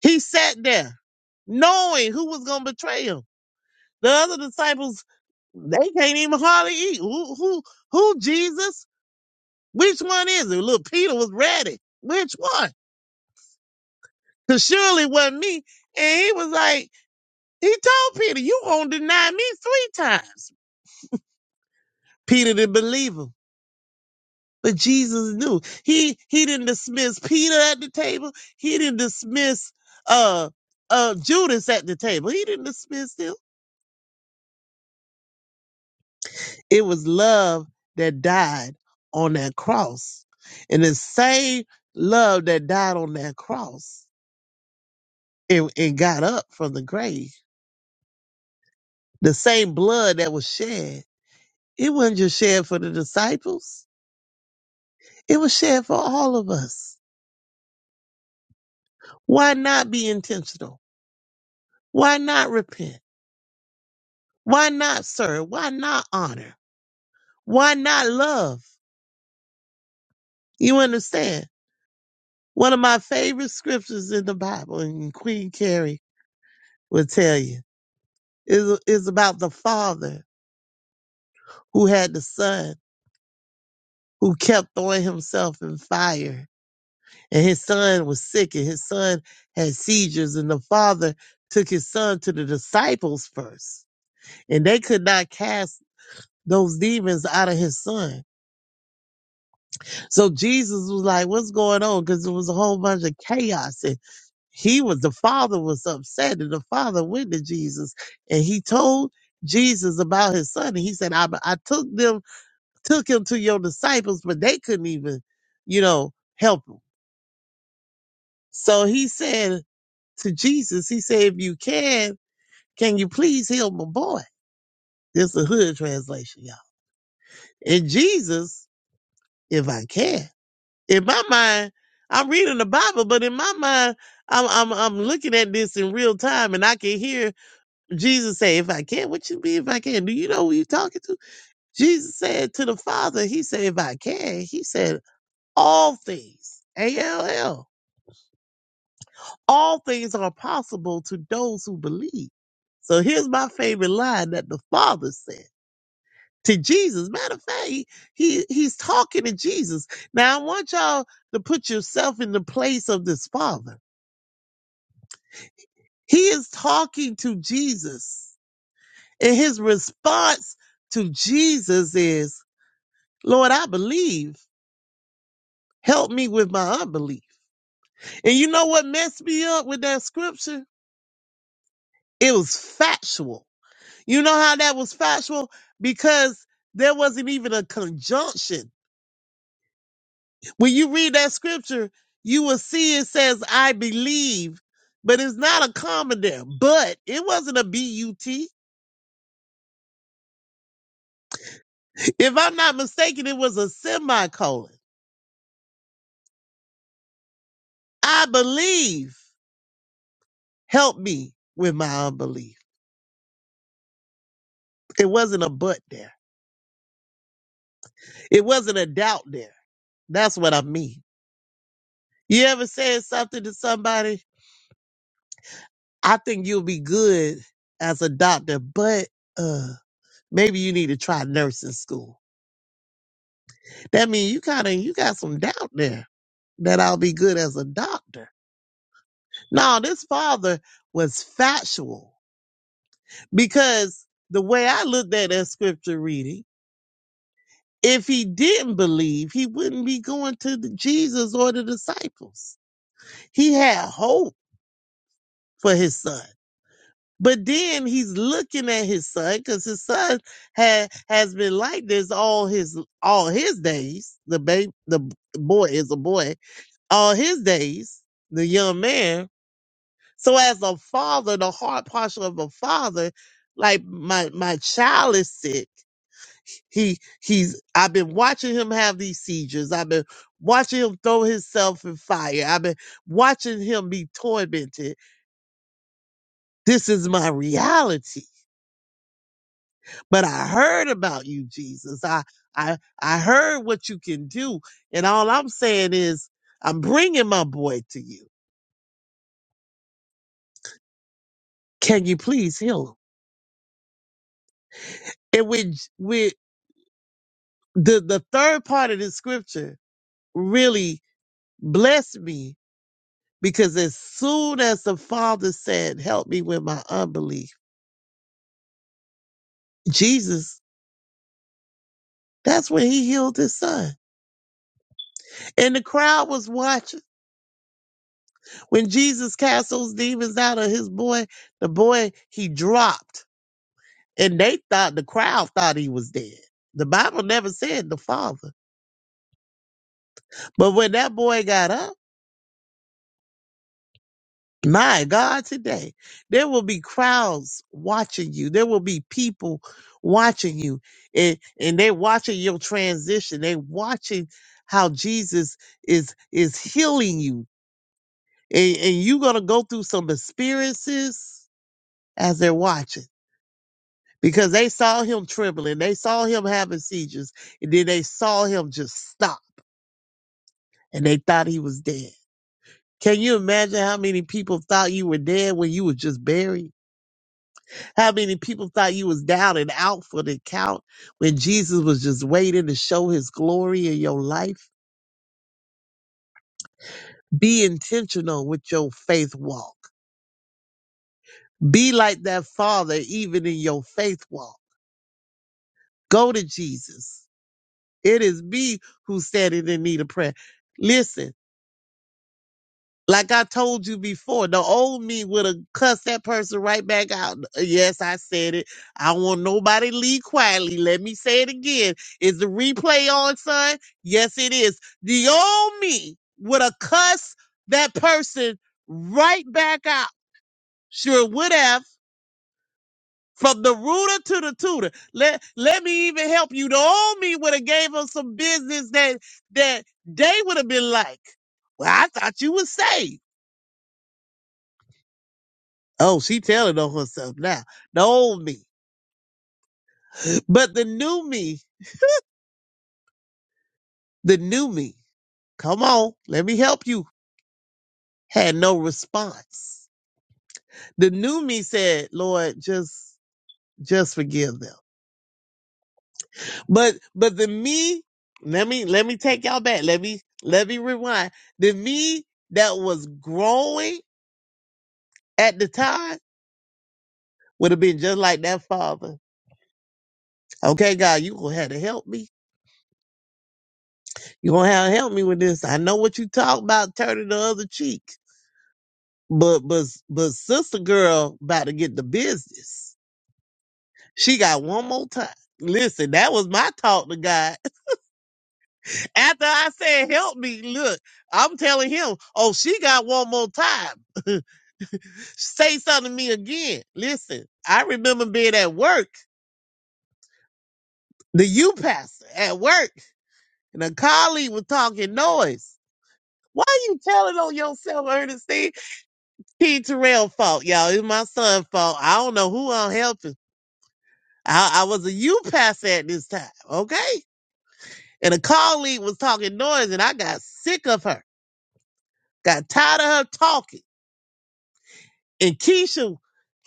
Speaker 8: He sat there knowing who was gonna betray him. The other disciples they can't even hardly eat. Who, who, who, Jesus? Which one is it? Little Peter was ready. Which one? Cause surely it wasn't me. And he was like, he told Peter, you won't deny me three times. Peter didn't believe him. But Jesus knew. He he didn't dismiss Peter at the table. He didn't dismiss uh uh Judas at the table. He didn't dismiss him. It was love that died on that cross. And the same love that died on that cross and, and got up from the grave The same blood that was shed, it wasn't just shed for the disciples, it was shed for all of us. Why not be intentional? Why not repent? Why not serve? Why not honor? Why not love? You understand? One of my favorite scriptures in the Bible, and Queen Carrie will tell you, is, is about the father who had the son who kept throwing himself in fire and his son was sick and his son had seizures and the father took his son to the disciples first and they could not cast those demons out of his son so jesus was like what's going on because it was a whole bunch of chaos and he was the father was upset and the father went to jesus and he told jesus about his son and he said i, I took them took him to your disciples but they couldn't even you know help him so he said to Jesus. He said, if you can, can you please heal my boy? This is a hood translation, y'all. And Jesus, if I can. In my mind, I'm reading the Bible, but in my mind, I'm I'm I'm looking at this in real time and I can hear Jesus say, If I can, what you mean if I can? Do you know who you talking to? Jesus said to the Father, He said, If I can, he said, all things. A L L. all things are possible to those who believe. So here's my favorite line that the Father said to Jesus. Matter of fact, he, he he's talking to Jesus. Now I want y'all to put yourself in the place of this Father. He is talking to Jesus, and his response to Jesus is, "Lord, I believe. Help me with my unbelief." And you know what messed me up with that scripture? It was factual. You know how that was factual? Because there wasn't even a conjunction. When you read that scripture, you will see it says, I believe, but it's not a comma there. But it wasn't a B U T. If I'm not mistaken, it was a semicolon. I believe. Help me with my unbelief. It wasn't a but there. It wasn't a doubt there. That's what I mean. You ever said something to somebody I think you'll be good as a doctor, but uh, maybe you need to try nursing school. That means you kind of you got some doubt there that I'll be good as a doctor. No, this father was factual because the way I looked at that scripture reading, if he didn't believe, he wouldn't be going to the Jesus or the disciples. He had hope for his son. But then he's looking at his son because his son had has been like this all his all his days. The baby, the boy is a boy all his days. The young man. So as a father, the heart posture of a father, like my my child is sick. He he's I've been watching him have these seizures. I've been watching him throw himself in fire. I've been watching him be tormented. This is my reality but I heard about you, Jesus. I, I, I heard what you can do. And all I'm saying is, I'm bringing my boy to you. Can you please heal him? And with, with the, the third part of the scripture really blessed me because as soon as the father said, help me with my unbelief, Jesus, that's when he healed his son. And the crowd was watching. When Jesus cast those demons out of his boy, the boy, he dropped and they thought the crowd thought he was dead. The Bible never said the father. But when that boy got up, my God, today, there will be crowds watching you. There will be people watching you. And and they watching your transition. They watching how Jesus is is healing you. And, and you're gonna go through some experiences as they're watching. Because they saw him trembling, they saw him having seizures, and then they saw him just stop and they thought he was dead. Can you imagine how many people thought you were dead when you was just buried? How many people thought you was down and out for the count when Jesus was just waiting to show his glory in your life? Be intentional with your faith walk. Be like that father even in your faith walk. Go to Jesus. It is me who's standing in need of prayer. Listen. Like I told you before, the old me would have cussed that person right back out. Yes, I said it. I want nobody to leave quietly. Let me say it again. Is the replay on, son? Yes, it is. The old me would have cussed that person right back out. Sure would have. From the ruler to the tutor. Let let me even help you. The old me would have gave them some business that that they would have been like, Well, I thought you were saved. Oh, she telling on herself now. The old me. But the new me, the new me, come on, let me help you, had no response. The new me said, Lord, just just forgive them. But but the me, let me let me take y'all back. Let me let me rewind. The me that was growing at the time would have been just like that father. Okay, God, you gonna have to help me. You gonna have to help me with this. I know what you talk about, turning the other cheek. But but but sister girl about to get the business. She got one more time. Listen, that was my talk to God. After I said, help me, look, I'm telling him, oh, she got one more time. Say something to me again. Listen, I remember being at work, the U pastor at work, and a colleague was talking noise. Why you telling on yourself, Ernestine? T. Terrell fault, y'all. It's my son's fault. I don't know who I'm helping. I, I was a UPass at this time, okay? And a colleague was talking noise, and I got sick of her, got tired of her talking. and Keisha,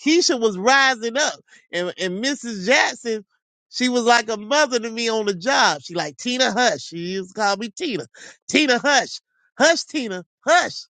Speaker 8: Keisha was rising up, and and Mrs. Jackson, she was like a mother to me on the job. She like Tina Hush. She used to call me Tina, Tina Hush, Hush Tina Hush.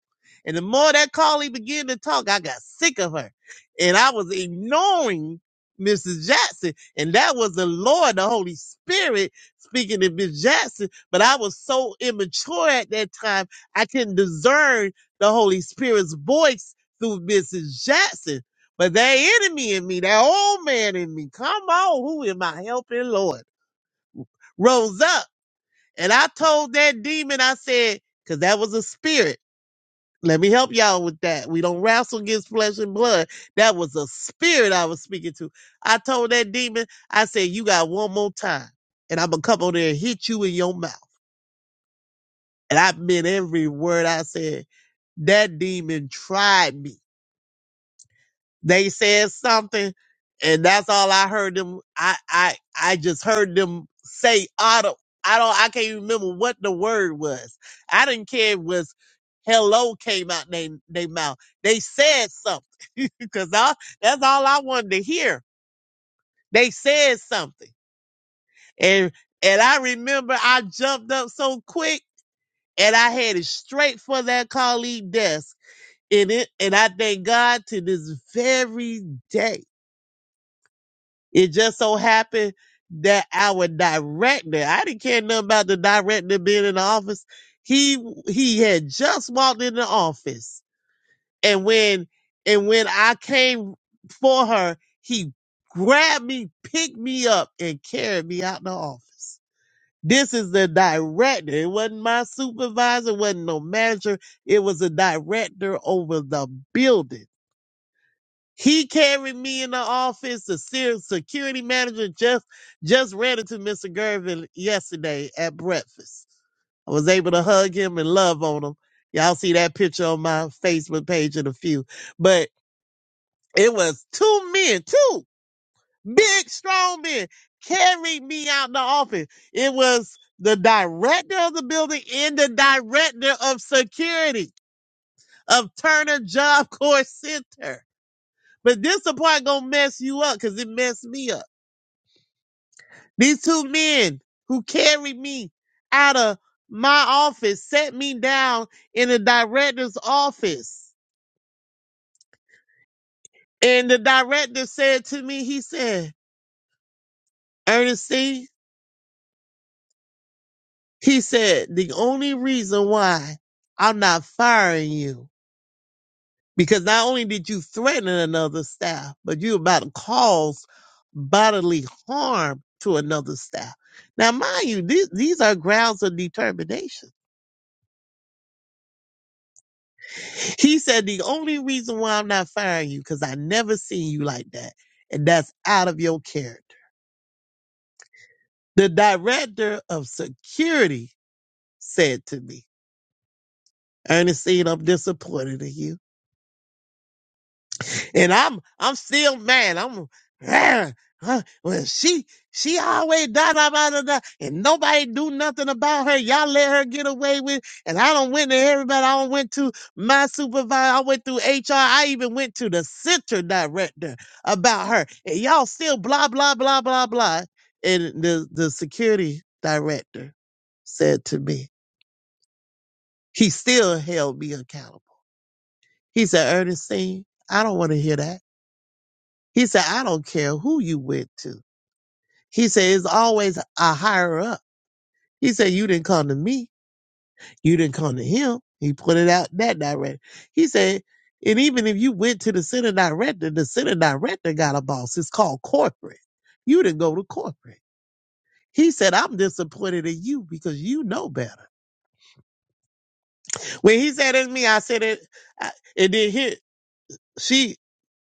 Speaker 8: And the more that Carly began to talk, I got sick of her, and I was ignoring Mrs. Jackson, and that was the Lord, the Holy Spirit speaking to Miss Jackson. But I was so immature at that time, I couldn't discern the Holy Spirit's voice through Mrs. Jackson. But that enemy in me, that old man in me, come on, who am I helping, Lord? Rose up. And I told that demon, I said, because that was a spirit. Let me help y'all with that. We don't wrestle against flesh and blood. That was a spirit I was speaking to. I told that demon, I said, you got one more time. And I'm going to come over there and hit you in your mouth. And I meant every word I said. That demon tried me. They said something, and that's all I heard them. I I I just heard them say auto. I don't. I can't even remember what the word was. I didn't care if it was hello came out they they mouth. They said something because that's all I wanted to hear. They said something, and and I remember I jumped up so quick and I headed straight for that colleague desk. And it and I thank God to this very day It just so happened that our director, I didn't care nothing about the director being in the office. He he had just walked in the office. And when and when I came for her, he grabbed me, picked me up, and carried me out the office. This is the director. It wasn't my supervisor, it wasn't no manager. It was a director over the building he carried me in the office. The se- security manager just just ran into Mr. Gervin yesterday at breakfast. I was able to hug him and love on him. Y'all see that picture on my Facebook page in a few. But it was two men, two big strong men carried me out the office. It was the director of the building and the director of security of Turner Job Corps Center. But this the part gonna mess you up because it messed me up. These two men who carried me out of my office set me down in the director's office. And the director said to me, he said, Ernestine, he said, the only reason why I'm not firing you Because not only did you threaten another staff, but you about to cause bodily harm to another staff. Now, mind you, these, these are grounds of determination. He said, The only reason why I'm not firing you, because I never seen you like that. And that's out of your character. The director of security said to me, Ernestine, I'm disappointed in you. and I'm I'm still mad. I'm ah, huh, well, she she always da da da da da, and nobody do nothing about her. Y'all let her get away with, and I don't went to everybody. I don't went to my supervisor. I went through HR. I even went to the center director about her, and y'all still blah blah blah blah blah. And the the security director said to me, he still held me accountable. He said, Ernestine, I don't want to hear that. He said, I don't care who you went to. He said, it's always a higher up. He said, you didn't come to me. You didn't come to him. He put it out that direction. He said, and even if you went to the center director, the center director got a boss. It's called corporate. You didn't go to corporate. He said, I'm disappointed in you because you know better. When he said it to me, I said it, I, and then here, she,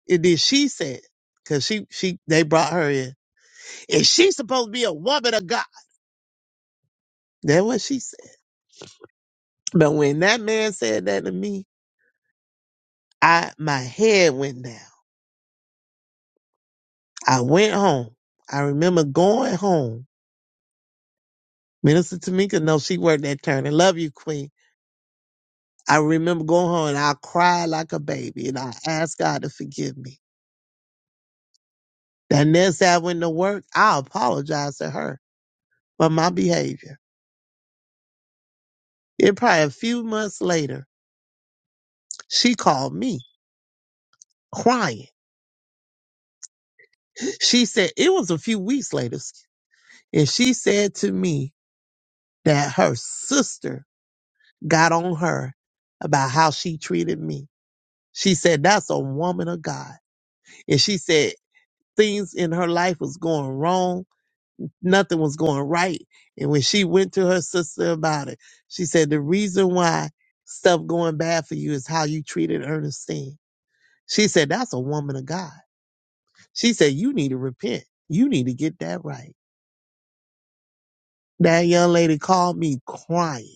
Speaker 8: and then she said, cause she, she, they brought her in. And she's supposed to be a woman of God. That's what she said. But when that man said that to me, I my head went down. I went home. I remember going home. Minister Tamika knows she worked that turn. I love you, Queen. I remember going home and I cried like a baby and I asked God to forgive me. That next day I went to work, I apologized to her for my behavior. It probably a few months later, she called me crying. She said it was a few weeks later, and she said to me that her sister got on her about how she treated me. She said, that's a woman of God. And she said things in her life was going wrong. Nothing was going right. And when she went to her sister about it, she said, the reason why stuff going bad for you is how you treated Ernestine. She said, that's a woman of God. She said, you need to repent. You need to get that right. That young lady called me crying,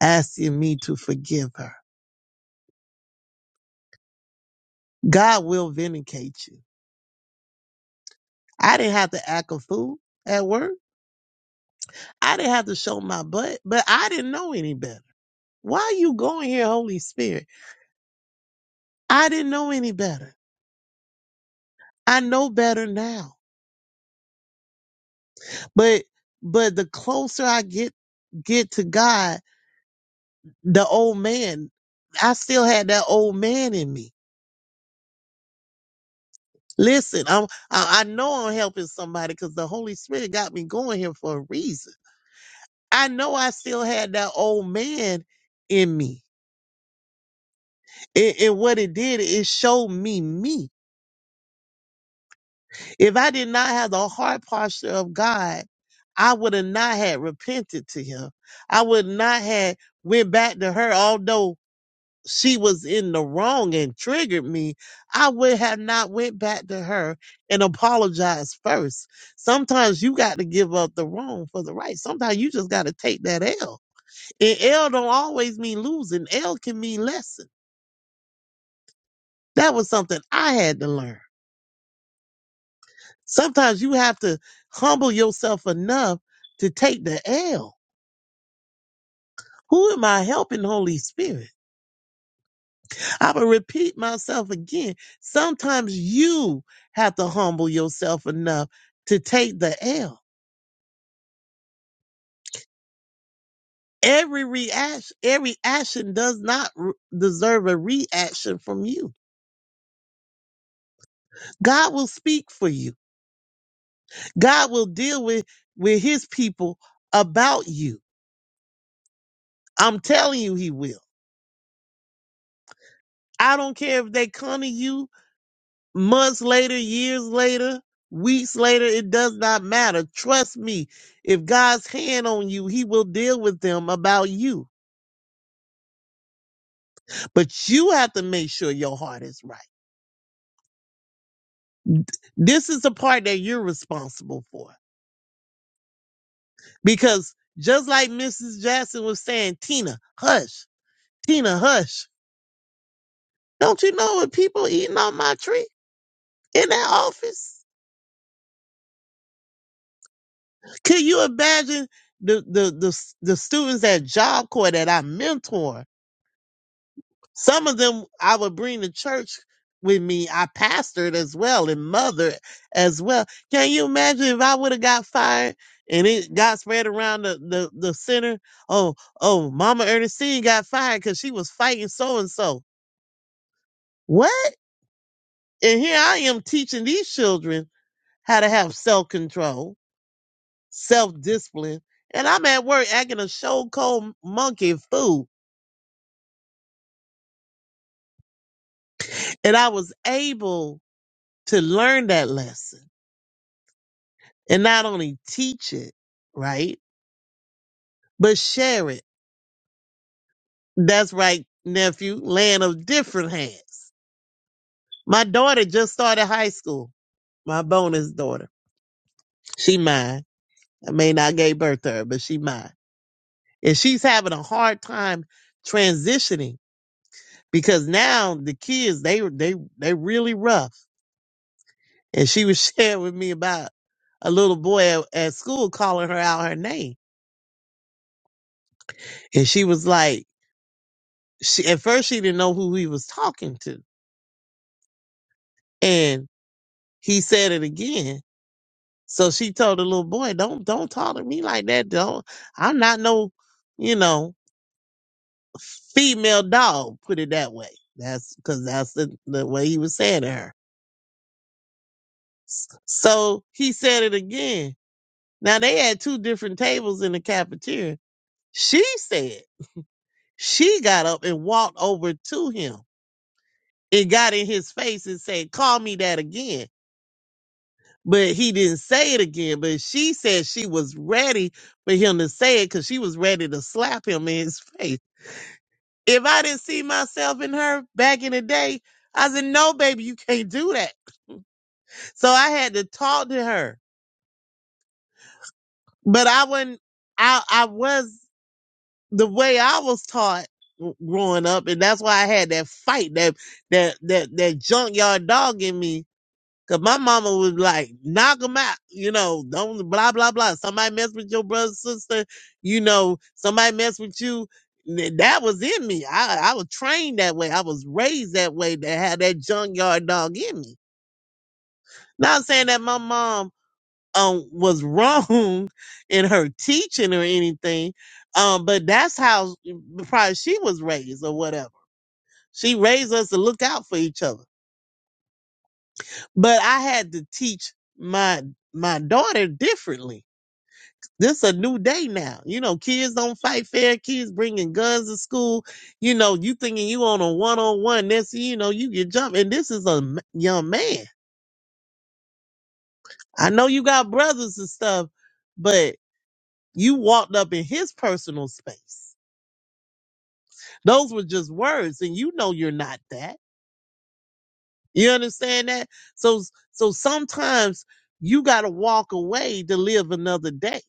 Speaker 8: asking me to forgive her. God will vindicate you. I didn't have to act a fool at work. I didn't have to show my butt, but I didn't know any better. Why you going here, Holy Spirit? I didn't know any better. I know better now. But but the closer I get get to God, the old man, I still had that old man in me. Listen, I'm I, I know I'm helping somebody because the Holy Spirit got me going here for a reason. I know I still had that old man in me. And, and what it did, is showed me me. If I did not have the heart posture of God, I would have not had repented to him. I would not have went back to her, although she was in the wrong and triggered me. I would have not went back to her and apologized first. Sometimes you got to give up the wrong for the right. Sometimes you just got to take that L. And L don't always mean losing. L can mean lesson. That was something I had to learn. Sometimes you have to humble yourself enough to take the L. Who am I helping, Holy Spirit? I will repeat myself again. Sometimes you have to humble yourself enough to take the L. Every reaction, every action does not re- deserve a reaction from you. God will speak for you. God will deal with with His people about you. I'm telling you, He will. I don't care if they come to you. months later, years later, weeks later, it does not matter. Trust me, if God's hand on you, he will deal with them about you. But you have to make sure your heart is right. This is the part that you're responsible for. Because just like Mrs. Jackson was saying, Tina, hush, Tina, hush. Don't you know what people eating on my tree in that office? Can you imagine the the the, the students at Job Corps that I mentor? Some of them I would bring to church with me. I pastored as well and mother as well. Can you imagine if I would have got fired and it got spread around the, the, the center? Oh, oh, Mama Ernestine got fired because she was fighting so and so. What? And here I am teaching these children how to have self control, self discipline. And I'm at work acting a show cold monkey fool. And I was able to learn that lesson and not only teach it, right, but share it. That's right, nephew, land of different hands. My daughter just started high school, my bonus daughter. She mine. I may not gave birth to her, but she mine. And she's having a hard time transitioning because now the kids, they they they really rough. And she was sharing with me about a little boy at, at school calling her out her name. And she was like, she, at first she didn't know who he was talking to. and he said it again. So she told the little boy, "Don't don't talk to me like that. Don't. I'm not no, you know, female dog. Put it that way. That's because that's the the way he was saying to her. S- So he said it again. Now they had two different tables in the cafeteria. She said she got up and walked over to him. It got in his face and said, "Call me that again." but he didn't say it again. But she said she was ready for him to say it because she was ready to slap him in his face. If I didn't see myself in her back in the day, I said, "No, baby, you can't do that." So I had to talk to her, but I wasn't. I I was the way I was taught growing up, and that's why I had that fight, that that that that junkyard dog in me Cause my mama was like, knock 'em out, you know, don't blah blah blah. Somebody mess with your brother, sister, you know, somebody mess with you. Th- That was in me. I I was trained that way. I was raised that way to have that junkyard dog in me. Not saying that my mom um was wrong in her teaching or anything, um, but that's how probably she was raised or whatever. She raised us to look out for each other. But I had to teach my my daughter differently This a new day now. You know, kids don't fight fair. Kids bringing guns to school. You know, you thinking you on a one on one. Next, thing you know, you get jumped. And this is a m- young man. I know you got brothers and stuff, but you walked up in his personal space. Those were just words, and you know you're not that. You understand that? So, so sometimes you got to walk away to live another day.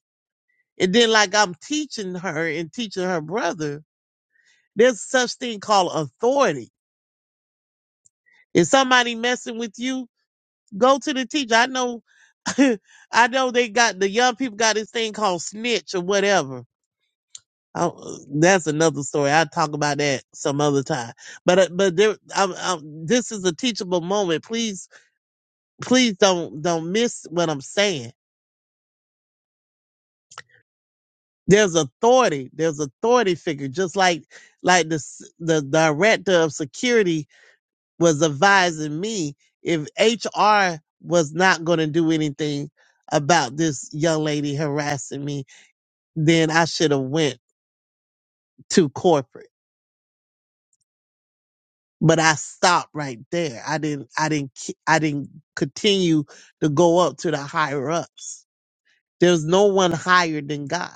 Speaker 8: And then, like I'm teaching her and teaching her brother There's such thing called authority. If somebody messing with you, go to the teacher. I know, I know they got the young people got this thing called snitch or whatever. Oh, that's another story. I'll talk about that some other time. But uh, but there, I'm, I'm, this is a teachable moment. Please please don't don't miss what I'm saying. There's authority. There's authority figure, just like like the s- the director of security was advising me if HR was not going to do anything about this young lady harassing me, then I should have went to corporate. But I stopped right there. I didn't. I didn't. ke- I didn't continue to go up to the higher ups. There's no one higher than God.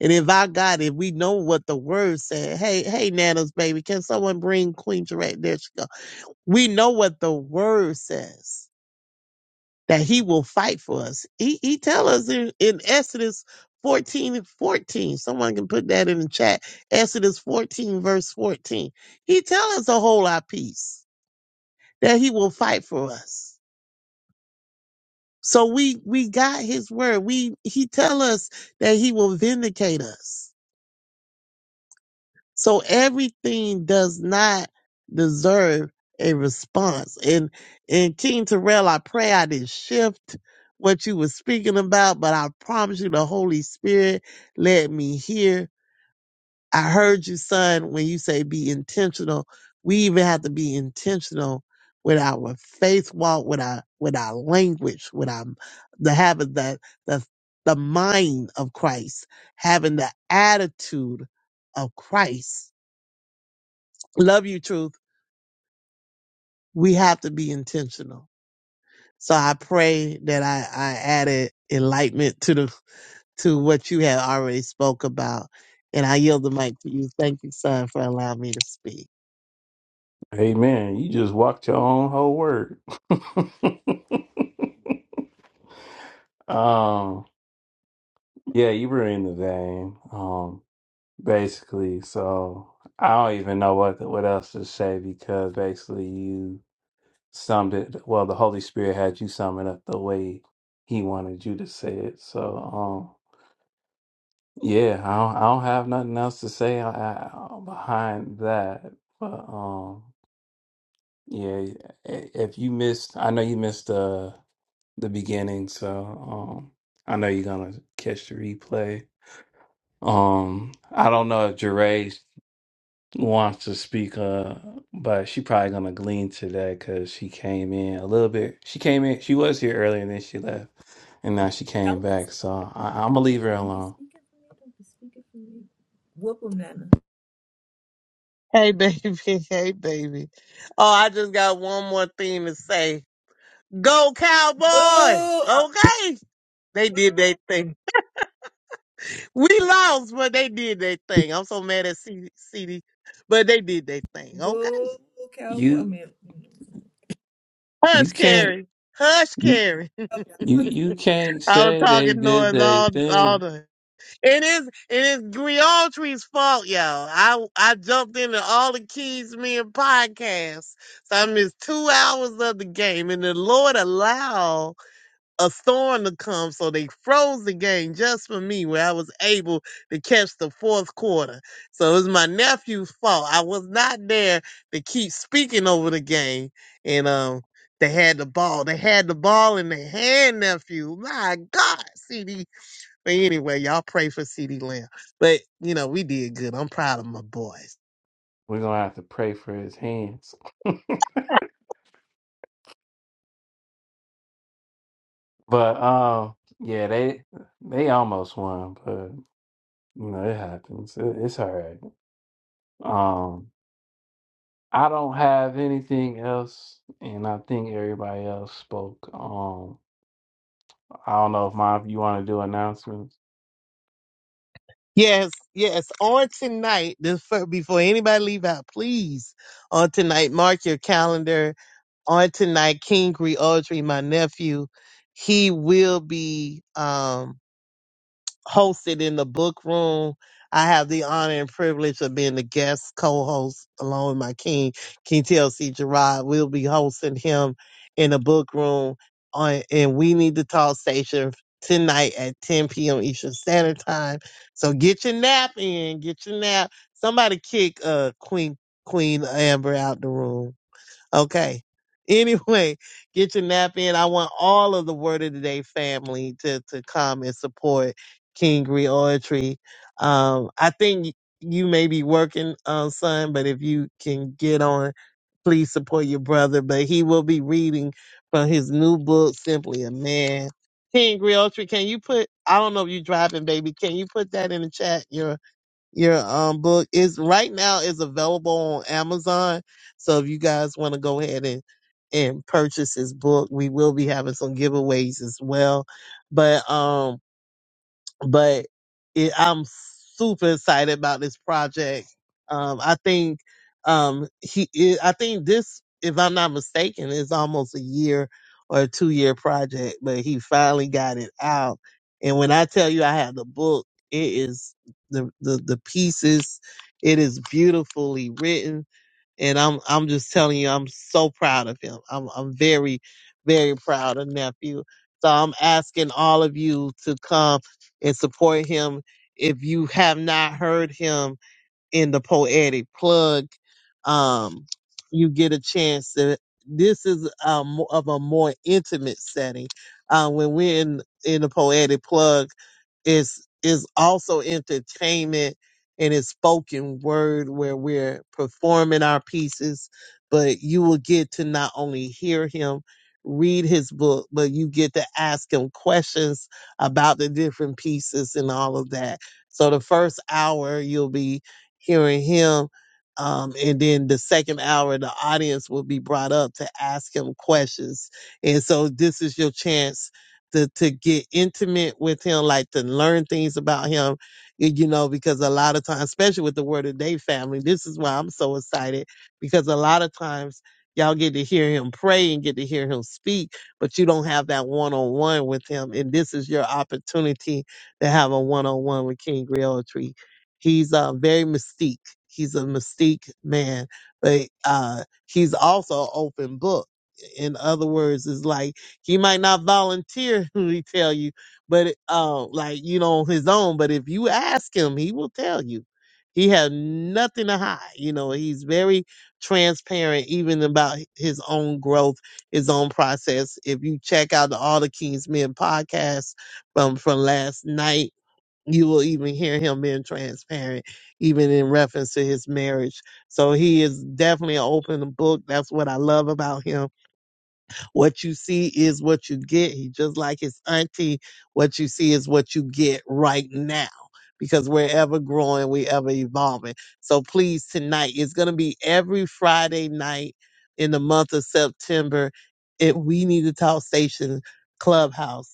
Speaker 8: And if our God, if we know what the word said, hey, hey, Nana's baby, can someone bring Queen Jarette? There she go. We know what the word says that he will fight for us. He he tell us in, in Exodus 14 and 14. Someone can put that in the chat. Exodus 14, verse 14. He tell us to hold our peace, that he will fight for us. So we we got his word. We he tell us that he will vindicate us. So everything does not deserve a response. And and King Terrell, I pray I didn't shift what you were speaking about, but I promise you the Holy Spirit let me hear. I heard you, son, when you say be intentional. We even have to be intentional with our faith walk, with our with our language, with our the habit that the the mind of Christ, having the attitude of Christ love you, truth. We have to be intentional. So I pray that I, I added enlightenment to the to what you had already spoke about. And I yield the mic to you. Thank you, son, for allowing me to speak.
Speaker 1: Amen. You just walked your own whole word. um, yeah, you were in the vein. basically. So I don't even know what what else to say because basically you summed it. Well, the Holy Spirit had you sum it up the way He wanted you to say it. So um, yeah, I don't, I don't have nothing else to say uh, uh, behind that. But um, yeah, i- if you missed, I know you missed the the beginning. So um, I know you're gonna catch the replay. Um, I don't know if Jeray wants to speak, uh, but she probably gonna glean today because she came in a little bit. She came in, she was here earlier, and then she left, and now she came
Speaker 9: Don't be
Speaker 1: back. So I, I'm gonna
Speaker 9: speak.
Speaker 1: leave her
Speaker 9: Don't be
Speaker 1: alone.
Speaker 9: speaking for me. Don't be speaking for me. Whoop 'em, Nana.
Speaker 8: Hey baby, hey baby. Oh, I just got one more thing to say. Go Cowboys!
Speaker 9: Boo, uh,
Speaker 8: Okay. They did their thing. We lost, but they did their thing. I'm so mad at CD, but they did their thing. Okay.
Speaker 9: boo, cowboy. I
Speaker 1: You
Speaker 9: mean,
Speaker 1: you
Speaker 8: Hush,
Speaker 1: can't
Speaker 8: Carrie. Hush,
Speaker 1: you
Speaker 8: Carrie.
Speaker 9: mm.
Speaker 1: you can't
Speaker 8: I was
Speaker 1: say they
Speaker 8: talking
Speaker 1: did
Speaker 8: noise
Speaker 1: their
Speaker 8: all all
Speaker 1: thing.
Speaker 8: the. It is it is Griotry's fault, y'all. I I jumped into all the keys me and podcasts, so I missed two hours of the game, and the Lord allowed a storm to come, so they froze the game just for me, where I was able to catch the fourth quarter. So it was my nephew's fault. I was not there to keep speaking over the game, and um, they had the ball. They had the ball in their hand, nephew. My God, CD. But anyway, y'all pray for CD Lamb. But you know, we did good. I'm proud of my boys.
Speaker 1: We're gonna have to pray for his hands. But um, yeah, they they almost won, but you know it happens. It, it's all right. I don't have anything else, and I think everybody else spoke. Um, I don't know if my you want to do announcements.
Speaker 8: Yes, yes. On tonight, this fir- before anybody leave out, please. On tonight, mark your calendar on tonight, Kingry Audrey, my nephew, he will be um, hosted in the book room. I have the honor and privilege of being the guest co-host along with my king, King TLC Gerard. We'll be hosting him in the book room on and we need to talk station tonight at 10 p.m. Eastern Standard Time. So get your nap in, get your nap. Somebody kick uh Queen Queen Amber out the room. Okay. Anyway, get your nap in. I want all of the Word of the Day family to, to come and support King Reoetry. Um, I think you may be working, uh, son, but if you can get on, please support your brother. But he will be reading from his new book, Simply a Man. King Realtree, can you put, I don't know if you're driving, baby, can you put that in the chat, your um book is right now is available on Amazon. So if you guys want to go ahead and and purchase his book, we will be having some giveaways as well. But um but it, I'm super excited about this project. Um, I think um, he, it, I think this, if I'm not mistaken, is almost a year or a two year project, but he finally got it out. And when I tell you I have the book, it is the the, the pieces. It is beautifully written and I'm I'm just telling you, I'm so proud of him. I'm I'm very, very proud of nephew. So I'm asking all of you to come and support him. If you have not heard him in the poetic plug, um, you get a chance to. This is um, of a more intimate setting. Uh, when we're in in the poetic plug, it's is also entertainment and it's spoken word where we're performing our pieces, but you will get to not only hear him read his book, but you get to ask him questions about the different pieces and all of that. So the first hour you'll be hearing him. Um, and then the second hour, the audience will be brought up to ask him questions. And so this is your chance to to get intimate with him, like to learn things about him, y- you know, because a lot of times, especially with the Word of Day family, this is why I'm so excited because a lot of times y'all get to hear him pray and get to hear him speak, but you don't have that one on one with him, and this is your opportunity to have a one on one with King Realtree. He's uh, very mystique. He's a mystique man, but uh, he's also an open book. In other words, it's like he might not volunteer, he tell you, but it- uh, like you know, on his own. But if you ask him, he will tell you. He has nothing to hide. You know, he's very transparent, even about h- his own growth, his own process. If you check out the All the Kings Men podcast from from last night, you will even hear him being transparent, even in reference to his marriage. So he is definitely an open book. That's what I love about him what you see is what you get. He just like his auntie, what you see is what you get right now. Because we're ever growing, we are ever evolving. So please tonight, it's gonna be every Friday night in the month of September. It we need to talk station clubhouse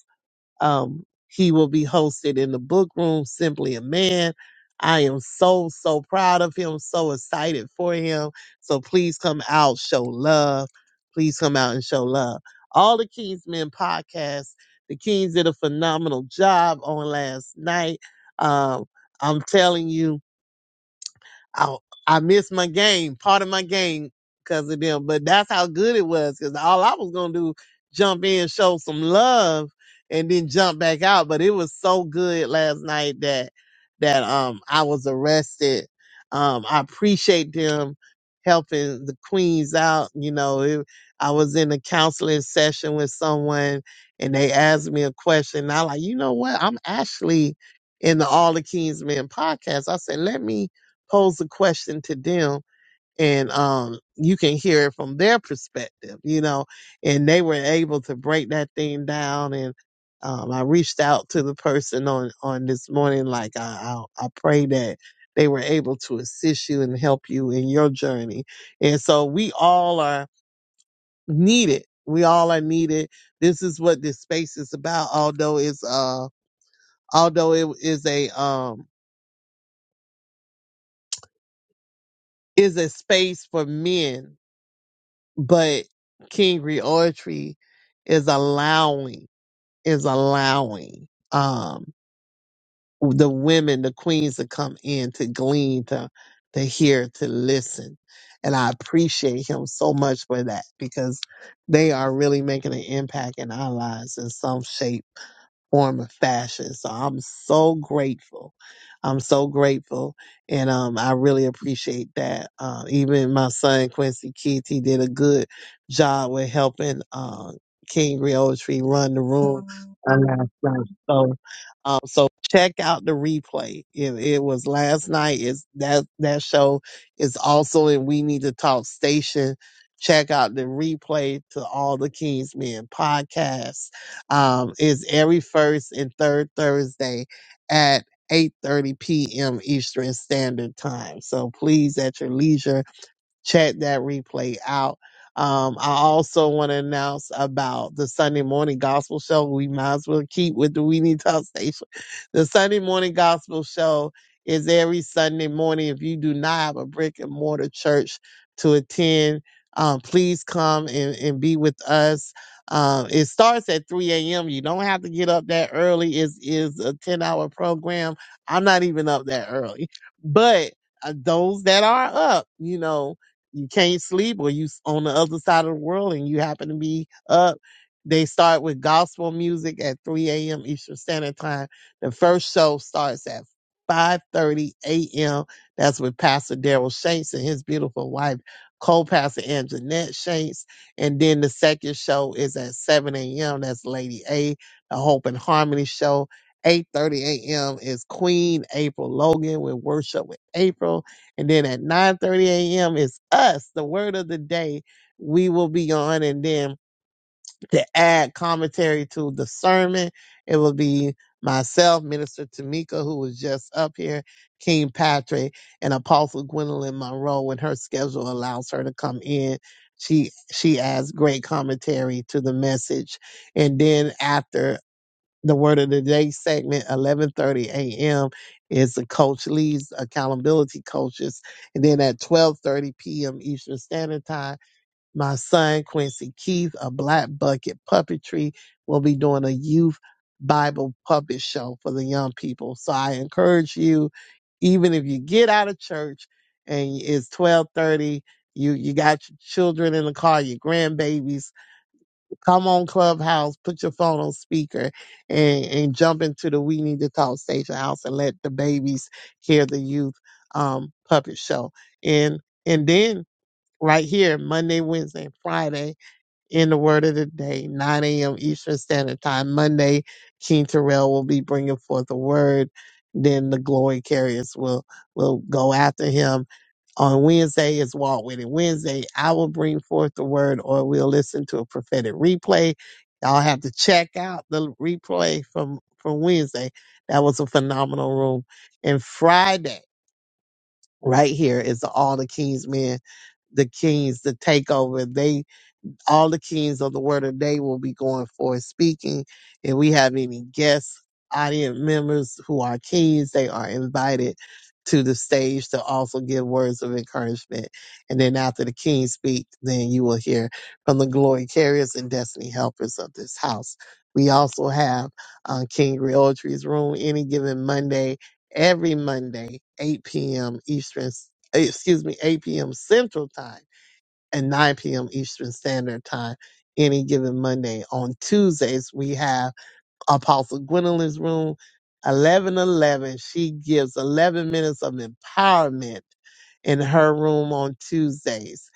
Speaker 8: um, he will be hosted in the book room, Simply a Man. I am so, so proud of him, so excited for him. So please come out, show love. Please come out and show love. All the Kingsmen podcasts, the Kings did a phenomenal job on last night. Um, I'm telling you, I, I missed my game, part of my game because of them. But that's how good it was because all I was going to do, jump in, show some love, and then jump back out. But it was so good last night that, that, um, I was arrested. Um, I appreciate them helping the queens out. You know, it, I was in a counseling session with someone and they asked me a question. And I like, you know what? I'm actually in the All the Kings Men podcast. I said, let me pose a question to them and um you can hear it from their perspective, you know, and they were able to break that thing down and um I reached out to the person on on this morning like I I, I pray that they were able to assist you and help you in your journey. And so we all are needed. We all are needed. This is what this space is about although it's uh although it is a um is a space for men but King Reoetry is allowing is allowing um the women, the queens to come in to glean, to to hear, to listen. And I appreciate him so much for that because they are really making an impact in our lives in some shape form of fashion. So I'm so grateful. I'm so grateful. And um, I really appreciate that. Uh, even my son, Quincy Keith, he did a good job with helping uh, King Tree run the room on last night. So, um, so check out the replay. It, it was last night. Is that that show is also in We Need to Talk Station. Check out the replay to all the King's Men podcasts um, is every first and third Thursday at 8:30 p.m. Eastern Standard Time. So please, at your leisure, check that replay out. Um, I also want to announce about the Sunday morning gospel show. We might as well keep with the We Need Talk Station. The Sunday morning gospel show is every Sunday morning. If you do not have a brick and mortar church to attend, um, please come and, and be with us. Um, it starts at 3 a.m. You don't have to get up that early. It's, it's a 10 hour program. I'm not even up that early, but uh, those that are up, you know, you can't sleep or you s- on the other side of the world and you happen to be up. They start with gospel music at 3 a.m. Eastern Standard Time. The first show starts at 5:30 a.m. That's with Pastor Daryl Shanks and his beautiful wife, co-pastor Anjanette Shanks. And then the second show is at 7 a.m. That's Lady A, the Hope and Harmony show. 8:30 a.m. is Queen April Logan with Worship with April. And then at 9 30 a.m. is us, the word of the day. We will be on. And then to add commentary to the sermon, it will be myself, Minister Tamika, who was just up here, King Patrick, and Apostle Gwendolyn Monroe when her schedule allows her to come in. She she adds great commentary to the message. And then after the word of the day segment 11:30 a.m. is the coach Lee's accountability coaches and then at 12:30 p.m. Eastern Standard Time my son Quincy Keith a black bucket puppetry will be doing a youth Bible puppet show for the young people so I encourage you even if you get out of church and it's 12:30 you you got your children in the car your grandbabies Come on, Clubhouse, put your phone on speaker and, and jump into the We Need to Talk Station House and let the babies hear the youth um, puppet show. And and then right here, Monday, Wednesday, and Friday in the Word of the Day, 9 a.m. Eastern Standard Time. Monday, King Terrell will be bringing forth the word. Then the glory carriers will will go after him on Wednesday is Walk With It Wednesday. I will bring forth the word or we'll listen to a prophetic replay. Y'all have to check out the replay from, from Wednesday. That was a phenomenal room. And Friday, right here, is the All the Kings Men, the Kings, the Takeover. They all the kings of the word of the day will be going forth speaking. If we have any guests, audience members who are kings, they are invited to the stage to also give words of encouragement. And then after the kings speak, then you will hear from the glory carriers and destiny helpers of this house. We also have uh, King Realtry's Room any given Monday, every Monday, 8 p.m. Eastern, eh, excuse me, 8 p.m. Central Time and 9 p.m. Eastern Standard Time any given Monday. On Tuesdays, we have Apostle Gwendolyn's Room, 1111. She gives 11 minutes of empowerment in her room on Tuesdays.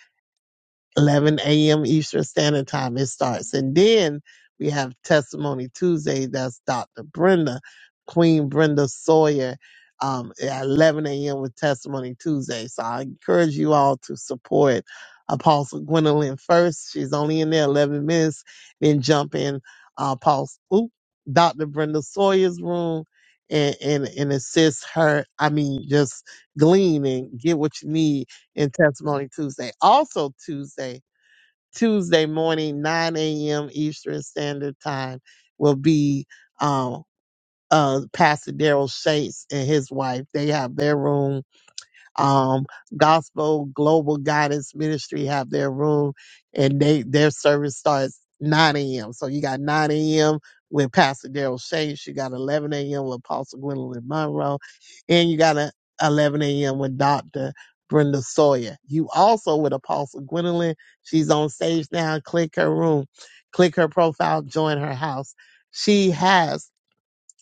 Speaker 8: 11 a.m. Eastern Standard Time it starts. And then we have Testimony Tuesday. That's Dr. Brenda, Queen Brenda Sawyer, um, at 11 a.m. with Testimony Tuesday. So I encourage you all to support Apostle Gwendolyn first. She's only in there 11 minutes. Then jump in uh, Apostle, oop, Dr. Brenda Sawyer's room. And, and and assist her. I mean, just glean and get what you need in Testimony Tuesday. Also Tuesday, Tuesday morning, 9 a.m. Eastern Standard Time will be um, uh, Pastor Daryl Shates and his wife. They have their room um, Gospel Global Guidance Ministry have their room, and they their service starts 9 a.m. So you got 9 a.m. with Pastor Daryl Shanks, you got 11 a.m. with Apostle Gwendolyn Monroe, and you got a 11 a.m. with Dr. Brenda Sawyer. You also with Apostle Gwendolyn. She's on stage now. Click her room, click her profile, join her house. She has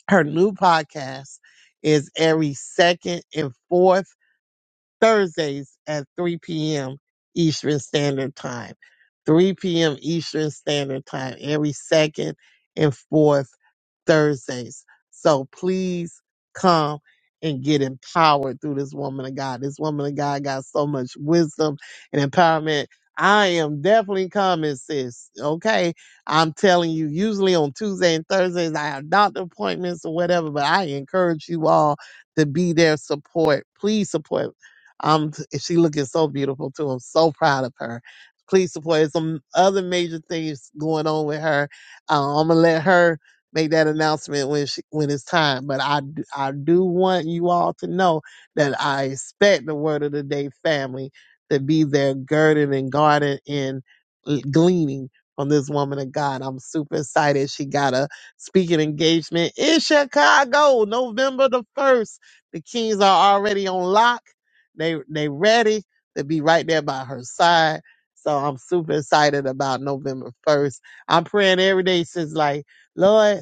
Speaker 8: her new podcast is every second and fourth Thursdays at 3 p.m. Eastern Standard Time. 3 p.m. Eastern Standard Time every second and fourth Thursdays. So please come and get empowered through this woman of God. This woman of God got so much wisdom and empowerment. I am definitely coming, sis. Okay. I'm telling you, usually on Tuesday and Thursdays, I have doctor appointments or whatever, but I encourage you all to be there, support. Please support. Um, she looking so beautiful too. I'm so proud of her. Please support. some other major things going on with her. Uh, I'm gonna let her make that announcement when she, when it's time. But I d- I do want you all to know that I expect the Word of the Day family to be there, girded and guarded and gleaning from this woman of God. I'm super excited. She got a speaking engagement in Chicago, November the first. The Kings are already on lock. They they ready to be right there by her side. So I'm super excited about November 1st. I'm praying every day since like, Lord,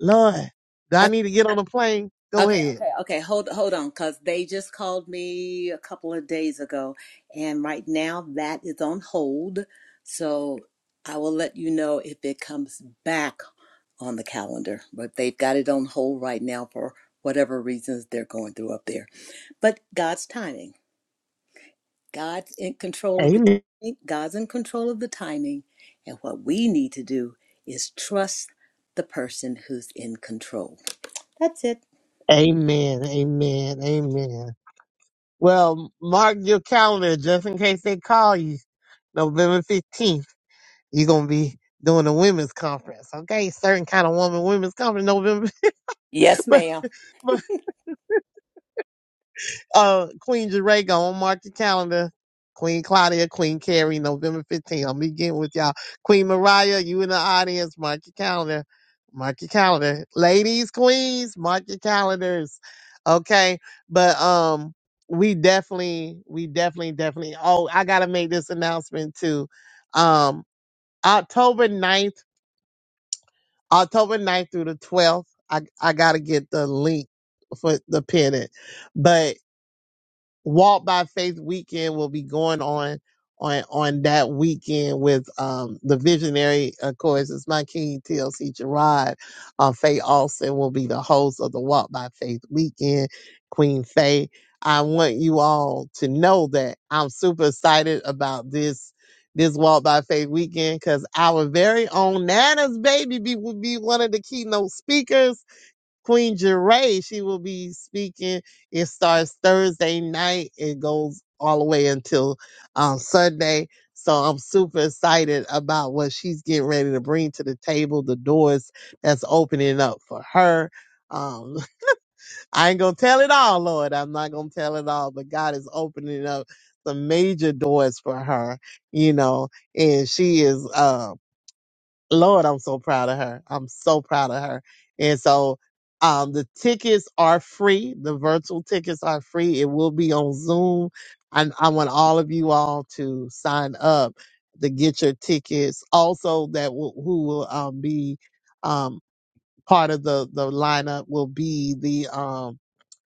Speaker 8: Lord, do I
Speaker 2: O-
Speaker 8: need to get on a plane? Go
Speaker 2: Okay,
Speaker 8: ahead.
Speaker 2: okay, okay. Hold, hold on, cause they just called me a couple of days ago, and right now that is on hold. So I will let you know if it comes back on the calendar. But they've got it on hold right now for whatever reasons they're going through up there. But God's timing. God's in control of the
Speaker 8: Amen.
Speaker 2: timing. God's in control of the timing, and what we need to do is trust the person who's in control. That's it.
Speaker 8: Amen. Amen. Amen. Well, mark your calendar just in case they call you November 15th. You're going to be doing a women's conference. Okay. Certain kind of woman women's conference November.
Speaker 2: Yes, ma'am.
Speaker 8: uh, Queen Jerego, on mark the calendar. Queen Claudia, Queen Carrie, November 15th. I'm beginning with y'all. Queen Mariah, you in the audience, mark your calendar. Mark your calendar. Ladies, queens, mark your calendars. Okay. But um we definitely, we definitely, definitely. Oh, I gotta make this announcement too. Um October ninth, October ninth through the 12th. I, I gotta get the link for the pennant. But Walk by Faith weekend will be going on on on that weekend with um the visionary, of course, it's my king TLC Gerard. Uh, Faye Austin will be the host of the Walk by Faith weekend. Queen Faye, I want you all to know that I'm super excited about this this Walk by Faith weekend because our very own Nana's baby be, will be one of the keynote speakers Queen Jeray, she will be speaking. It starts Thursday night and goes all the way until um, Sunday. So I'm super excited about what she's getting ready to bring to the table, the doors that's opening up for her. Um, I ain't gonna tell it all, Lord. I'm not gonna tell it all, but God is opening up some major doors for her, you know, and she is Um, Lord, I'm so proud of her. I'm so proud of her. And so um, the tickets are free. The virtual tickets are free. It will be on Zoom. And I want all of you all to sign up to get your tickets. Also, that will, who will um, be um, part of the, the lineup will be the um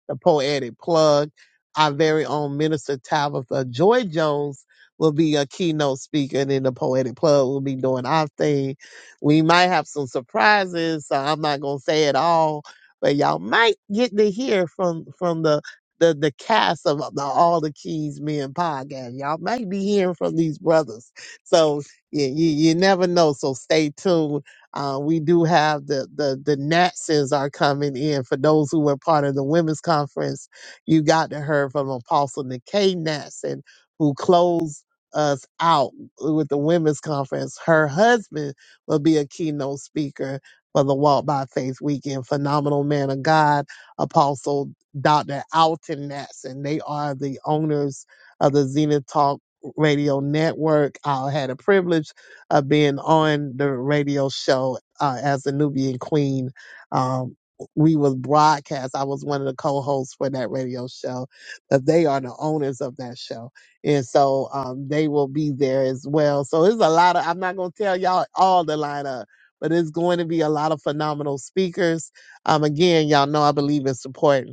Speaker 8: the poetic plug. Our very own minister Tabitha Joy Jones will be a keynote speaker, and then the poetic plug will be doing our thing. We might have some surprises, so I'm not gonna say it all, but y'all might get to hear from from the the the cast of the All the Keys Men podcast. Y'all might be hearing from these brothers, so you, you, you never know. So stay tuned uh, we do have the, the the Natsons are coming in. For those who were part of the women's conference, you got to hear from Apostle Nikkei Natson, who closed us out with the women's conference. Her husband will be a keynote speaker for the Walk by Faith weekend. Phenomenal man of God, Apostle Dr. Alton Natson. They are the owners of the Zenith Talk Radio Network. I had a privilege of being on the radio show uh, as the Nubian Queen. Um, we was broadcast. I was one of the co-hosts for that radio show, but they are the owners of that show, and so um, they will be there as well. So it's a lot of. I'm not gonna tell y'all all the lineup, but it's going to be a lot of phenomenal speakers. Um, again, y'all know I believe in support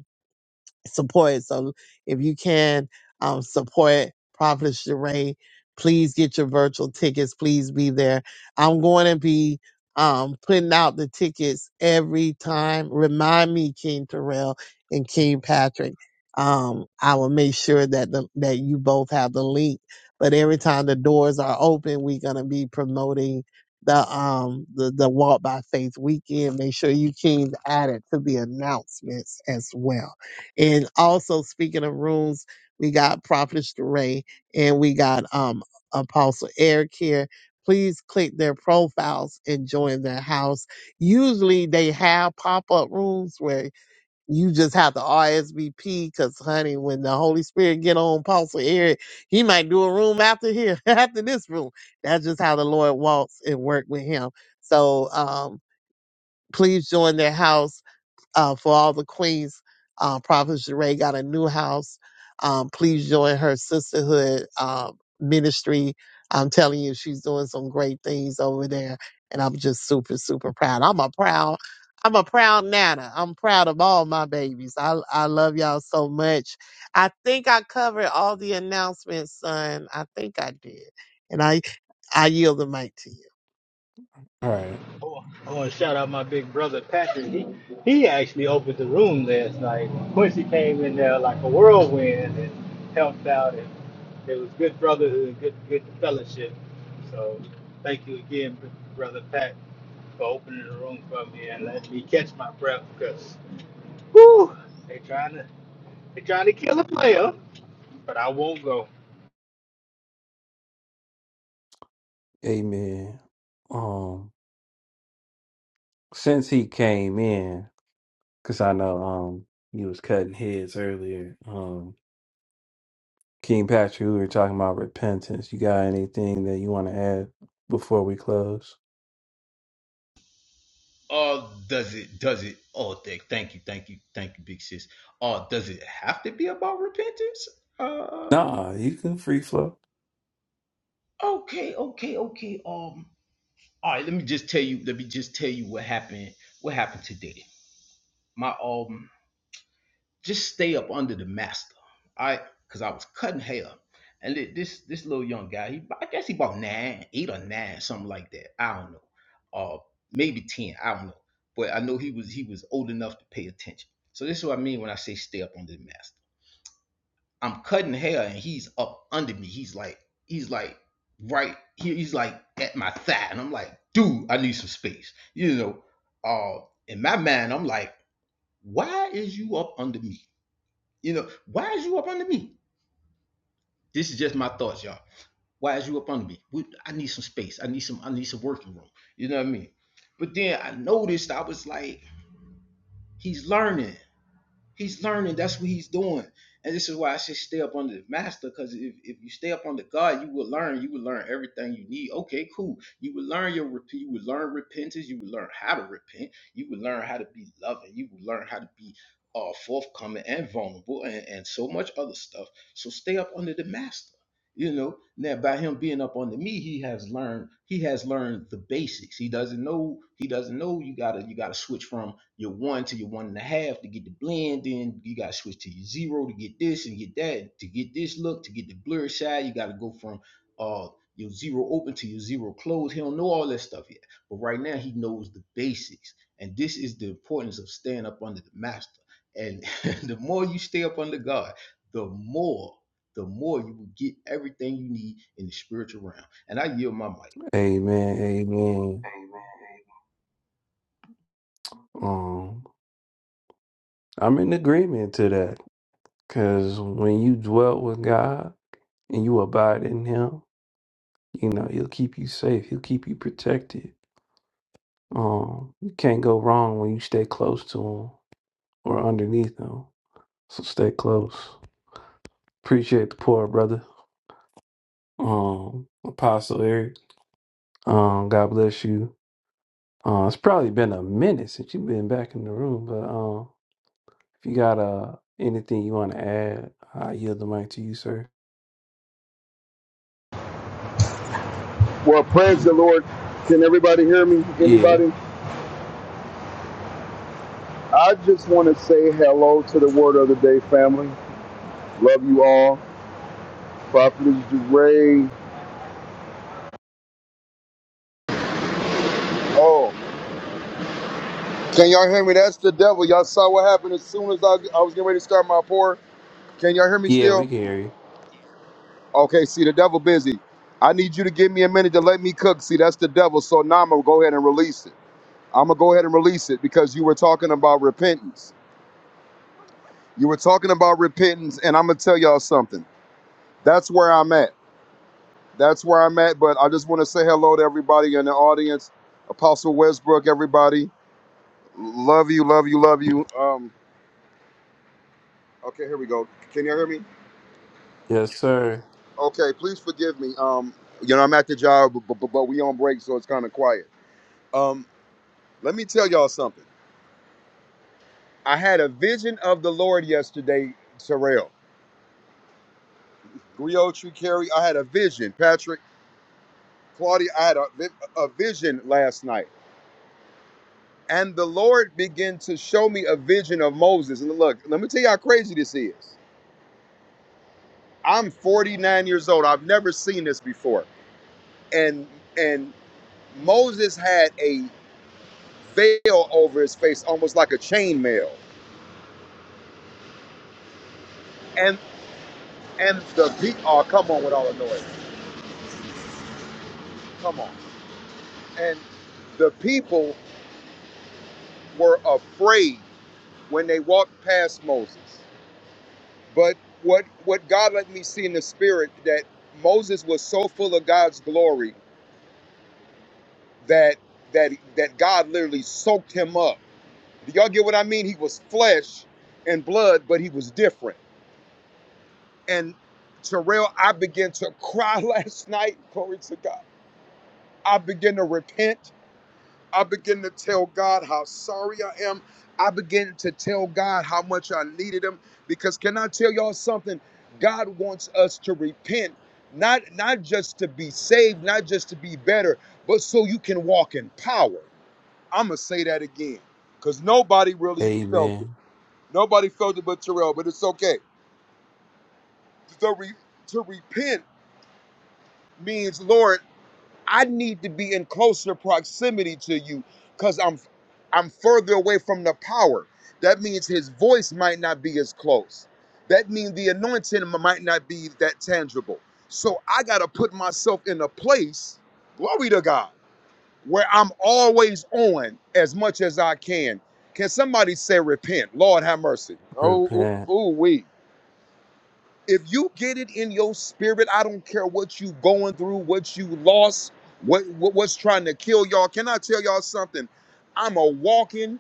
Speaker 8: support. So if you can um, support Prophet Sheree, please get your virtual tickets. Please be there. I'm going to be um, putting out the tickets every time. Remind me, King Terrell and King Patrick. Um, I will make sure that the, that you both have the link. But every time the doors are open, we're gonna be promoting the um the, the Walk by Faith weekend. Make sure you Kings add it to the announcements as well. And also speaking of rooms, we got Prophet Ray and we got um Apostle Eric here. Please click their profiles and join their house. Usually they have pop-up rooms where you just have to RSVP because honey, when the Holy Spirit get on Apostle Eric, he might do a room after here, after this room. That's just how the Lord walks and work with him. So um please join their house uh, for all the queens. Uh, Prophet Jeray got a new house. Um, please join her sisterhood um, ministry. I'm telling you, she's doing some great things over there, and I'm just super, super proud. I'm a proud, I'm a proud nana. I'm proud of all my babies. I I love y'all so much. I think I covered all the announcements, son. I think I did, and I I yield the mic to you.
Speaker 1: All right,
Speaker 3: Oh, I want to shout out my big brother Patrick. He, he actually opened the room last night. Quincy came in there like a whirlwind and helped out, and it was good brotherhood, good good fellowship. So thank you again, brother Pat, for opening the room for me and letting me catch my breath because whoo, they trying to they trying to kill a player, but I won't go.
Speaker 1: Amen. Um, since he came in, because I know um he was cutting heads earlier. Um, King Patrick, we were talking about repentance. You got anything that you want to add before we close?
Speaker 10: Oh, does it? Does it? Oh, thank, thank you, thank you, thank you, big sis. Oh, does it have to be about repentance? Uh,
Speaker 1: Nah, you can free flow.
Speaker 10: okay, okay, okay. Um, all right. Let me just tell you. Let me just tell you what happened. What happened today? My um, just stay up under the master. I because I was cutting hair, and thi- this this little young guy, he I guess he bought nine, eight or nine, something like that. I don't know, uh, maybe ten. I don't know, but I know he was he was old enough to pay attention. So this is what I mean when I say stay up under the master. I'm cutting hair, and he's up under me. He's like he's like right here. He's like at my thigh, and I'm like, dude, I need some space. You know, uh, in my mind, I'm like, why is you up under me? You know, why is you up under me? This is just my thoughts, y'all. Why is you up under me? We, I need some space. I need some. I need some working room. You know what I mean? But then I noticed I was like, he's learning. He's learning. That's what he's doing. And this is why I should stay up under the master. Because if, if you stay up under God, you will learn. You will learn everything you need. Okay, cool. You will learn your rep- you will learn repentance. You will learn how to repent. You will learn how to be loving. You will learn how to be uh, forthcoming and vulnerable and, and so much other stuff. So stay up under the master. You know, now by him being up under me, he has learned. He has learned the basics. He doesn't know. He doesn't know. You gotta. You gotta switch from your one to your one and a half to get the blend. Then you got to switch to your zero to get this and get that to get this look to get the blur side. You got to go from uh your zero open to your zero close. He don't know all that stuff yet, but right now he knows the basics, and this is the importance of staying up under the master. And the more you stay up under God, the more the more you will get everything you need in the spiritual realm. And I yield my mic.
Speaker 1: Hey, um, I'm in agreement to that because when you dwelt with God. and you abide in him, you know, he'll keep you safe. He'll keep you protected. Um, you can't go wrong when you stay close to him or underneath him. So stay close. Appreciate the poor brother. Um, Apostle Eric. Um, God bless you. Uh, it's probably been a minute since you've been back in the room, but um, if you got uh anything you want to add, I yield the mic to you, sir.
Speaker 11: Well, praise the Lord. Can everybody hear me?
Speaker 1: Yeah,
Speaker 11: Anybody? I just want to say hello to the Word of the Day family. Love you all. Prophetess Jeray. Oh, can y'all hear me? That's the devil. Y'all saw what happened as soon as I, I was getting ready to start my pour. Can y'all hear me
Speaker 1: yeah, we
Speaker 11: still?
Speaker 1: can hear you.
Speaker 11: Okay, see, the devil busy. I need you to give me a minute to let me cook. See, that's the devil. So now I'm going to go ahead and release it. I'm going to go ahead and release it because you were talking about repentance. You were talking about repentance, and I'm going to tell y'all something. That's where I'm at. that's where I'm at. But I just want to say hello to everybody in the audience. Apostle Westbrook, everybody, love you, love you, love you. Um, okay, here we go. Can you hear me?
Speaker 1: Yes, sir.
Speaker 11: Okay, please forgive me. Um, you know I'm at the job, but, but, but we on break, so it's kind of quiet. Um, let me tell y'all something. I had a vision of the Lord yesterday, Terrell. Griot, Tree, Carrie, I had a vision. Patrick, Claudia, I had a, vi- a vision last night. And the Lord began to show me a vision of Moses. And look, let me tell you how crazy this is. I'm 49 years old. I've never seen this before. And and Moses had a veil over his face, almost like a chain mail. And and the people, oh come on with all the noise. Come on. And the people were afraid when they walked past Moses. But what what God let me see in the spirit that Moses was so full of God's glory that that that God literally soaked him up. Do y'all get what I mean? He was flesh and blood, but he was different. And Terrell, I began to cry last night. Glory to God. I began to repent. I began to tell God how sorry I am. I began to tell God how much I needed him. Because can I tell y'all something? God wants us to repent, not not just to be saved, not just to be better, but so you can walk in power. I'm gonna say that again, cause nobody really
Speaker 1: Hey,
Speaker 11: felt it. Nobody felt it but Terrell, but it's okay. To re- to repent means, Lord, I need to be in closer proximity to you, cause I'm I'm further away from the power. That means His voice might not be as close. That means the anointing might not be that tangible. So I gotta put myself in a place. Glory to God where I'm always on as much as I can. Can somebody say repent? Lord have mercy. Oh,
Speaker 1: repent,
Speaker 11: ooh, ooh, we if you get it in your spirit, I don't care what you going through, what you lost, what, what what's trying to kill y'all. Can I tell y'all something? I'm a walking,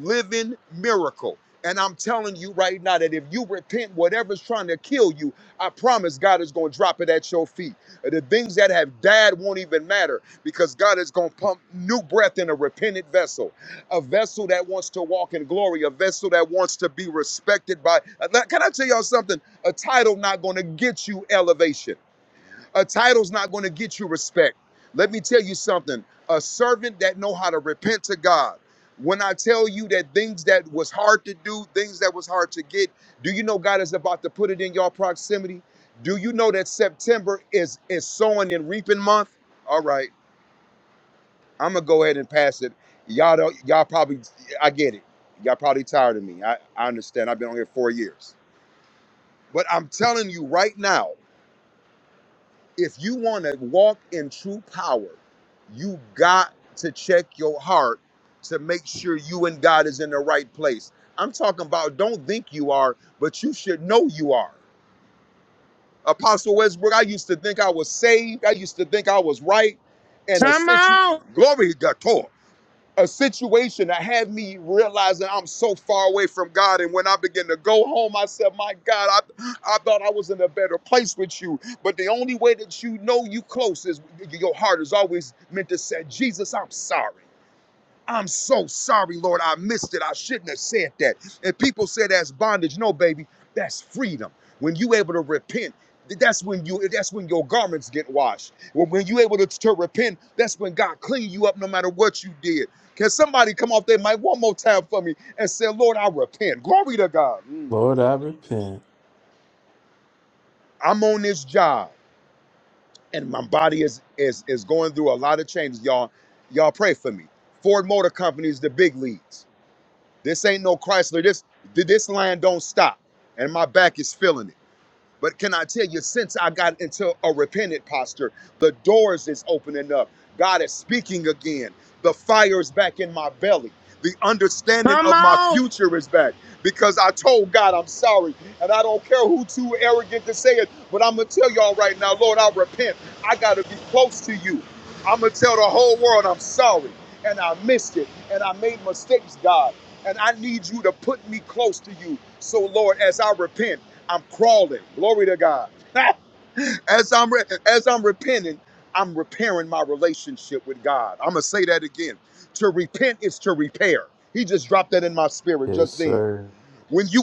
Speaker 11: living miracle. And I'm telling you right now that if you repent, whatever's trying to kill you, I promise God is going to drop it at your feet. Uh, The things that have died won't even matter because God is going to pump new breath in a repentant vessel, a vessel that wants to walk in glory, a vessel that wants to be respected by. uh, Can I tell y'all something? A title not going to get you elevation. A title's not going to get you respect. Let me tell you something. A servant that know how to repent to God. When I tell you that things that was hard to do, things that was hard to get, do you know God is about to put it in your proximity? Do you know that September is is sowing and reaping month? All right, I'm gonna go ahead and pass it. Y'all don't, y'all probably, I get it. Y'all probably tired of me. I, I understand. I've been on here four years, but I'm telling you right now. if you want to walk in true power, you got to check your heart to make sure you and God is in the right place. I'm talking about don't think you are, but you should know you are. Apostle Westbrook, I used to think I was saved. I used to think I was right. And a
Speaker 8: Come
Speaker 11: situ
Speaker 8: on,
Speaker 11: glory to God a situation that had me realizing I'm so far away from God. And when I began to go home, I said, My God, I, I thought I was in a better place with you. But the only way that you know you close is your heart is always meant to say, Jesus, I'm sorry. I'm so sorry, Lord. I missed it. I shouldn't have said that. And people say that's bondage. No, baby, that's freedom. When you able to repent, that's when you that's when your garments get washed. When, when you able to, to repent, that's when God clean you up no matter what you did. Can somebody come off their mic one more time for me and say, Lord, I repent. Glory to God. Mm.
Speaker 1: Lord, I repent.
Speaker 11: I'm on this job and my body is is is going through a lot of changes. Y'all, y'all pray for me. Ford Motor Company is the big leads. This ain't no Chrysler. This this line don't stop, and my back is feeling it. But can I tell you, since I got into a repentant posture, the doors is opening up. God is speaking again. The fire is back in my belly. The understanding
Speaker 8: come
Speaker 11: of my
Speaker 8: on.
Speaker 11: future is back because I told God I'm sorry. And I don't care who too arrogant to say it, but I'm going to tell y'all right now, Lord, I repent. I got to be close to you. I'm going to tell the whole world I'm sorry. And I missed it. And I made mistakes, God. And I need you to put me close to you. So, Lord, as I repent, I'm crawling. Glory to God. as I'm re- as I'm repenting, I'm repairing my relationship with God. I'm gonna say that again. To repent is to repair. He just dropped that in my spirit
Speaker 1: Yes,
Speaker 11: just then.
Speaker 1: sir.
Speaker 11: When you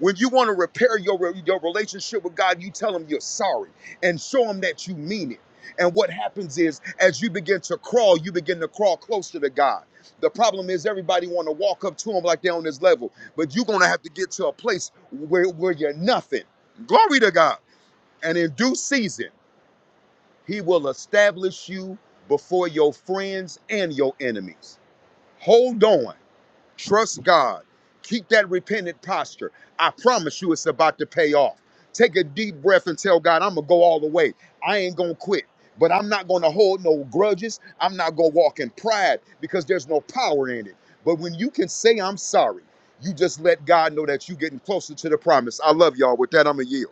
Speaker 11: when you want to repair your re- your relationship with God, you tell him you're sorry and show him that you mean it. And what happens is as you begin to crawl, you begin to crawl closer to God. The problem is everybody want to walk up to him like they're on his level, but you're going to have to get to a place where where you're nothing. Glory to God. And in due season, he will establish you before your friends and your enemies. Hold on Trust God. Keep that repentant posture. I promise you it's about to pay off. Take a deep breath and tell God, I'm going to go all the way. I ain't going to quit, but I'm not going to hold no grudges. I'm not going to walk in pride because there's no power in it. But when you can say, I'm sorry, you just let God know that you're getting closer to the promise. I love y'all. With that, I'm going to yield.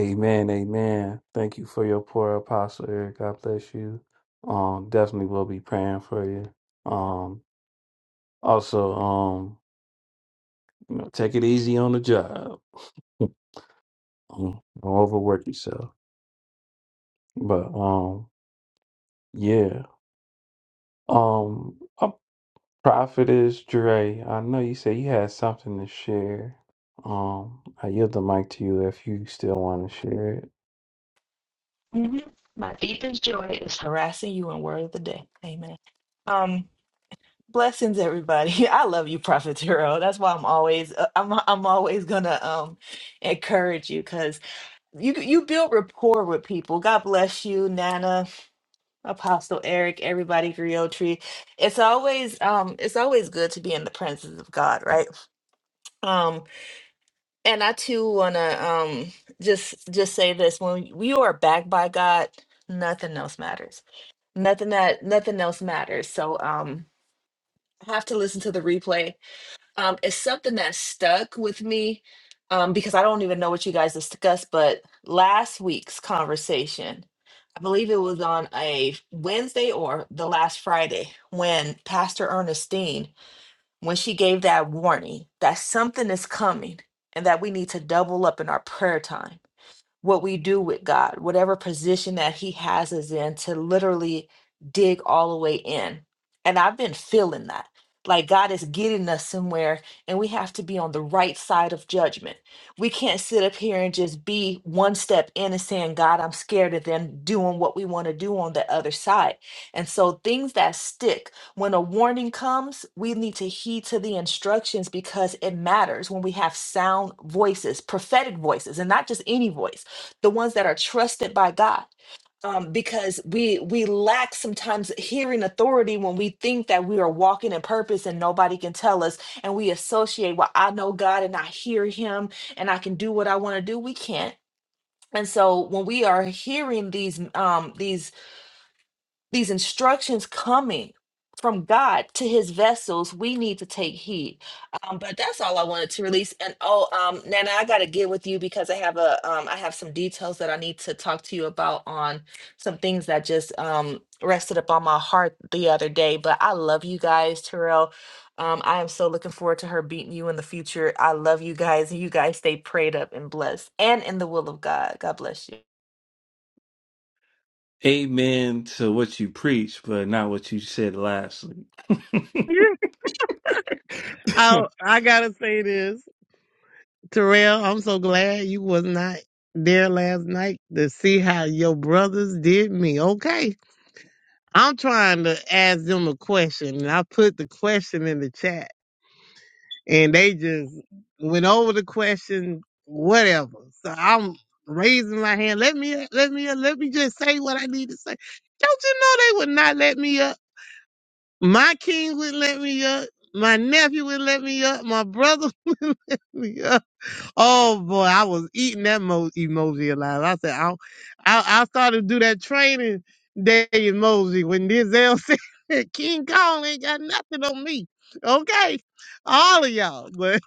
Speaker 1: Amen, amen. Thank you for your poor apostle Eric. God bless you. Um, definitely will be praying for you. Um, also, um, you know, take it easy on the job. Um, Don't overwork yourself. But um, yeah. Um, a prophetess Dre, I know you said you had something to share. Um, I yield the mic to you if you still want to share it.
Speaker 9: hmm My deepest joy is harassing you in word of the day. Amen. Um, blessings, everybody. I love you, Prophet Turo. That's why I'm always uh, I'm I'm always gonna um encourage you because you you build rapport with people. God bless you, Nana. Apostle Eric, everybody, Griotry. It's always um it's always good to be in the presence of God, right? Um and I too wanna um just just say this when you are backed by God, nothing else matters. Nothing that nothing else matters. So um I have to listen to the replay um, it's something that stuck with me um, because I don't even know what you guys discussed, but last week's conversation, I believe it was on a Wednesday or the last Friday when Pastor Ernestine, when she gave that warning that something is coming and that we need to double up in our prayer time what we do with God, whatever position that He has us in, to literally dig all the way in. And I've been feeling that. Like God is getting us somewhere, and we have to be on the right side of judgment. We can't sit up here and just be one step in and saying, God, I'm scared, of then doing what we want to do on the other side. And so, things that stick, when a warning comes, we need to heed to the instructions because it matters when we have sound voices, prophetic voices, and not just any voice the ones that are trusted by God. Um, because we we lack sometimes hearing authority when we think that we are walking in purpose and nobody can tell us, and we associate, well, I know God and I hear Him and I can do what I want to do. We can't. And so when we are hearing these um these these instructions coming from God to his vessels, we need to take heed. Um, but that's all I wanted to release. And oh, um, Nana, I gotta get with you because I have a um I have some details that I need to talk to you about on some things that just um rested upon my heart the other day. But I love you guys, Terrell. Um, I am so looking forward to her beating you in the future. I love you guys. You guys stay prayed up and blessed and in the will of God. God bless you.
Speaker 1: Amen to what you preach, but not what you said last
Speaker 8: I I gotta say this. Terrell, I'm so glad you was not there last night to see how your brothers did me. Okay. I'm trying to ask them a question and I put the question in the chat and they just went over the question, whatever. So I'm raising my hand. Let me up, let me up, let me just say what I need to say. Don't you know they would not let me up? My king wouldn't let me up. My nephew wouldn't let me up. My brother wouldn't let me up. Oh boy, I was eating that mo- emoji alive. I said, I, I, I started to do that training day emoji when Denzel said, King Kong ain't got nothing on me. Okay. All of y'all. But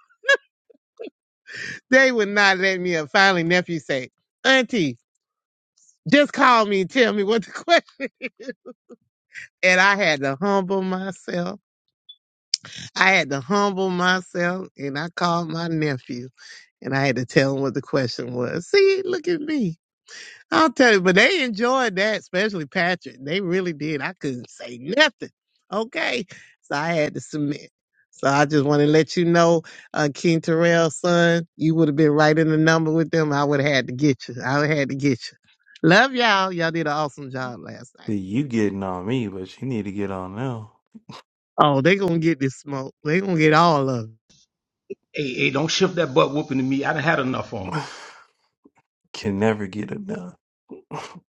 Speaker 8: they would not let me up. Finally, nephew said, Auntie, just call me and tell me what the question. And I had to humble myself. I had to humble myself and I called my nephew and I had to tell him what the question was. See, look at me. I'll tell you, but they enjoyed that, especially Patrick. They really did. I couldn't say nothing. Okay. So I had to submit. So I just want to let you know, uh, King Terrell's son, you would have been right in the number with them. I would have had to get you. I would have had to get you. Love y'all. Y'all did an awesome job last night.
Speaker 1: See, you getting on me, but you need to get on them.
Speaker 8: Oh, they going to get this smoke. they going to get all of it.
Speaker 10: Hey, hey, don't shift that butt whooping to me. I done had enough on.
Speaker 1: Can never get it done.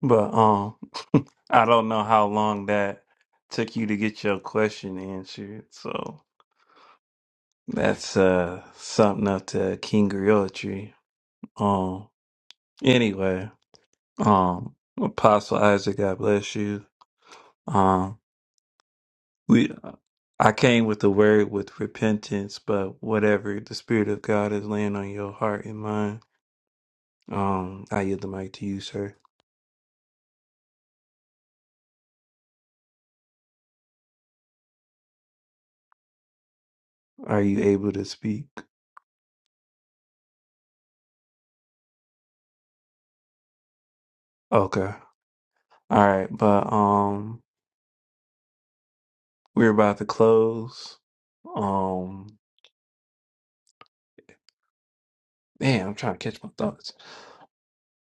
Speaker 1: But um, I don't know how long that took you to get your question answered. So that's uh something up to King Griotry. Um, anyway, um, Apostle Isaac, God bless you. Um, we I came with the word with repentance, but whatever the Spirit of God is laying on your heart and mind, um, I yield the mic to you, sir. Are you able to speak? Okay. All right, but um we're about to close. Um man, I'm trying to catch my thoughts.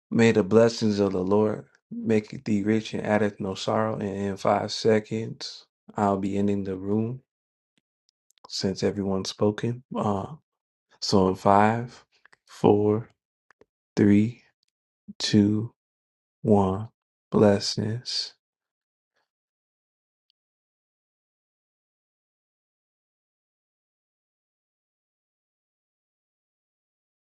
Speaker 1: May the blessings of the Lord make thee rich and addeth no sorrow. And in five seconds, I'll be ending the room since everyone's spoken. Uh so in five, four, three, two, one, blessings.